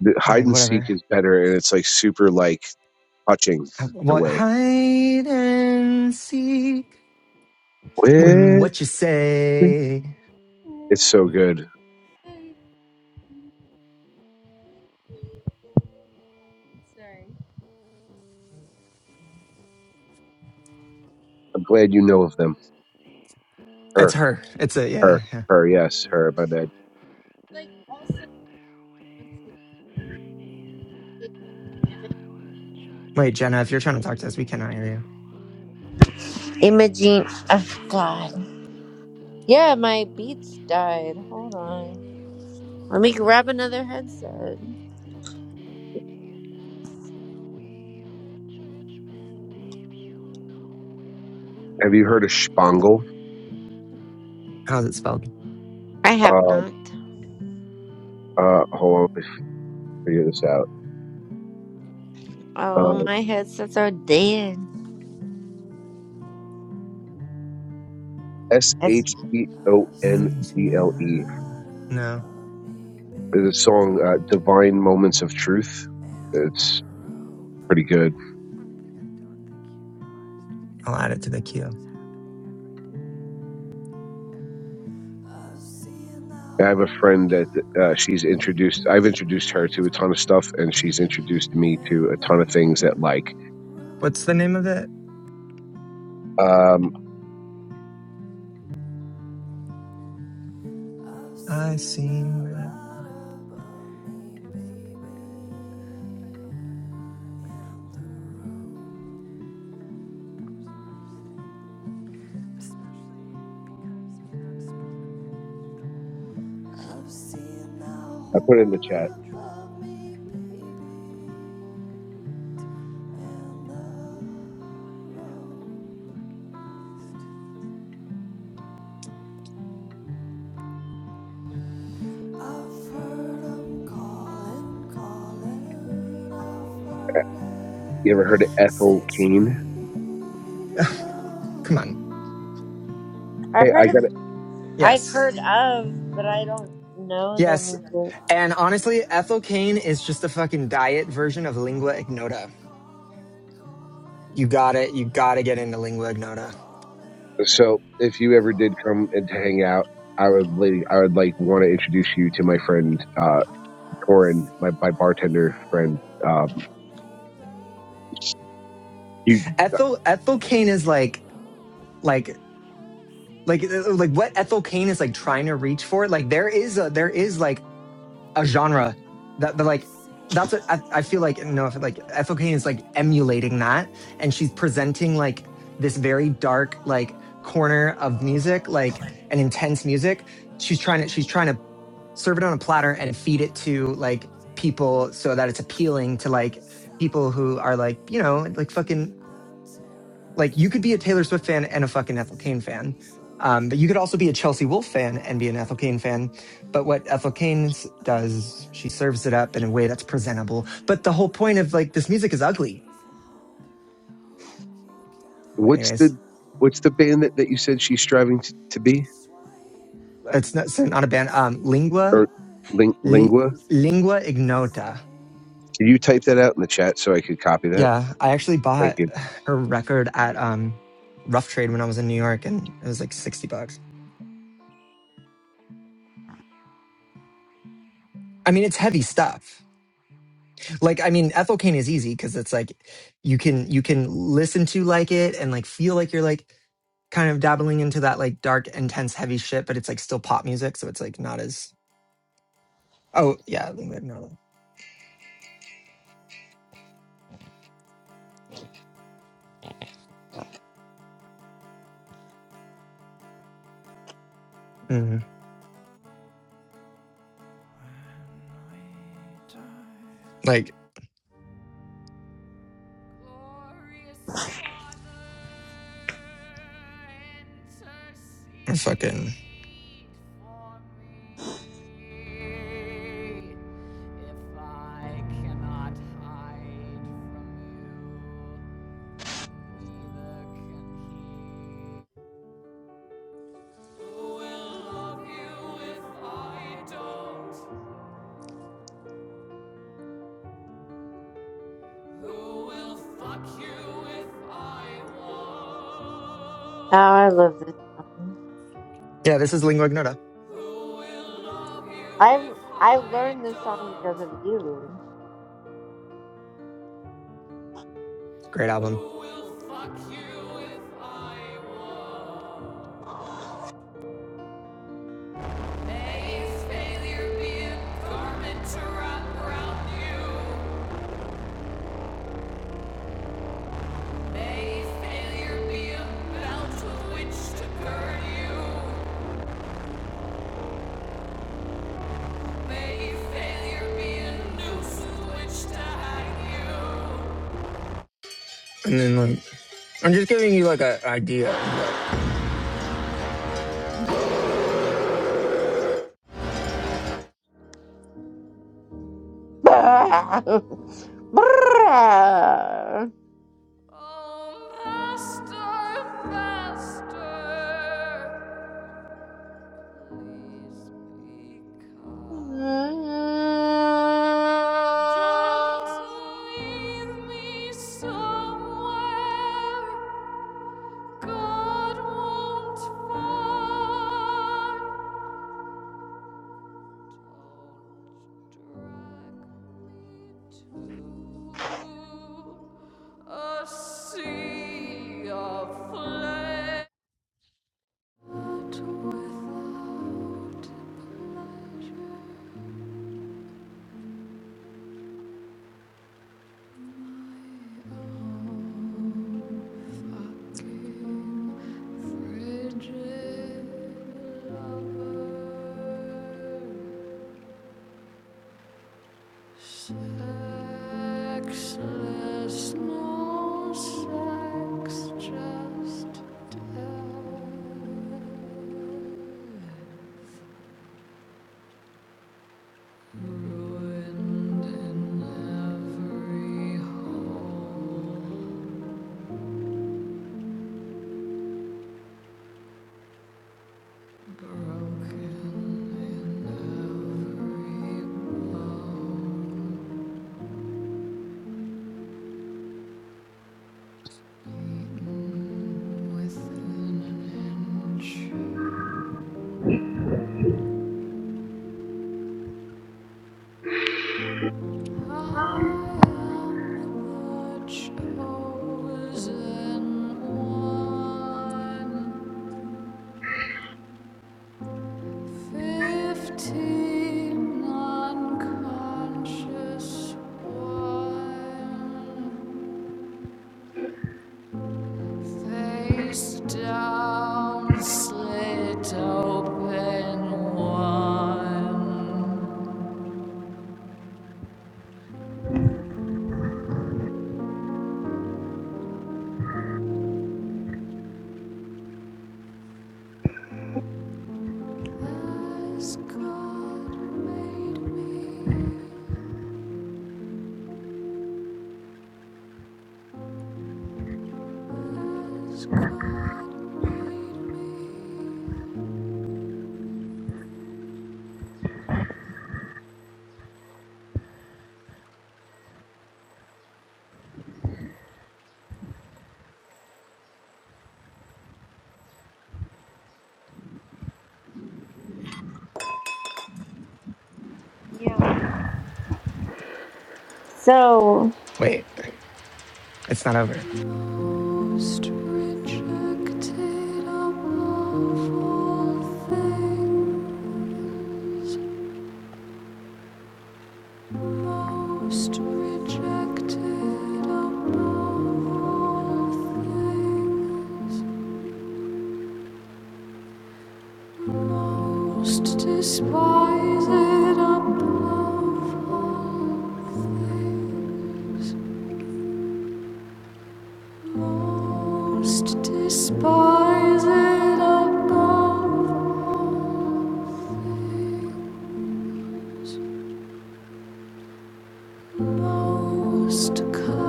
Speaker 7: the
Speaker 1: I was
Speaker 7: hide
Speaker 1: like,
Speaker 7: and seek
Speaker 1: whatever.
Speaker 7: is better, and it's like super like touching
Speaker 1: I,
Speaker 7: in a
Speaker 1: what,
Speaker 7: way.
Speaker 1: hide and seek.
Speaker 7: Well,
Speaker 1: Mm, what you say.
Speaker 7: It's so good. I'm glad you know of them.
Speaker 1: It's
Speaker 7: Her,
Speaker 1: her. It's a,
Speaker 7: her,
Speaker 1: yeah, yeah.
Speaker 7: her. Yes, her. My bad.
Speaker 1: Wait, Jenna, if you're trying to talk to us, we cannot hear you.
Speaker 4: Imogene. Oh, God. Yeah, my beats died. Hold on. Let me grab another headset.
Speaker 7: Have you heard of Spangle?
Speaker 1: How's it spelled?
Speaker 4: I have
Speaker 7: Uh,
Speaker 4: not.
Speaker 7: uh. Hold on, let me figure this out. Uh,
Speaker 4: Oh, my headsets are dead.
Speaker 7: S
Speaker 4: It's,
Speaker 7: H E O N
Speaker 1: Mm, see
Speaker 7: D L E.
Speaker 1: the- No,
Speaker 7: There's a song, uh, "Divine Moments of Truth." It's pretty good.
Speaker 1: I'll add it to the queue.
Speaker 7: I have a friend that uh, she's introduced. I've introduced her to a ton of stuff, and she's introduced me to a ton of things that like.
Speaker 1: What's the name of it?
Speaker 7: Um,
Speaker 1: I see my.
Speaker 7: I put it in the chat. You ever heard of Ethel Keane?
Speaker 1: Come on.
Speaker 4: I've
Speaker 7: Hey,
Speaker 4: heard
Speaker 7: I
Speaker 4: of.
Speaker 7: got it.
Speaker 4: I've
Speaker 1: Yes.
Speaker 4: heard of, but I don't know their
Speaker 1: Yes.
Speaker 4: music. Oh,
Speaker 1: And honestly, ethyl cane is just a fucking diet version of lingua ignota. You got it. You got to get into lingua ignota.
Speaker 7: So if you ever did come and to hang out. I would, li- I would like want to introduce you to my friend uh, Torin, my, my bartender friend. Um, he
Speaker 1: Ethyl ethyl cane is like like like uh, like what ethyl cane is like trying to reach for. Like there is a there is like a genre that, that like that's what I, I feel like No, know if like Ethel Kane is like emulating that and she's presenting like this very dark like corner of music like an intense music she's trying to she's trying to serve it on a platter and feed it to like people so that it's appealing to like people who are like you know like fucking like you could be a Taylor Swift fan and a fucking Ethel Cain fan. Um, but you could also be a Chelsea Wolfe fan and be an Ethel Cain fan. But what Ethel Cain s- does, she serves it up in a way that's presentable. But the whole point of like this music is ugly.
Speaker 7: What's
Speaker 1: Anyways,
Speaker 7: the what's the band that, that you said she's striving to, to be
Speaker 1: it's not, so not a band. Um, Lingua,
Speaker 7: or ling,
Speaker 1: li,
Speaker 7: lingua?
Speaker 1: Lingua Ignota.
Speaker 7: Can you type that out in the chat so I could copy that?
Speaker 1: Yeah, I actually
Speaker 7: Thank
Speaker 1: bought
Speaker 7: you.
Speaker 1: her record at um, Rough Trade when I was in New York, and it was like sixty bucks. I mean, it's heavy stuff. like i mean ethel kane is easy because it's like you can you can listen to like it and like feel like you're like kind of dabbling into that like dark intense heavy shit but it's like still pop music so it's like not as oh yeah lingua ignota hmm like fucking
Speaker 4: I love this. song.
Speaker 1: yeah this is lingua ignota
Speaker 4: I've I've learned this song because of you.
Speaker 1: great album And then like I'm just giving you like an idea of what
Speaker 3: Sexless, no sex, just death. Ruined in every hole. I'm the chosen one. Fifteen unconscious one, face down, slit open one,
Speaker 4: So
Speaker 1: wait it's not over
Speaker 3: most rejected of all.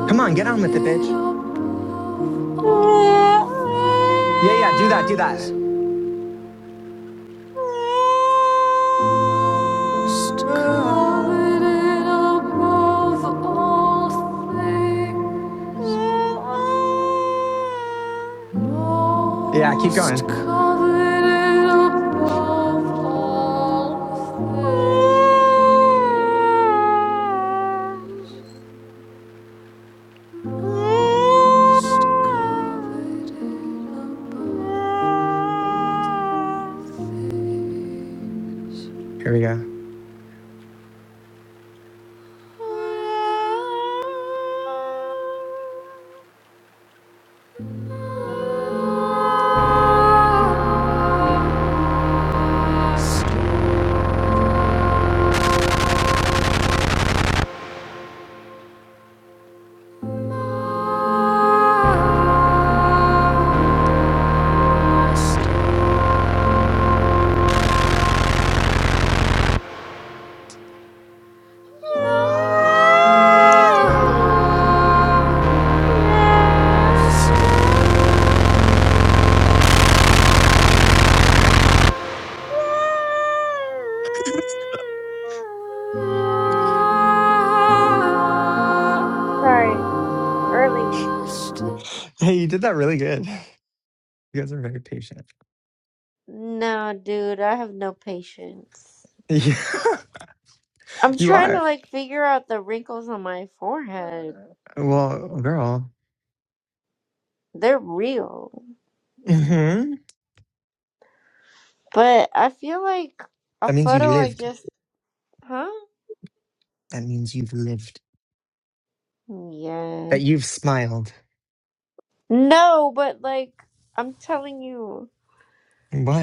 Speaker 1: come on get on with it bitch yeah yeah do that do that Ah. yeah keep going here we go
Speaker 4: Sorry, early.
Speaker 1: hey you did that really good You guys are very patient.
Speaker 4: No, dude, I have no patience.
Speaker 1: Yeah,
Speaker 4: I'm
Speaker 1: you
Speaker 4: trying to
Speaker 1: are.
Speaker 4: like figure out the wrinkles on my forehead.
Speaker 1: Well, girl.
Speaker 4: They're real.
Speaker 1: hmm
Speaker 4: But I feel like a
Speaker 1: That means you
Speaker 4: photo I
Speaker 1: lived.
Speaker 4: just huh?
Speaker 1: That means you've lived.
Speaker 4: Yeah.
Speaker 1: That you've smiled.
Speaker 4: No, but like I'm telling you,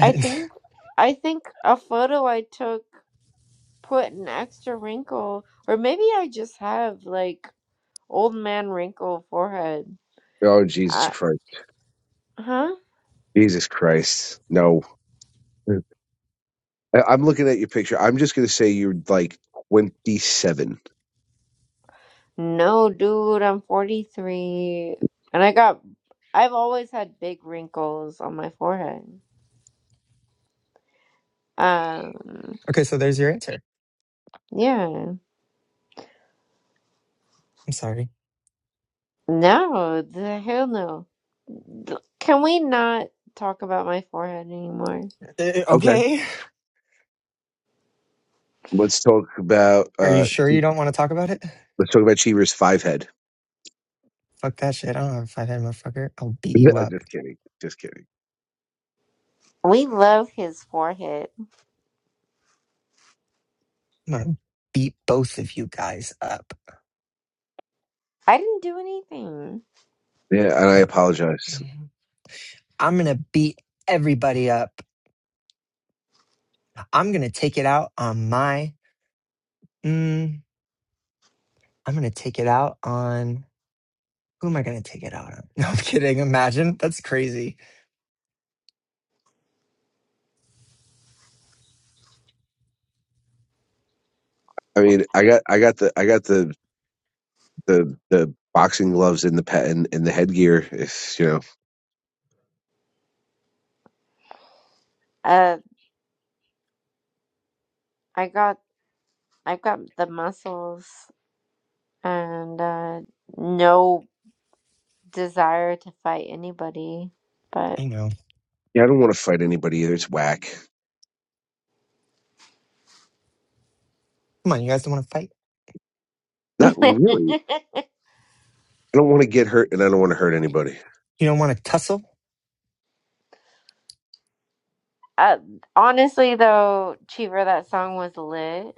Speaker 4: I think I think a photo I took put an extra wrinkle or maybe I just have like old man wrinkle forehead.
Speaker 7: Oh Jesus
Speaker 4: I,
Speaker 7: Christ!
Speaker 4: huh?
Speaker 7: Jesus Christ! No, I, I'm looking at your picture. I'm just gonna say you're like 27.
Speaker 4: No, dude, I'm 43 and I got I've always had big wrinkles on my forehead. Um
Speaker 1: Okay, so there's your answer.
Speaker 4: yeah.
Speaker 1: I'm sorry.
Speaker 4: No, the hell no. D- Can we not talk about my forehead anymore?
Speaker 1: Uh,
Speaker 7: Okay,
Speaker 1: okay.
Speaker 7: let's talk about
Speaker 1: Are you
Speaker 7: uh
Speaker 1: sure you don't want to talk about it?
Speaker 7: let's talk about Cheever's five head.
Speaker 1: Fuck that shit. I don't have a five head motherfucker. I'll beat you
Speaker 7: I'm
Speaker 1: up.
Speaker 7: just kidding. Just kidding.
Speaker 4: We love his forehead.
Speaker 1: I'm gonna beat both of you guys up.
Speaker 4: I didn't do anything.
Speaker 7: Yeah, and I
Speaker 1: Uh,
Speaker 7: apologize.
Speaker 1: I'm gonna beat everybody up. I'm gonna take it out on my. Mm, I'm gonna take it out on. Who am I gonna take it out on? No, I'm kidding. Imagine. That's crazy.
Speaker 7: I mean, I got I got the I got the the the boxing gloves in the pet and, and the headgear. If you know.
Speaker 4: Uh, I got I got the muscles and uh, no desire to fight anybody. But
Speaker 1: I know.
Speaker 7: Yeah, I don't want to fight anybody either. It's whack.
Speaker 1: Come on, you guys don't want to fight?
Speaker 7: Not really. I don't want to get hurt, and I don't want to hurt anybody.
Speaker 1: You don't want to tussle?
Speaker 4: uh, honestly, though, Cheever, that song was lit,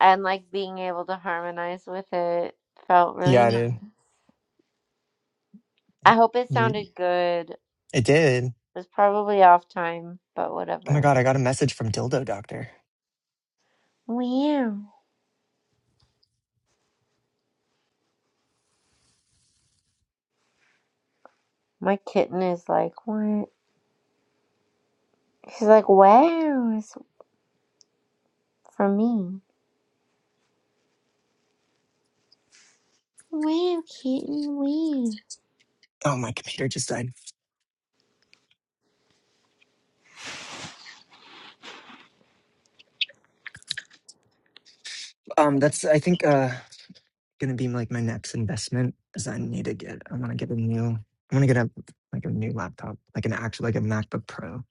Speaker 4: and like being able to harmonize with it felt really
Speaker 1: Yeah,
Speaker 4: nice.
Speaker 1: dude.
Speaker 4: I hope it
Speaker 1: You
Speaker 4: sounded good
Speaker 1: it did.
Speaker 4: It's probably off time, but
Speaker 1: Oh my
Speaker 4: whatever.
Speaker 1: god, I got a message from Dildo Doctor.
Speaker 4: Wow. My kitten is like, what? She's like, wow, it's for me. Wow, kitten, wow.
Speaker 1: Oh my computer just died. Um that's I think uh gonna be like my next investment is I need to get I wanna get a new I wanna get a like a new laptop. Like an actual like a MacBook Pro.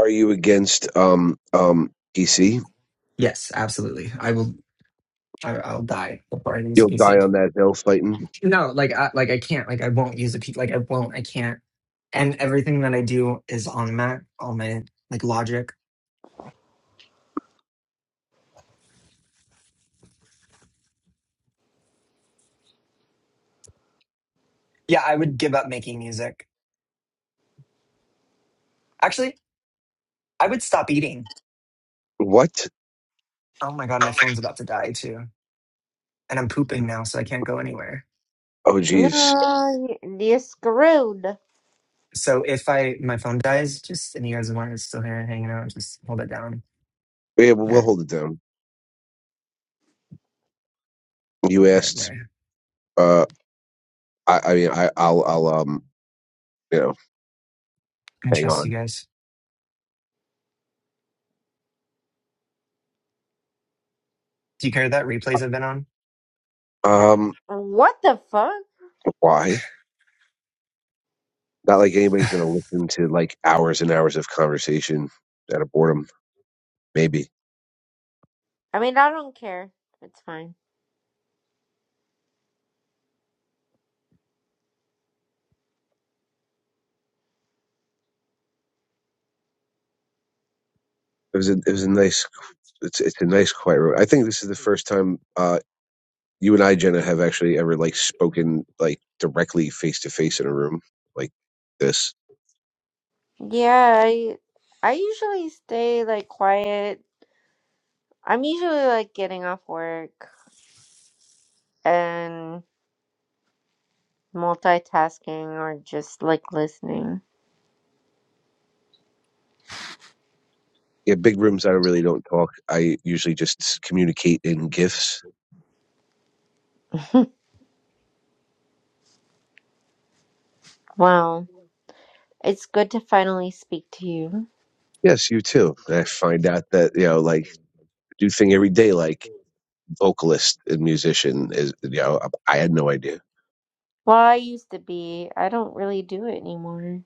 Speaker 7: Are you against um um PC?
Speaker 1: Yes, absolutely. I will I, I'll die before I lose a
Speaker 7: You'll die
Speaker 1: PC.
Speaker 7: on that hill fighting.
Speaker 1: no like I, like i can't like i won't use a p like i won't i can't and everything that i do is on mac on my like logic yeah i would give up making music actually i would stop eating
Speaker 7: What?
Speaker 1: oh my god my phone's about to die too and i'm pooping now so i can't go anywhere
Speaker 7: Oh, jeez.
Speaker 4: No, you- you're screwed.
Speaker 1: so if i my phone dies just and you guys want it's still here hanging out just hold it down
Speaker 7: Yeah, well, we'll
Speaker 1: here
Speaker 7: hold it down. You
Speaker 1: here
Speaker 7: asked.
Speaker 1: where
Speaker 7: Uh, I, I mean, I, I'll, I'll, um, you know,
Speaker 1: i can
Speaker 7: hang
Speaker 1: trust you
Speaker 7: on.
Speaker 1: guys do you care that replays i've been on
Speaker 4: Uh,
Speaker 7: Um,
Speaker 4: What the fuck?
Speaker 7: why? Not like anybody's gonna listen to like hours and hours of conversation out of boredom. Maybe it
Speaker 4: I mean, I don't care. It's fine.
Speaker 7: was a, it was a nice. It's, it's a nice quiet room. I think this is the first time. Uh, you and I, Jenna, have actually ever like spoken like directly face to face in a room like this.
Speaker 4: Yeah, I, I usually stay like quiet. I'm usually like getting off work and multitasking or just like listening.
Speaker 7: Yeah, big rooms. I really don't talk. I usually just communicate in gifs.
Speaker 4: Wow. It's good to finally speak to you.
Speaker 7: Yes, you too. And I find out that you know, like, do thing every day, like vocalist and musician is. You know, I had no idea.
Speaker 4: Well, I used to be. I don't really do it anymore.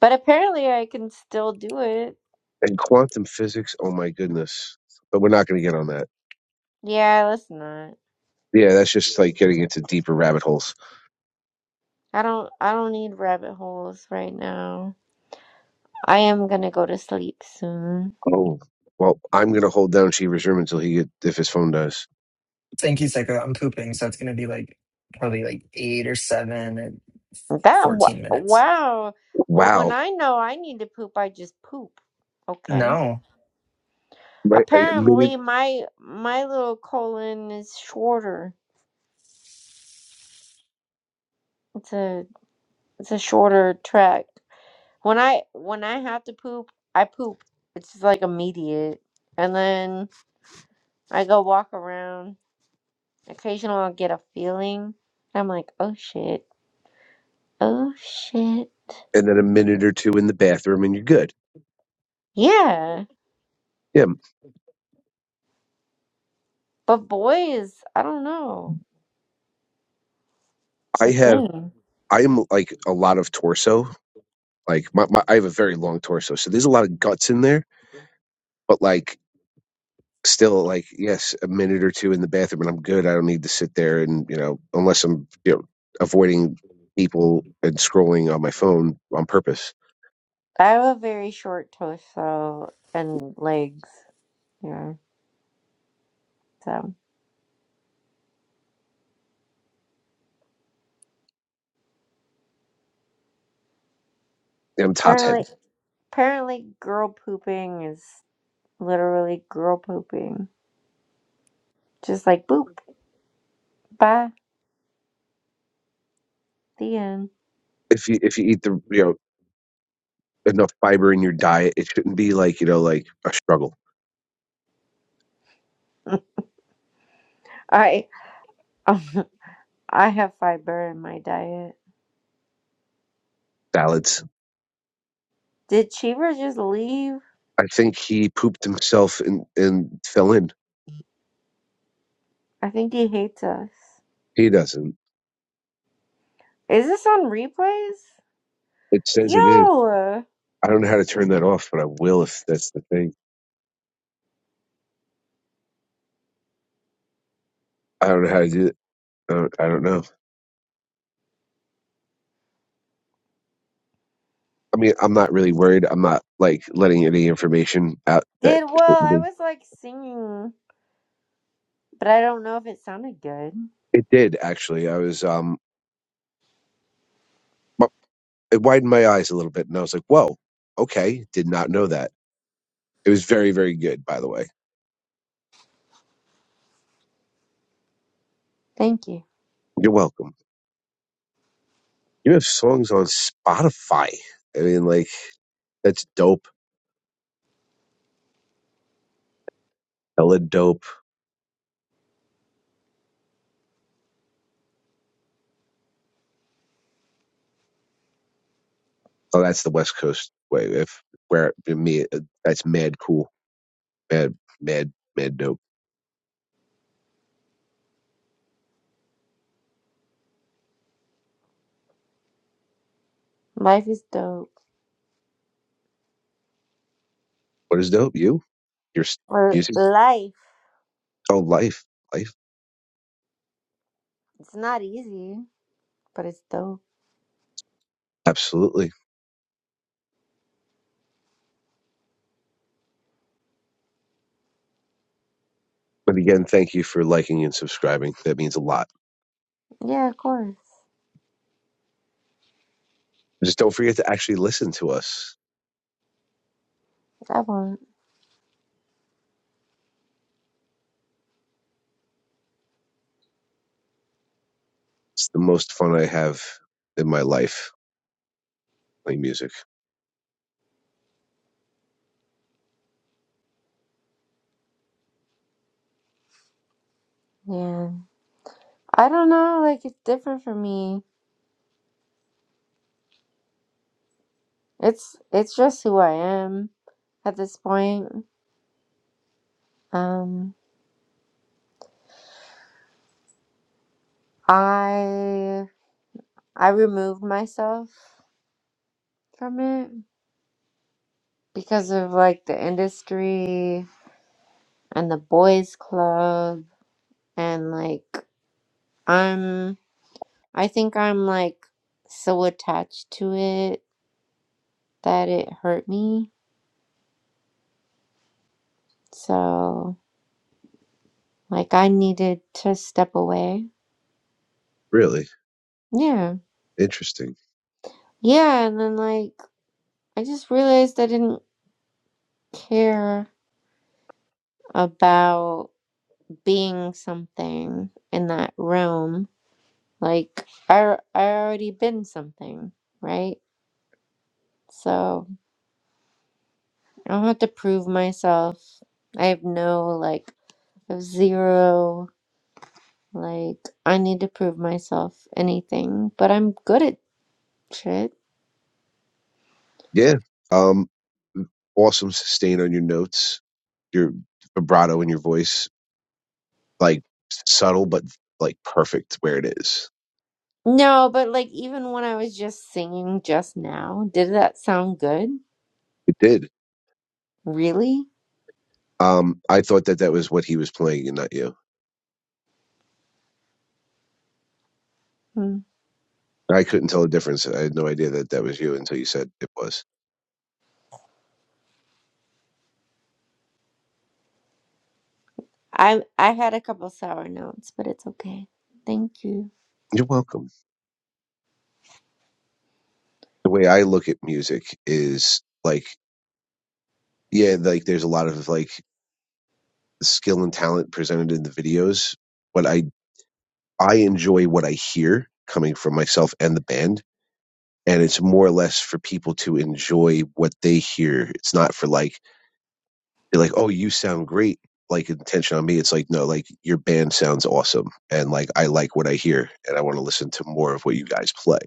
Speaker 4: But apparently I can still do it.
Speaker 7: And quantum physics. Oh my goodness. But we're not going to get on that.
Speaker 4: Yeah, let's not.
Speaker 7: Yeah, that's just like getting into deeper rabbit holes.
Speaker 4: I don't I don't need rabbit holes right now. I am gonna go to sleep soon.
Speaker 7: Oh, well, I'm going to hold down Shiva's room until he get, if his phone dies.
Speaker 1: thank you psycho i'm pooping so it's gonna be like probably like eight or seven and
Speaker 4: That wa-
Speaker 1: 14 minutes
Speaker 4: wow. Well,
Speaker 7: Wow,
Speaker 4: when I know I need to poop, I just poop. Okay.
Speaker 1: No.
Speaker 7: right? Like a minute
Speaker 4: Apparently my my little colon is shorter. It's a it's a shorter track. When I when I have to poop, I poop. It's just like immediate. And then I go walk around. Occasionally I'll get a feeling. I'm like, oh shit. Oh shit.
Speaker 7: and then a minute or two in the bathroom and you're good.
Speaker 4: Yeah.
Speaker 7: Yeah.
Speaker 4: But boys, I don't know. It's
Speaker 7: I
Speaker 4: a
Speaker 7: have,
Speaker 4: thing.
Speaker 7: I am like a lot of torso. Like my, my, I have a very long torso. So there's a lot of guts in there, but like still like, yes, a minute or two in the bathroom and I'm good. I don't need to sit there and, you know, unless I'm, you know, avoiding people and scrolling on my phone on purpose.
Speaker 4: I have a very short torso and legs. Yeah. So
Speaker 7: I'm top
Speaker 4: apparently
Speaker 7: heavy.
Speaker 4: apparently girl pooping is literally girl pooping. Just like boop. Bye. The end.
Speaker 7: If you, if you eat the, you know, enough fiber in your diet, it shouldn't be like, you know, like a struggle.
Speaker 4: Alright. I have fiber in my diet.
Speaker 7: Salads
Speaker 4: Did Cheever just leave?
Speaker 7: I think he pooped himself and, and fell in.
Speaker 4: I think he hates us.
Speaker 7: He doesn't.
Speaker 4: Is this on replays?
Speaker 7: It says it is.
Speaker 4: Yo!
Speaker 7: I don't know how to turn that off, but I will if that's the thing. I don't know how to do it. I don't, I don't know. I mean, I'm not really worried. I'm not like letting any information out that
Speaker 4: Did well,
Speaker 7: shouldn't
Speaker 4: I
Speaker 7: be.
Speaker 4: was like singing, but I don't know if it sounded good.
Speaker 7: It did actually. I was um, it widened my eyes a little bit, and I was like, whoa, okay, did not know that. It was very, very good, by the way.
Speaker 4: Thank you.
Speaker 7: You're welcome. You have songs on Spotify. I mean, like that's dope. Hella dope Oh, that's the West Coast way. If where me, uh, that's mad cool, mad, mad, mad dope.
Speaker 4: Life is dope.
Speaker 7: What is dope? You, your
Speaker 4: Or
Speaker 7: music.
Speaker 4: life.
Speaker 7: Oh, life, life.
Speaker 4: It's not easy, but it's dope.
Speaker 7: Absolutely. But again, thank you for liking and subscribing. That means a lot.
Speaker 4: Yeah, of course.
Speaker 7: Just don't forget to actually listen to us.
Speaker 4: I won't.
Speaker 7: It's the most fun I have in my life playing music.
Speaker 4: Yeah. I don't know, like it's different for me. It's it's just who I am at this point. Um I I removed myself from it because of like the industry and the boys club and like I'm I think I'm like so attached to it that it hurt me. So like I needed to step away.
Speaker 7: Really
Speaker 4: Yeah.
Speaker 7: interesting.
Speaker 4: Yeah, and then like I just realized I didn't care about being something in that realm Like I I already been something, right? So I don't have to prove myself. I have no like I have zero like I need to prove myself anything, but I'm good at shit.
Speaker 7: Yeah. Um. Awesome sustain on your notes, your vibrato in your voice, like subtle but like perfect where it is
Speaker 4: No, but like even when I was just singing just now, did that sound good?
Speaker 7: It did.
Speaker 4: Really?
Speaker 7: Um, I thought that that was what he was playing and not you.
Speaker 4: Hmm.
Speaker 7: I couldn't tell the difference. I had no idea that that was you until you said it was.
Speaker 4: I I had a couple sour notes, but it's okay. Thank you.
Speaker 7: You're welcome. The way I look at music is like, yeah, like there's a lot of like skill and talent presented in the videos, but I I enjoy what I hear coming from myself and the band, and it's more or less for people to enjoy what they hear. It's not for like They're like, oh, you sound great. Like intention on me. It's like, no, like your band sounds awesome. And like, I like what I hear and I want to listen to more of what you guys play.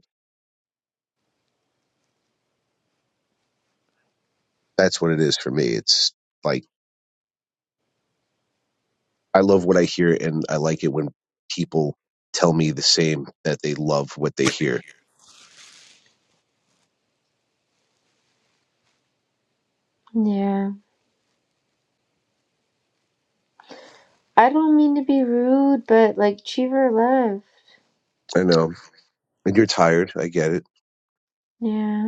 Speaker 7: That's what it is for me. It's like, I love what I hear and I like it when people tell me the same that they love what they hear.
Speaker 4: Yeah. I don't mean to be rude, but like Cheever left.
Speaker 7: I know. And you're tired. I get it.
Speaker 4: Yeah.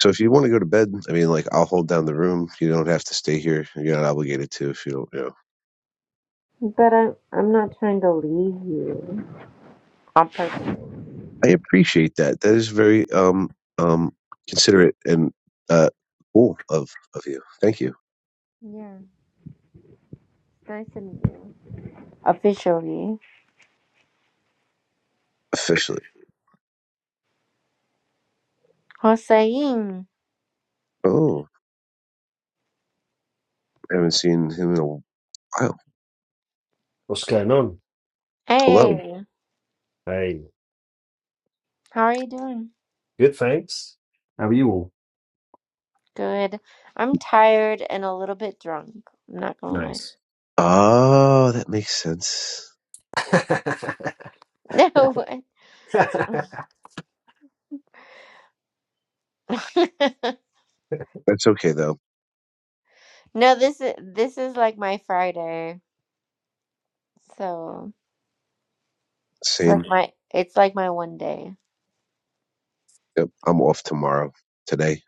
Speaker 7: So if you want to go to bed, I mean, like, I'll hold down the room. You don't have to stay here. You're not obligated to if you don't. you know.
Speaker 4: But I'm I'm not trying to leave you on purpose.
Speaker 7: I appreciate that. That is very um um considerate and uh cool of of you. Thank you.
Speaker 4: Yeah, it's nice to meet you officially.
Speaker 7: Officially.
Speaker 4: Hossein,
Speaker 7: Oh, I haven't seen him in a while.
Speaker 9: What's going on?
Speaker 7: Hello.
Speaker 4: hey,
Speaker 9: Hey,
Speaker 4: how are you doing?
Speaker 9: good, thanks. How are you all?
Speaker 4: Good. I'm tired and a little bit drunk. I'm not gonna lie.
Speaker 9: Nice.
Speaker 7: Oh, that makes sense.
Speaker 4: No, what?
Speaker 7: That's okay though.
Speaker 4: no. This is this is like my Friday, so it's like
Speaker 7: Same.
Speaker 4: my it's like my one day.
Speaker 7: Yep. I'm off tomorrow. Today,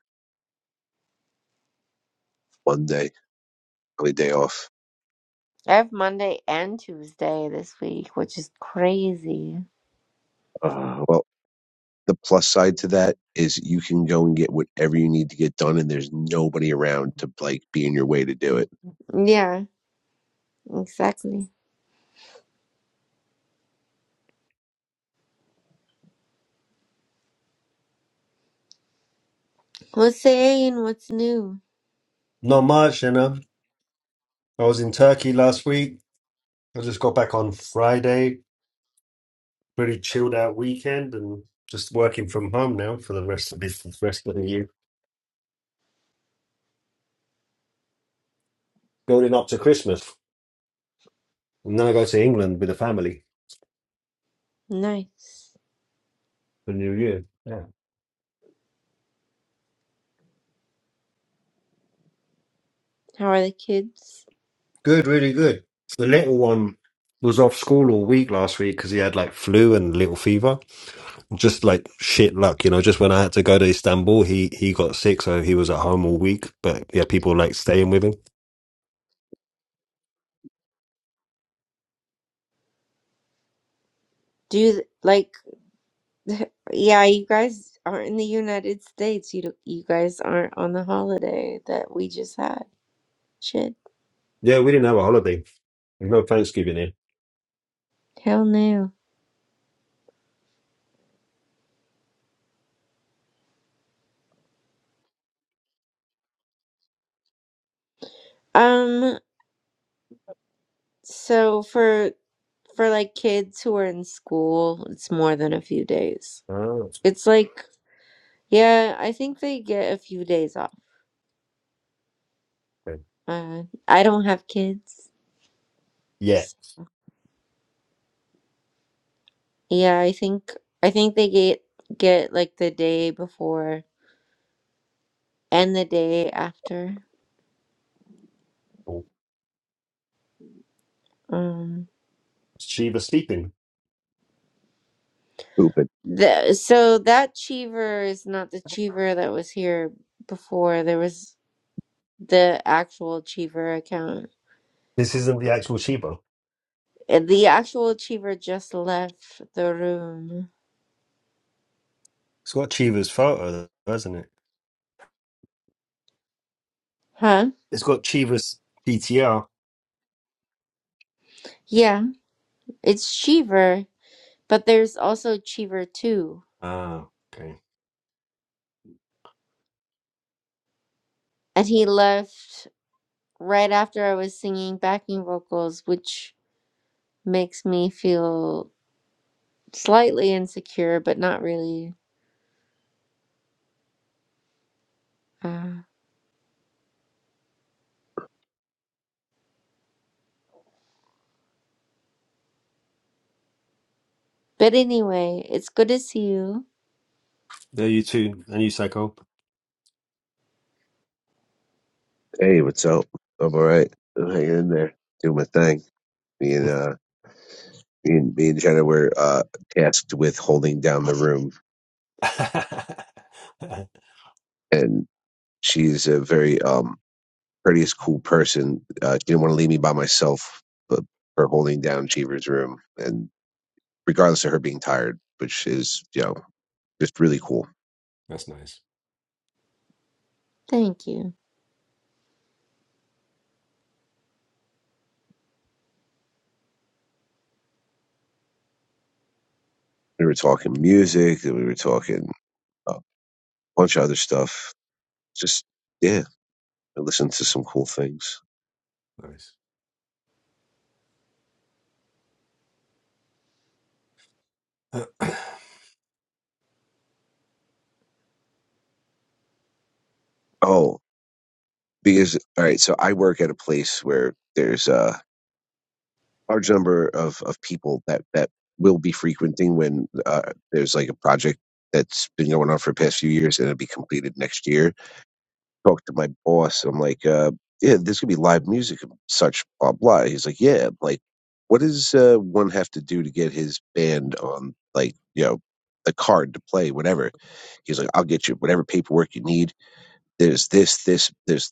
Speaker 7: Monday, only day off.
Speaker 4: I have Monday and Tuesday this week, which is crazy.
Speaker 7: Uh, well, the plus side to that is you can go and get whatever you need to get done, and there's nobody around to like be in your way to do
Speaker 4: Yeah, exactly. Hossein, what's new?
Speaker 9: Not much, you know. I was in Turkey last week. I just got back on Friday. Pretty chilled out weekend and just working from home now for the rest of this rest of the year. Building up to Christmas. And then I go to England with the family
Speaker 4: Nice.
Speaker 9: for New Year. Yeah.
Speaker 4: How are the kids?
Speaker 9: Good, really good. The little one was off school all week last week because he had like flu and little fever. just like shit luck, you know. Just when I had to go to Istanbul, he he got sick, so he was at home all week. But yeah, people like staying with him.
Speaker 4: Do you like, yeah, you guys are in the United States. You don't, you guys aren't on the holiday that we just had. Shit.
Speaker 9: Yeah, we didn't have a holiday. There's no Thanksgiving here.
Speaker 4: Hell no. Um, so for for like kids who are in school, it's more than a few days.
Speaker 9: Oh,
Speaker 4: It's like, yeah, I think they get a few days off.
Speaker 9: okay.
Speaker 4: Uh, I don't have kids.
Speaker 9: Yeah,
Speaker 4: S- Yeah, I think I think they get get like the day before and the day after.
Speaker 9: Well,
Speaker 4: Um,
Speaker 9: Shiva sleeping.
Speaker 7: it.
Speaker 4: the, so that Cheever is not the Cheever that was here before. There was the actual Cheever account.
Speaker 9: This isn't the actual Chiba.
Speaker 4: And The actual Cheever just left the room.
Speaker 9: It's got Shiva's photo, though, hasn't it?
Speaker 4: Huh?
Speaker 9: It's got Shiva's PTR.
Speaker 4: Yeah, it's Cheever, but there's also Cheever too,
Speaker 9: Ah, okay.
Speaker 4: And he left right after I was singing backing vocals, which makes me feel slightly insecure, but not really. Uh, but anyway, it's good to see you.
Speaker 9: No, you too. And you, Psycho.
Speaker 7: Hey, what's up? I'm all right. I'm hanging in there, doing my thing. Me and uh, me and me and Jenna were uh tasked with holding down the room,
Speaker 9: That's
Speaker 7: and she's a very um courteous, cool person. Uh, she didn't want to leave me by myself, but for holding down Cheever's room, and regardless of her being tired, which is you know just really cool.
Speaker 9: nice.
Speaker 4: Thank you.
Speaker 7: We were talking music, and we were talking a bunch of other stuff. Just yeah, I listened to some cool things.
Speaker 9: Nice.
Speaker 7: Oh. because all right so i work at a place where there's a large number of of people that that will be frequenting when uh, there's like a project that's been going on for the past few years and it'll be completed next year talk to my boss i'm like uh yeah there's gonna be live music and such blah blah he's like yeah I'm like what does uh, one have to do to get his band on like you know the card to play whatever he's like i'll get you whatever paperwork you need there's this, this, there's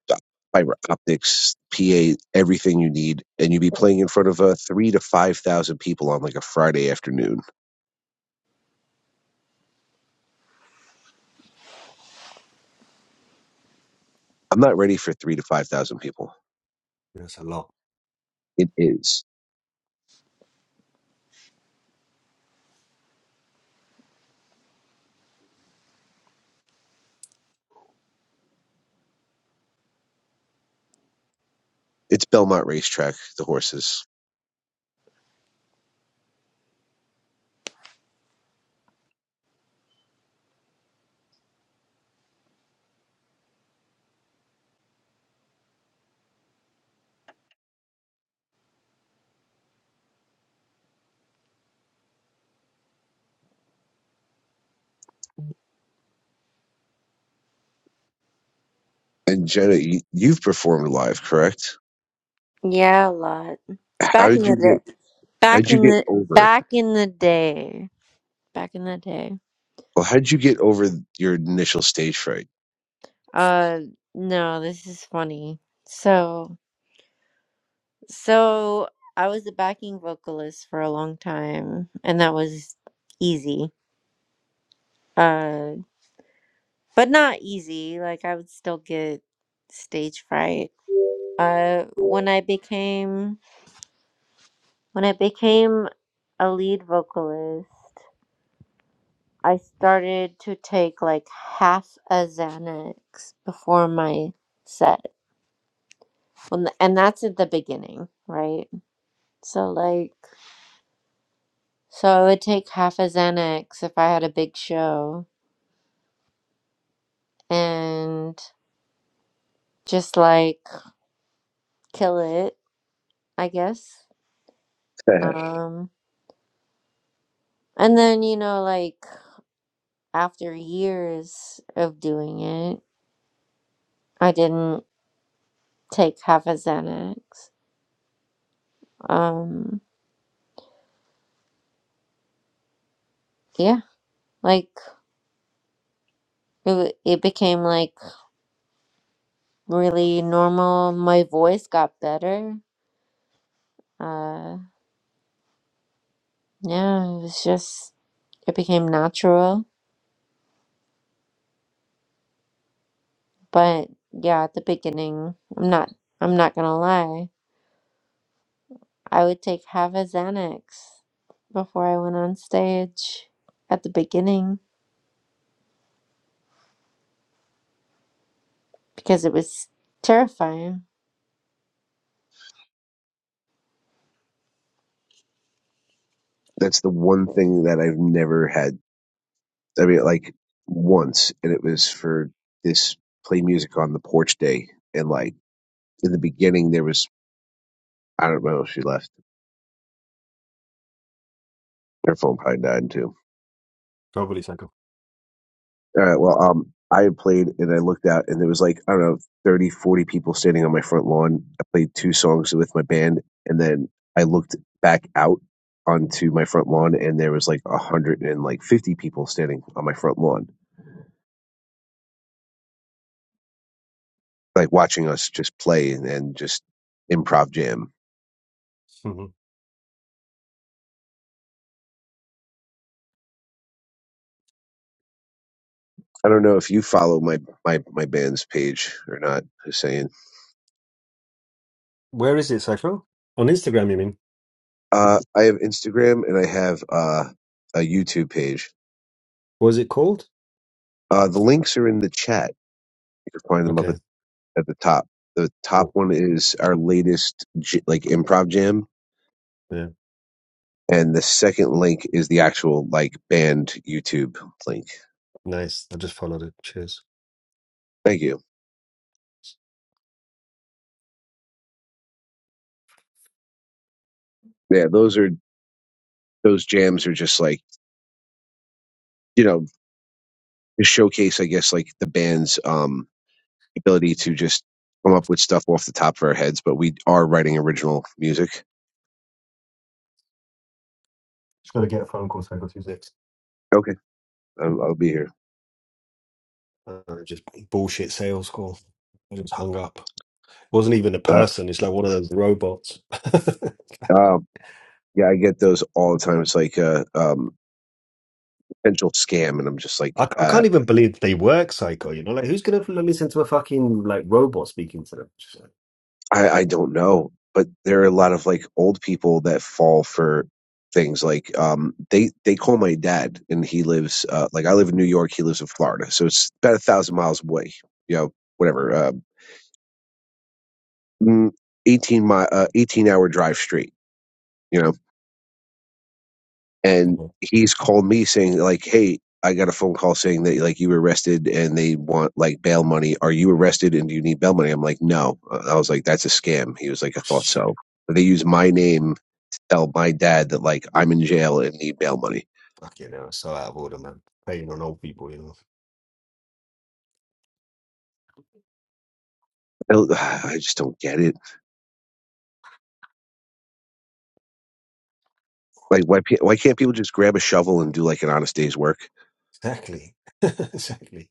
Speaker 7: fiber optics, PA, everything you need, and you'd be playing in front of uh, three to five thousand people on like a Friday afternoon. I'm not ready for three to five thousand people.
Speaker 9: That's a lot.
Speaker 7: It is. It's Belmont Racetrack, the horses. And Jenna, you, you've performed live, correct?
Speaker 4: Yeah, a lot.
Speaker 7: How
Speaker 4: Back in
Speaker 7: did
Speaker 4: the
Speaker 7: you get?
Speaker 4: day.
Speaker 7: How
Speaker 4: Back
Speaker 7: would you
Speaker 4: in
Speaker 7: get
Speaker 4: the
Speaker 7: over?
Speaker 4: back in the day. Back in the day.
Speaker 7: Well, how would you get over your initial stage fright?
Speaker 4: Uh no, this is funny. So so I was a backing vocalist for a long time and that was easy. Uh but not easy. Like I would still get stage fright. Uh when I became when I became a lead vocalist I started to take like half a Xanax before my set. When the, and that's at the beginning, right? So like so I would take half a Xanax if I had a big show and just like kill it, I guess. Um and then you know like after years of doing it, I didn't take half a Xanax. Um yeah, like it, w- it became like really normal. My voice got better. Uh, yeah, it was just it became natural. But yeah, at the beginning, I'm not I'm not gonna lie. I would take half a Xanax before I went on stage at the beginning because it was terrifying.
Speaker 7: That's the one thing that I've never had I mean, like once, and it was for this play music on the porch day. And like in the beginning, there was I don't know if she left. Her phone probably died too.
Speaker 9: Probably Psycho.
Speaker 7: All right. Well, um, I played and I looked out, and there was like I don't know 30, 40 people standing on my front lawn. I played two songs with my band, and then I looked back out onto my front lawn, and there was like a hundred and like fifty people standing on my front lawn, like watching us just play and, and just improv jam
Speaker 9: hmm
Speaker 7: I don't know if you follow my my my band's page or not, Hussein.
Speaker 9: Where is it, Psycho? On Instagram, you mean?
Speaker 7: Uh, I have Instagram and I have uh, a YouTube page.
Speaker 9: What is it called?
Speaker 7: Uh, the links are in the chat. You can find them up at,
Speaker 9: Okay,
Speaker 7: at the top. The top
Speaker 9: cool.
Speaker 7: one is our latest j- like improv jam,
Speaker 9: Yeah,
Speaker 7: and the second link is the actual like band YouTube link.
Speaker 9: nice. I just followed it. Cheers.
Speaker 7: Thank you. Yeah, those are those jams are just like you know to showcase, I guess, like the band's um ability to just come up with stuff off the top of our heads, but we are writing original music.
Speaker 9: Just got to get a phone call, Psycho Tuesday.
Speaker 7: Okay, I'll, I'll be here.
Speaker 9: Uh, just bullshit sales call. I just hung up. It wasn't even a
Speaker 7: Uh,
Speaker 9: person. It's like one of those robots. I,
Speaker 7: um, yeah, I get those all the time. It's like a um, potential scam, and I'm just like,
Speaker 9: I
Speaker 7: uh,
Speaker 9: can't even believe they work, Psycho. You know, like who's going to listen to a fucking like robot speaking to them? Just like,
Speaker 7: I, I don't know. But there are a lot of like old people that fall for things like um, they they call my dad, and he lives uh, like I live in New York, he lives in Florida, so it's about a thousand miles away. You know, whatever, uh, mm, eighteen mi- uh, eighteen hour drive straight. You know and
Speaker 9: no.
Speaker 7: he's called me saying like hey i got a phone call saying that like you were arrested and they want like bail money are you arrested and do you need bail money i'm like no Uh, i was like that's a scam he was like i thought
Speaker 9: Shit.
Speaker 7: so but they use my name to tell my dad that like i'm in jail and need bail money
Speaker 9: Fuck you know, it's so out of order, man. Hating on old people, you know.
Speaker 7: i, don't- I just don't get it like why, pe- why can't people just grab a shovel and do like an honest day's work
Speaker 9: Exactly. exactly.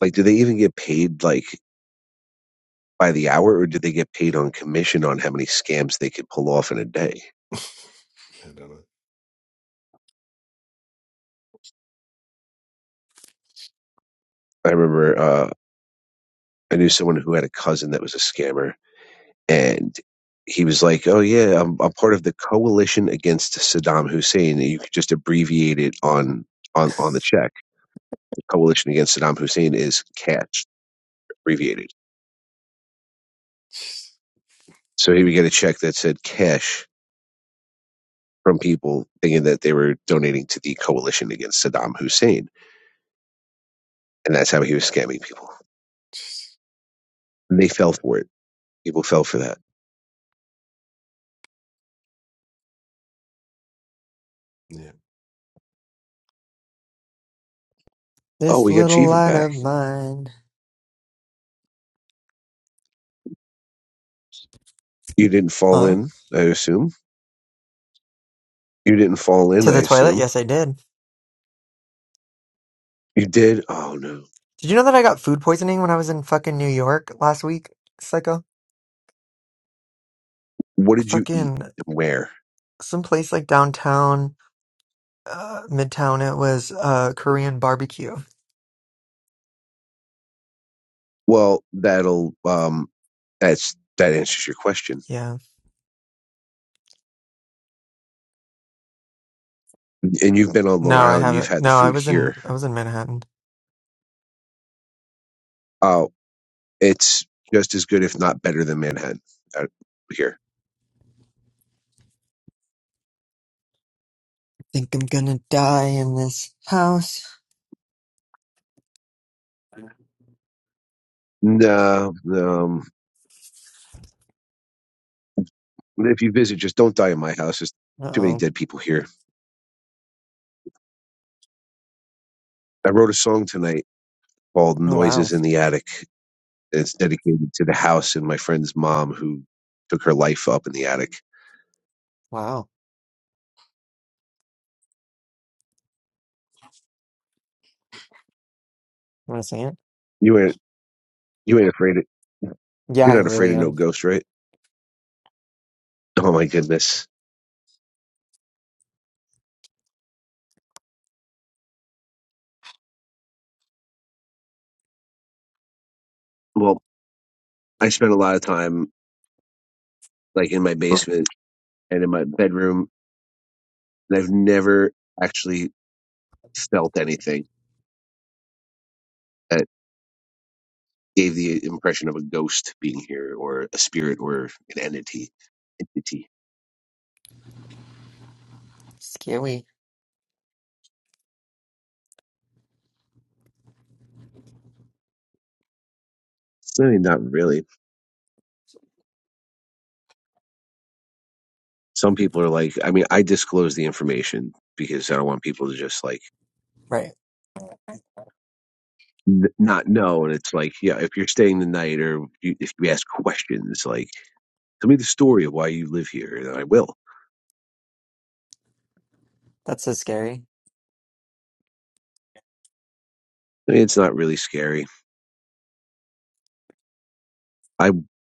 Speaker 7: like do they even get paid like by the hour or do they get paid on commission on how many scams they could pull off in a day
Speaker 9: I don't know.
Speaker 7: i remember uh, I knew someone who had a cousin that was a scammer, and he was like, "Oh yeah, I'm, I'm part of the coalition against Saddam Hussein." you could just abbreviate it on on on the check. The coalition against Saddam Hussein is cash abbreviated. So he would get a check that said cash from people thinking that they were donating to the coalition against Saddam Hussein, and that's how he was scamming people. And they fell for it. People fell for that.
Speaker 9: Yeah.
Speaker 7: Oh,
Speaker 1: This
Speaker 7: we got
Speaker 1: little
Speaker 7: Cheever
Speaker 1: light
Speaker 7: back.
Speaker 1: of mine.
Speaker 7: You didn't fall
Speaker 1: Huh?
Speaker 7: in, I assume. You didn't fall in,
Speaker 1: To
Speaker 7: I
Speaker 1: the toilet?
Speaker 7: assume
Speaker 1: Yes, I did.
Speaker 7: You did? Oh no.
Speaker 1: Did you know that I got food poisoning when I was in fucking New York last week? Psycho.
Speaker 7: What did you eat
Speaker 1: Fucking
Speaker 7: and where?
Speaker 1: some place like downtown, uh, midtown. It was uh Korean barbecue.
Speaker 7: Well, that'll um that's that answers your question.
Speaker 1: Yeah.
Speaker 7: And you've been on Long
Speaker 1: No, I
Speaker 7: Island, you've
Speaker 1: haven't.
Speaker 7: had the
Speaker 1: No, I
Speaker 7: food
Speaker 1: was in
Speaker 7: here.
Speaker 1: I was in Manhattan.
Speaker 7: Oh, it's just as good if not better than Manhattan out here.
Speaker 1: Think I'm gonna die in this house.
Speaker 7: No, no. if you visit just don't die in my house. There's
Speaker 1: Uh
Speaker 7: too many
Speaker 1: oh.
Speaker 7: dead people here. I wrote a song tonight called
Speaker 1: Oh wow.
Speaker 7: Noises in the Attic. It's dedicated to the house and my friend's mom who took her life up in the attic.
Speaker 1: Wow. You wanna sing it?
Speaker 7: You ain't you ain't afraid of
Speaker 1: Yeah,
Speaker 7: you're
Speaker 1: I
Speaker 7: not afraid
Speaker 1: really
Speaker 7: of no
Speaker 1: am.
Speaker 7: ghosts, right? Oh my goodness. Well, I spent a lot of time like in my basement and in my bedroom, and I've never actually felt anything that gave the impression of a ghost being here or a spirit or an entity. Entity.
Speaker 1: Scary.
Speaker 7: It's really not really. Some people are like, I mean, I disclose the information because I don't want people to just like
Speaker 1: Right.
Speaker 7: n- not know. And it's like, yeah, if you're staying the night or you, if you ask questions, like, tell me the story of why you live here, and I will.
Speaker 1: That's so scary.
Speaker 7: I mean, it's not really scary. I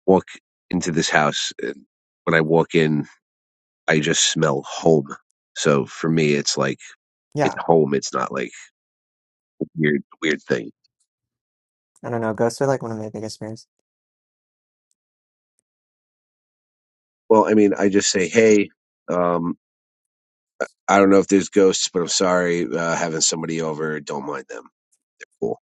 Speaker 7: walk into this house, and when I walk in, I just smell home. So for me, it's like it's
Speaker 1: Yeah.
Speaker 7: home. It's not like a weird, weird thing.
Speaker 1: I don't know. Ghosts are like one of my biggest fears.
Speaker 7: Well, I mean, I just say, hey, um, I don't know if there's ghosts, but I'm sorry, uh, having somebody over. Don't mind them. school.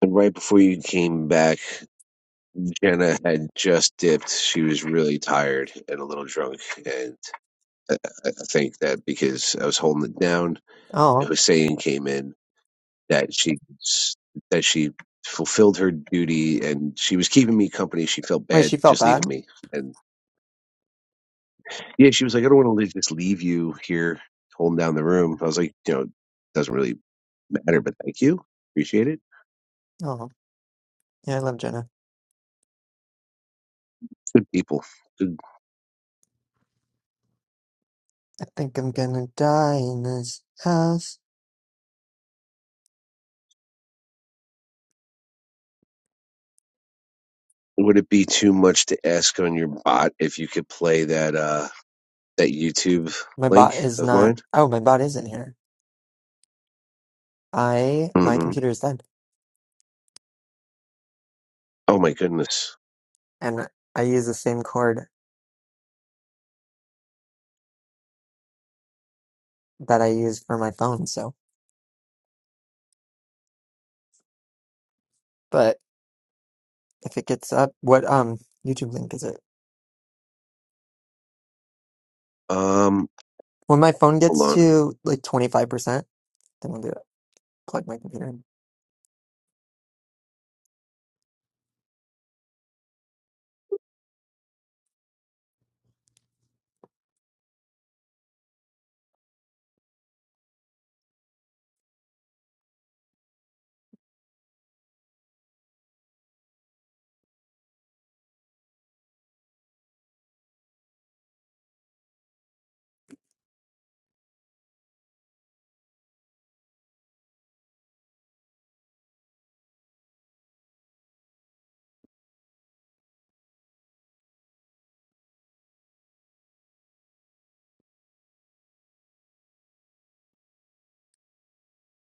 Speaker 7: And right before you came back, Jenna had just dipped. She was really tired and a little drunk. And I, I think that because I was holding it down,
Speaker 1: Oh,
Speaker 7: Hussein came in that she that she fulfilled her duty and she was keeping me company. She felt
Speaker 1: wait,
Speaker 7: bad
Speaker 1: she felt
Speaker 7: just leaving
Speaker 1: bad?
Speaker 7: me. And yeah, she was like, I don't want to just leave you here holding down the room. I was like, you know, it doesn't really matter, but thank you. Appreciate it.
Speaker 1: Oh, yeah, I love Jenna.
Speaker 7: Good people. Good,
Speaker 1: I think I'm gonna die in this house.
Speaker 7: Would it be too much to ask on your bot if you could play that uh that YouTube
Speaker 1: My
Speaker 7: link
Speaker 1: bot is
Speaker 7: of
Speaker 1: not.
Speaker 7: mine?
Speaker 1: Oh, my bot is in here. I my
Speaker 7: Mm-hmm.
Speaker 1: computer is dead,
Speaker 7: Oh my goodness.
Speaker 1: and I use the same cord that I use for my phone. So, but if it gets up, what um YouTube link is it?
Speaker 7: Um,
Speaker 1: When my phone
Speaker 7: hold
Speaker 1: gets
Speaker 7: on. I
Speaker 1: to like twenty five percent. Then I'm gonna plug my computer in.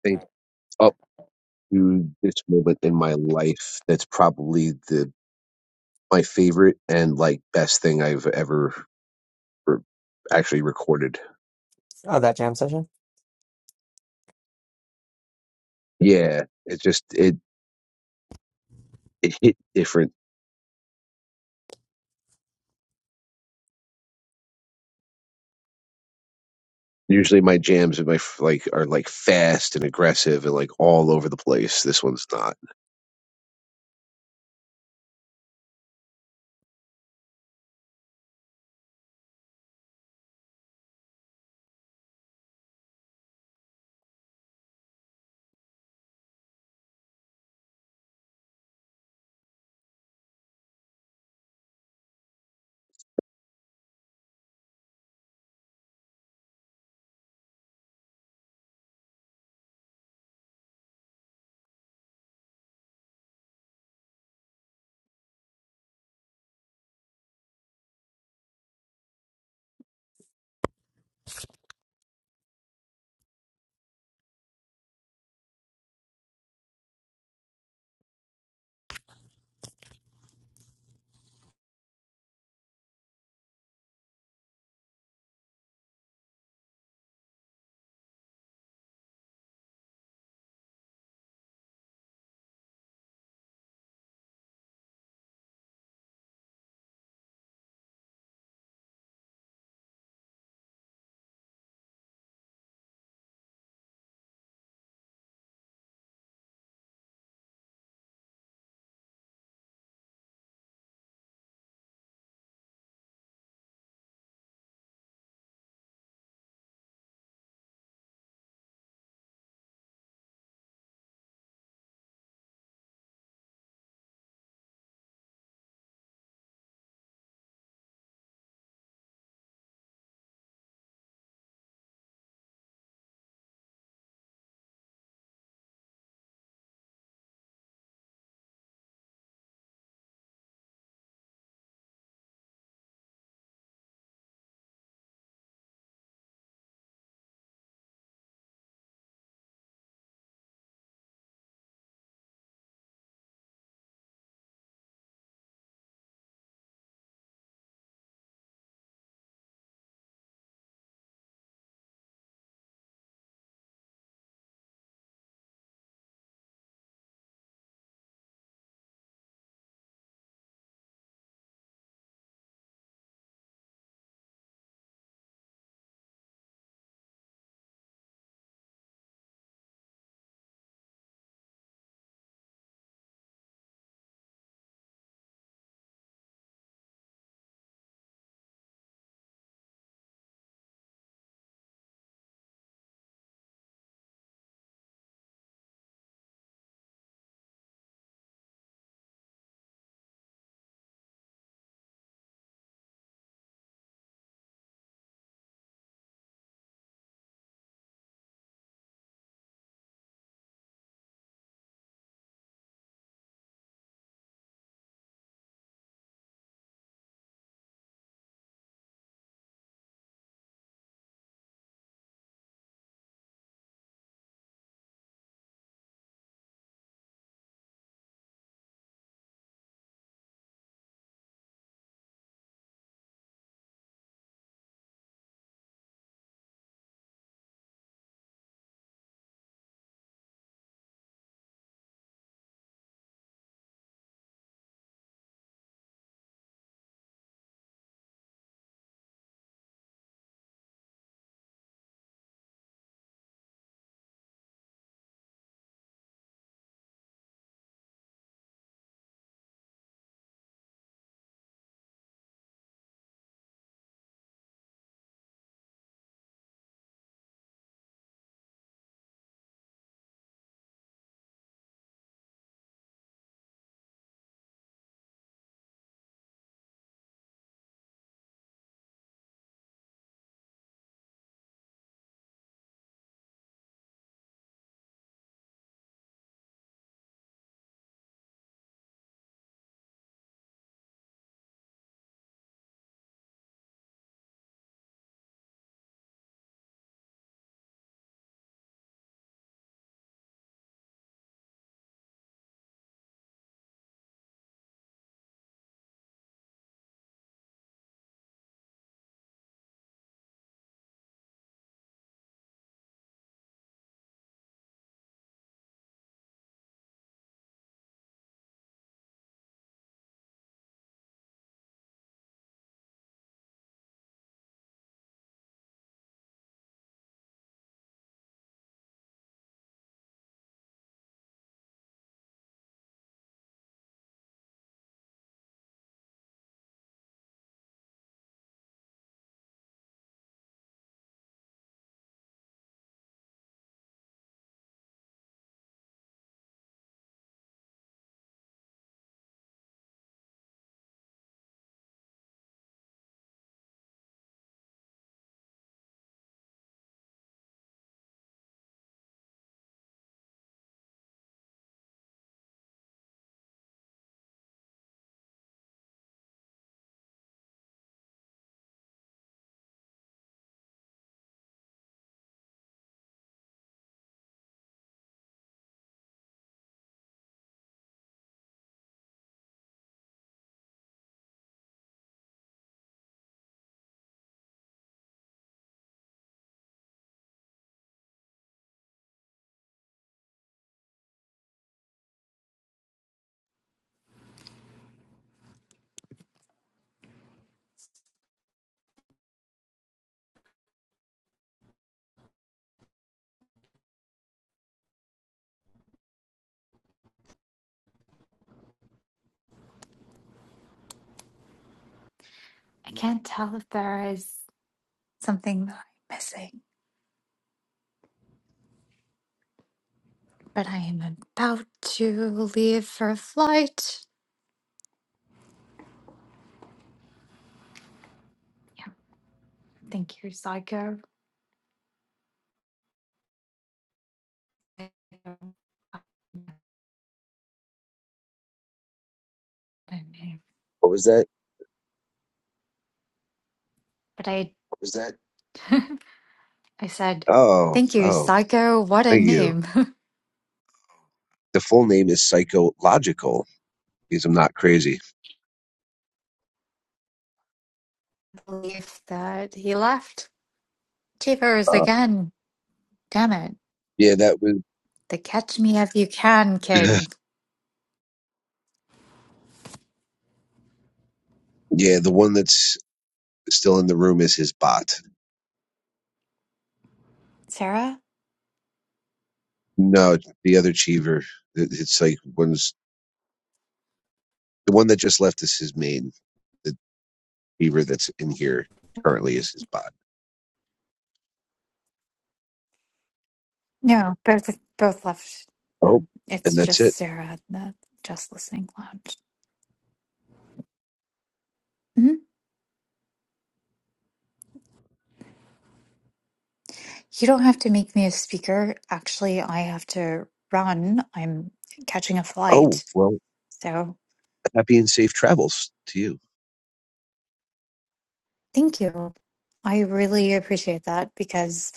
Speaker 7: think up to this moment in my life, that's probably the my favorite and like best thing I've ever re- actually recorded.
Speaker 1: Oh, that jam session.
Speaker 7: Yeah, it just it it hit different. Usually my jams and my f- like are like fast and aggressive and like all over the place. This one's not.
Speaker 10: I can't tell if there is something that I'm missing, but I am about to leave for a flight. Yeah, thank you, Psycho.
Speaker 7: What was that?
Speaker 10: But I, I said,
Speaker 7: Oh,
Speaker 10: thank you,
Speaker 7: oh.
Speaker 10: Psycho. What a
Speaker 7: Thank you.
Speaker 10: name.
Speaker 7: The full name is Psychological because I'm not crazy.
Speaker 10: Believe that he left. Cheapers
Speaker 7: Uh,
Speaker 10: again. Damn it.
Speaker 7: yeah, that was.
Speaker 10: The catch me if you can kid.
Speaker 7: yeah, the one that's still in the room is his bot.
Speaker 10: Sarah?
Speaker 7: No, the other Cheever. It- It's like one's the one that just left is his main. The Cheever that's in here currently is his bot.
Speaker 10: No, both both left.
Speaker 7: Oh,
Speaker 10: Um,
Speaker 7: and
Speaker 10: it's
Speaker 7: that's
Speaker 10: just
Speaker 7: it.
Speaker 10: Sarah, in the just listening lounge. Hmm. You don't have to make me a speaker. Actually, I have to run. I'm catching a
Speaker 7: Oh,
Speaker 10: flight.
Speaker 7: well,
Speaker 10: So
Speaker 7: happy and safe travels to you.
Speaker 10: thank you. I really appreciate that because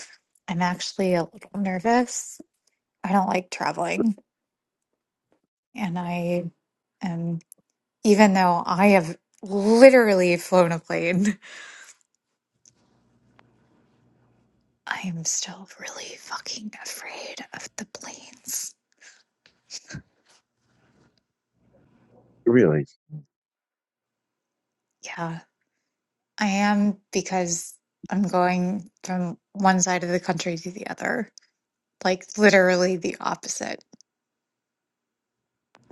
Speaker 10: I'm actually a little nervous. I don't like traveling. And I am, even though I have literally flown a plane, I am still really fucking afraid of the planes.
Speaker 7: Really.
Speaker 10: Yeah, I am because I'm going from one side of the country to the other like literally the opposite.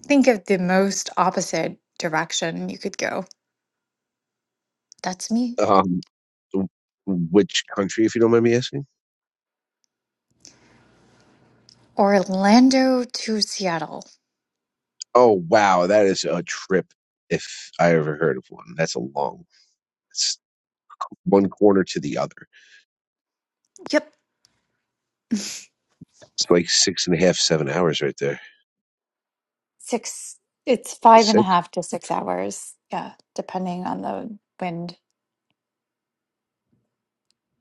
Speaker 10: Think of the most opposite direction you could go. That's me.
Speaker 7: Um, w- which country, if you don't mind me asking?
Speaker 10: Orlando to Seattle.
Speaker 7: Oh, wow, that is a trip. If I ever heard of one, that's a long. one corner to the other.
Speaker 10: Yep.
Speaker 7: It's like six and a half, seven hours right there.
Speaker 10: Six, it's five and a
Speaker 7: Six.
Speaker 10: half to six hours. Yeah, depending on the wind.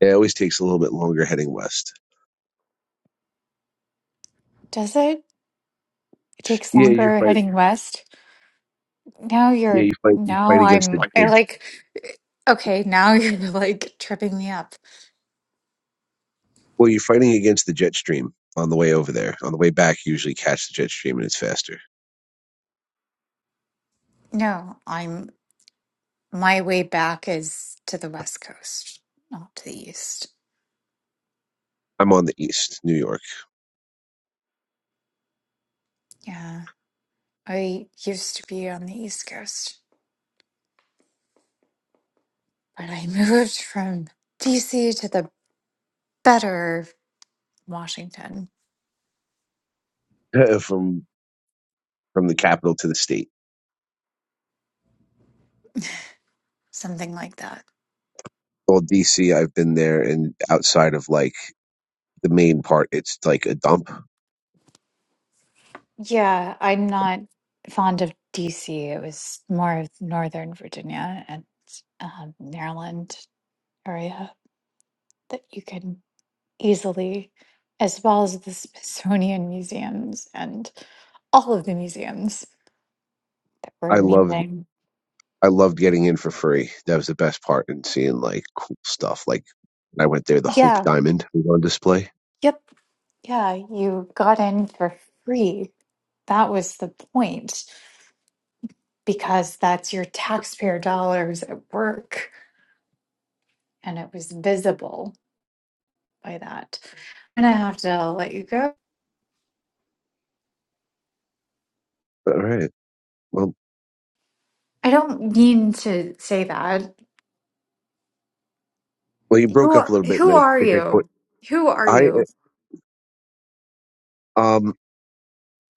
Speaker 7: Yeah, it always takes a little bit longer heading west.
Speaker 10: Does it? It takes
Speaker 7: Yeah, you
Speaker 10: longer
Speaker 7: fight.
Speaker 10: heading west. Now
Speaker 7: Yeah,
Speaker 10: you're,
Speaker 7: you fight. You
Speaker 10: now
Speaker 7: fight against
Speaker 10: I'm,
Speaker 7: the.
Speaker 10: I like, okay, now you're like tripping me up.
Speaker 7: Well, you're fighting against the jet stream on the way over there. On the way back, you usually catch the jet stream and it's faster.
Speaker 10: No, I'm, my way back is to the west coast, not to the east.
Speaker 7: I'm on the east, New York,
Speaker 10: Yeah. I used to be on the East Coast, but I moved from DC to the better Washington,
Speaker 7: from from the capital to the state.
Speaker 10: something like that.
Speaker 7: Well, DC, I've been there, and outside of like the main part, it's like a dump.
Speaker 10: Yeah, I'm not fond of DC. It was more of Northern Virginia and um, Maryland area that you can easily, as well as the Smithsonian museums and all of the museums that were
Speaker 7: I love
Speaker 10: amazing.
Speaker 7: I loved getting in for free. That was the best part and seeing like cool stuff. Like when I went there, the Hope
Speaker 10: Yeah.
Speaker 7: Diamond was on display.
Speaker 10: Yep. Yeah, you got in for free. That was the point because that's your taxpayer dollars at work and it was visible by that. And I have to let you go.
Speaker 7: All right. Well,
Speaker 10: I don't mean to say that.
Speaker 7: well, you broke
Speaker 10: Who
Speaker 7: up
Speaker 10: are,
Speaker 7: a little bit, and
Speaker 10: who
Speaker 7: I
Speaker 10: are
Speaker 7: think I quit.
Speaker 10: you? Who are
Speaker 7: I
Speaker 10: you?
Speaker 7: uh, um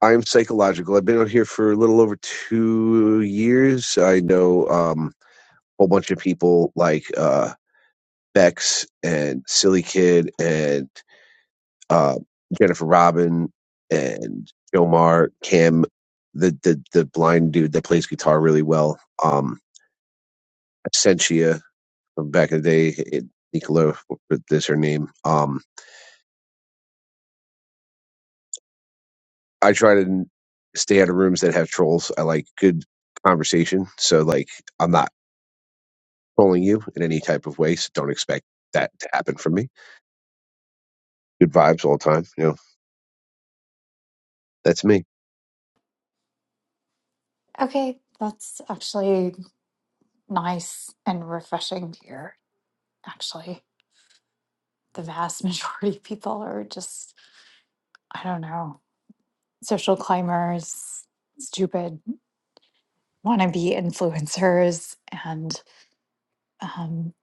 Speaker 7: I am psychological. I've been out here for a little over two years. I know um a whole bunch of people like uh Bex and Silly Kid and uh, Jennifer Robin and Jomar Kim, the the the blind dude that plays guitar really well. Um, Sentia from back in the day. It, Nicola is her name. Um, I try to stay out of rooms that have trolls. I like good conversation, so like I'm not trolling you in any type of way. So don't expect that to happen from me. Good vibes all the time. You know, that's me.
Speaker 10: Okay, that's actually nice and refreshing to hear. Actually, the vast majority of people are just, I don't know, social climbers, stupid wannabe influencers and um,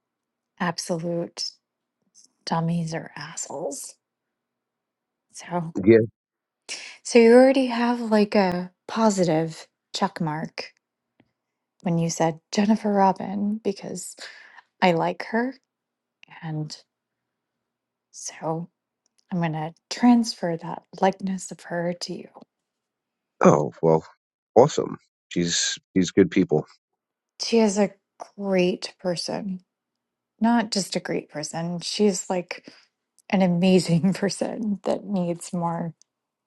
Speaker 10: absolute dummies or assholes. So,
Speaker 7: Yeah.
Speaker 10: so you already have like a positive check mark when you said Jennifer Robin because I like her, and so I'm gonna transfer that likeness of her to you.
Speaker 7: Oh well, awesome. She's she's good people.
Speaker 10: She is a great person, not just a great person. She's like an amazing person that needs more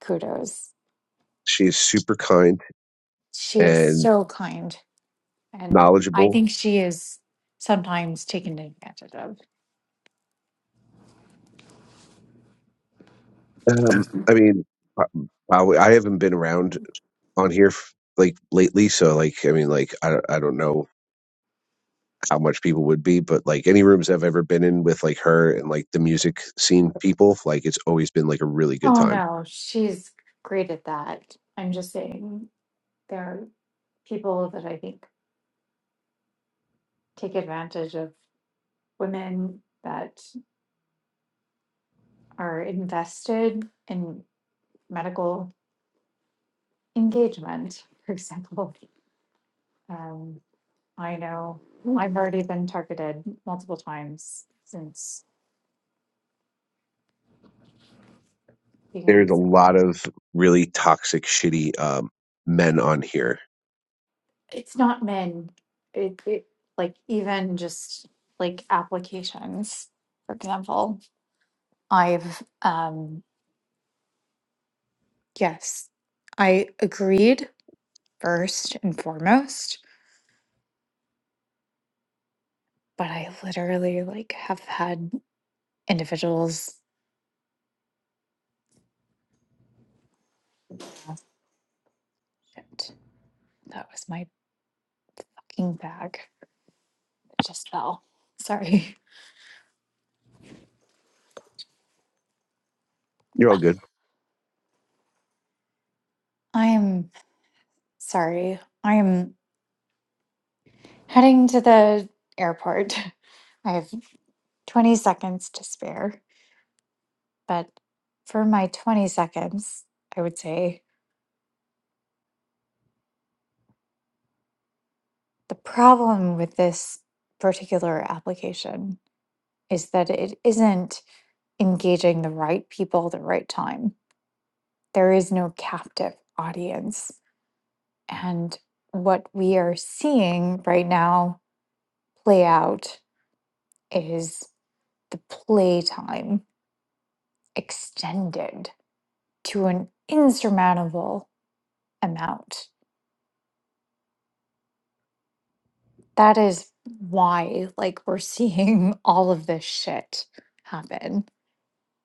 Speaker 10: kudos
Speaker 7: She is super kind
Speaker 10: She is
Speaker 7: and
Speaker 10: so kind. And I
Speaker 7: knowledgeable.
Speaker 10: think she is sometimes taken advantage of.
Speaker 7: Um, I mean, I, I haven't been around on here f- like lately so like i mean like I, don't- I don't know how much people would be but like any rooms i've ever been in with like her and like the music scene people like it's always been like a really good
Speaker 10: Oh
Speaker 7: time
Speaker 10: no, she's great at that. I'm just saying there are people that I think take advantage of women that are invested in medical engagement, for example. Um, I know I've already been targeted multiple times since being on
Speaker 7: there's a
Speaker 10: this.
Speaker 7: lot of really toxic shitty um men on here
Speaker 10: it's not men. It, it like even just like applications, for example. I've um yes, I agreed first and foremost, but I literally like have had individuals. Oh, shit, that was my fucking bag. It just fell. Sorry.
Speaker 7: you're all good
Speaker 10: I'm sorry. I'm heading to the airport. I have 20 seconds to spare. But for my 20 seconds, I would say the problem with this particular application is that it isn't engaging the right people at the right time. There is no captive audience. And what we are seeing right now play out is the playtime extended to an insurmountable amount That is why, like, we're seeing all of this shit happen.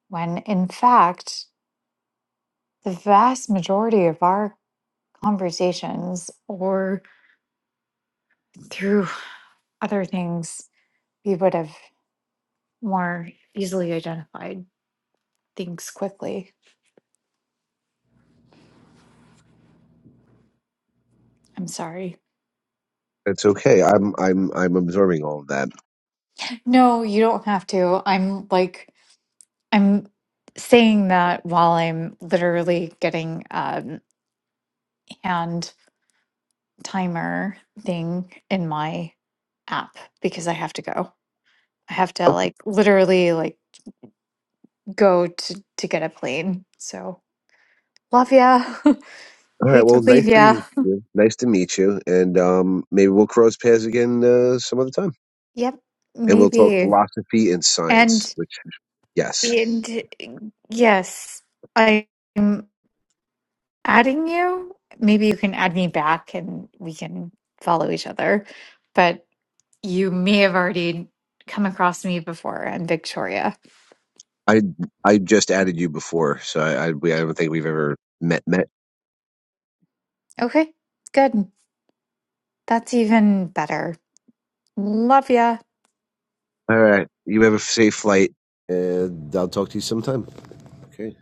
Speaker 10: When in fact, the vast majority of our conversations or through other things, we would have more easily identified things quickly. I'm sorry.
Speaker 7: it's okay i'm i'm i'm absorbing all of that
Speaker 10: No, you don't have to. I'm like, I'm saying that while I'm literally getting um, hand timer thing in my app because I have to go. I have to
Speaker 7: okay.
Speaker 10: like literally like go to to get a plane. So love ya.
Speaker 7: all right
Speaker 10: Hate to
Speaker 7: well nice
Speaker 10: leave
Speaker 7: to
Speaker 10: ya.
Speaker 7: meet you nice to meet you and um maybe we'll cross paths again uh, some other time
Speaker 10: Yep,
Speaker 7: and we'll talk
Speaker 10: maybe.
Speaker 7: philosophy and
Speaker 10: And
Speaker 7: science which yes
Speaker 10: and yes, I'm adding you. Maybe you can add me back and we can follow each other. But you may have already come across me before. I'm Victoria.
Speaker 7: I I just added you before, so I, I we I don't think we've ever met met.
Speaker 10: Okay, good. That's even better. Love ya.
Speaker 7: All right, you have a safe flight. And I'll talk to you sometime. Okay.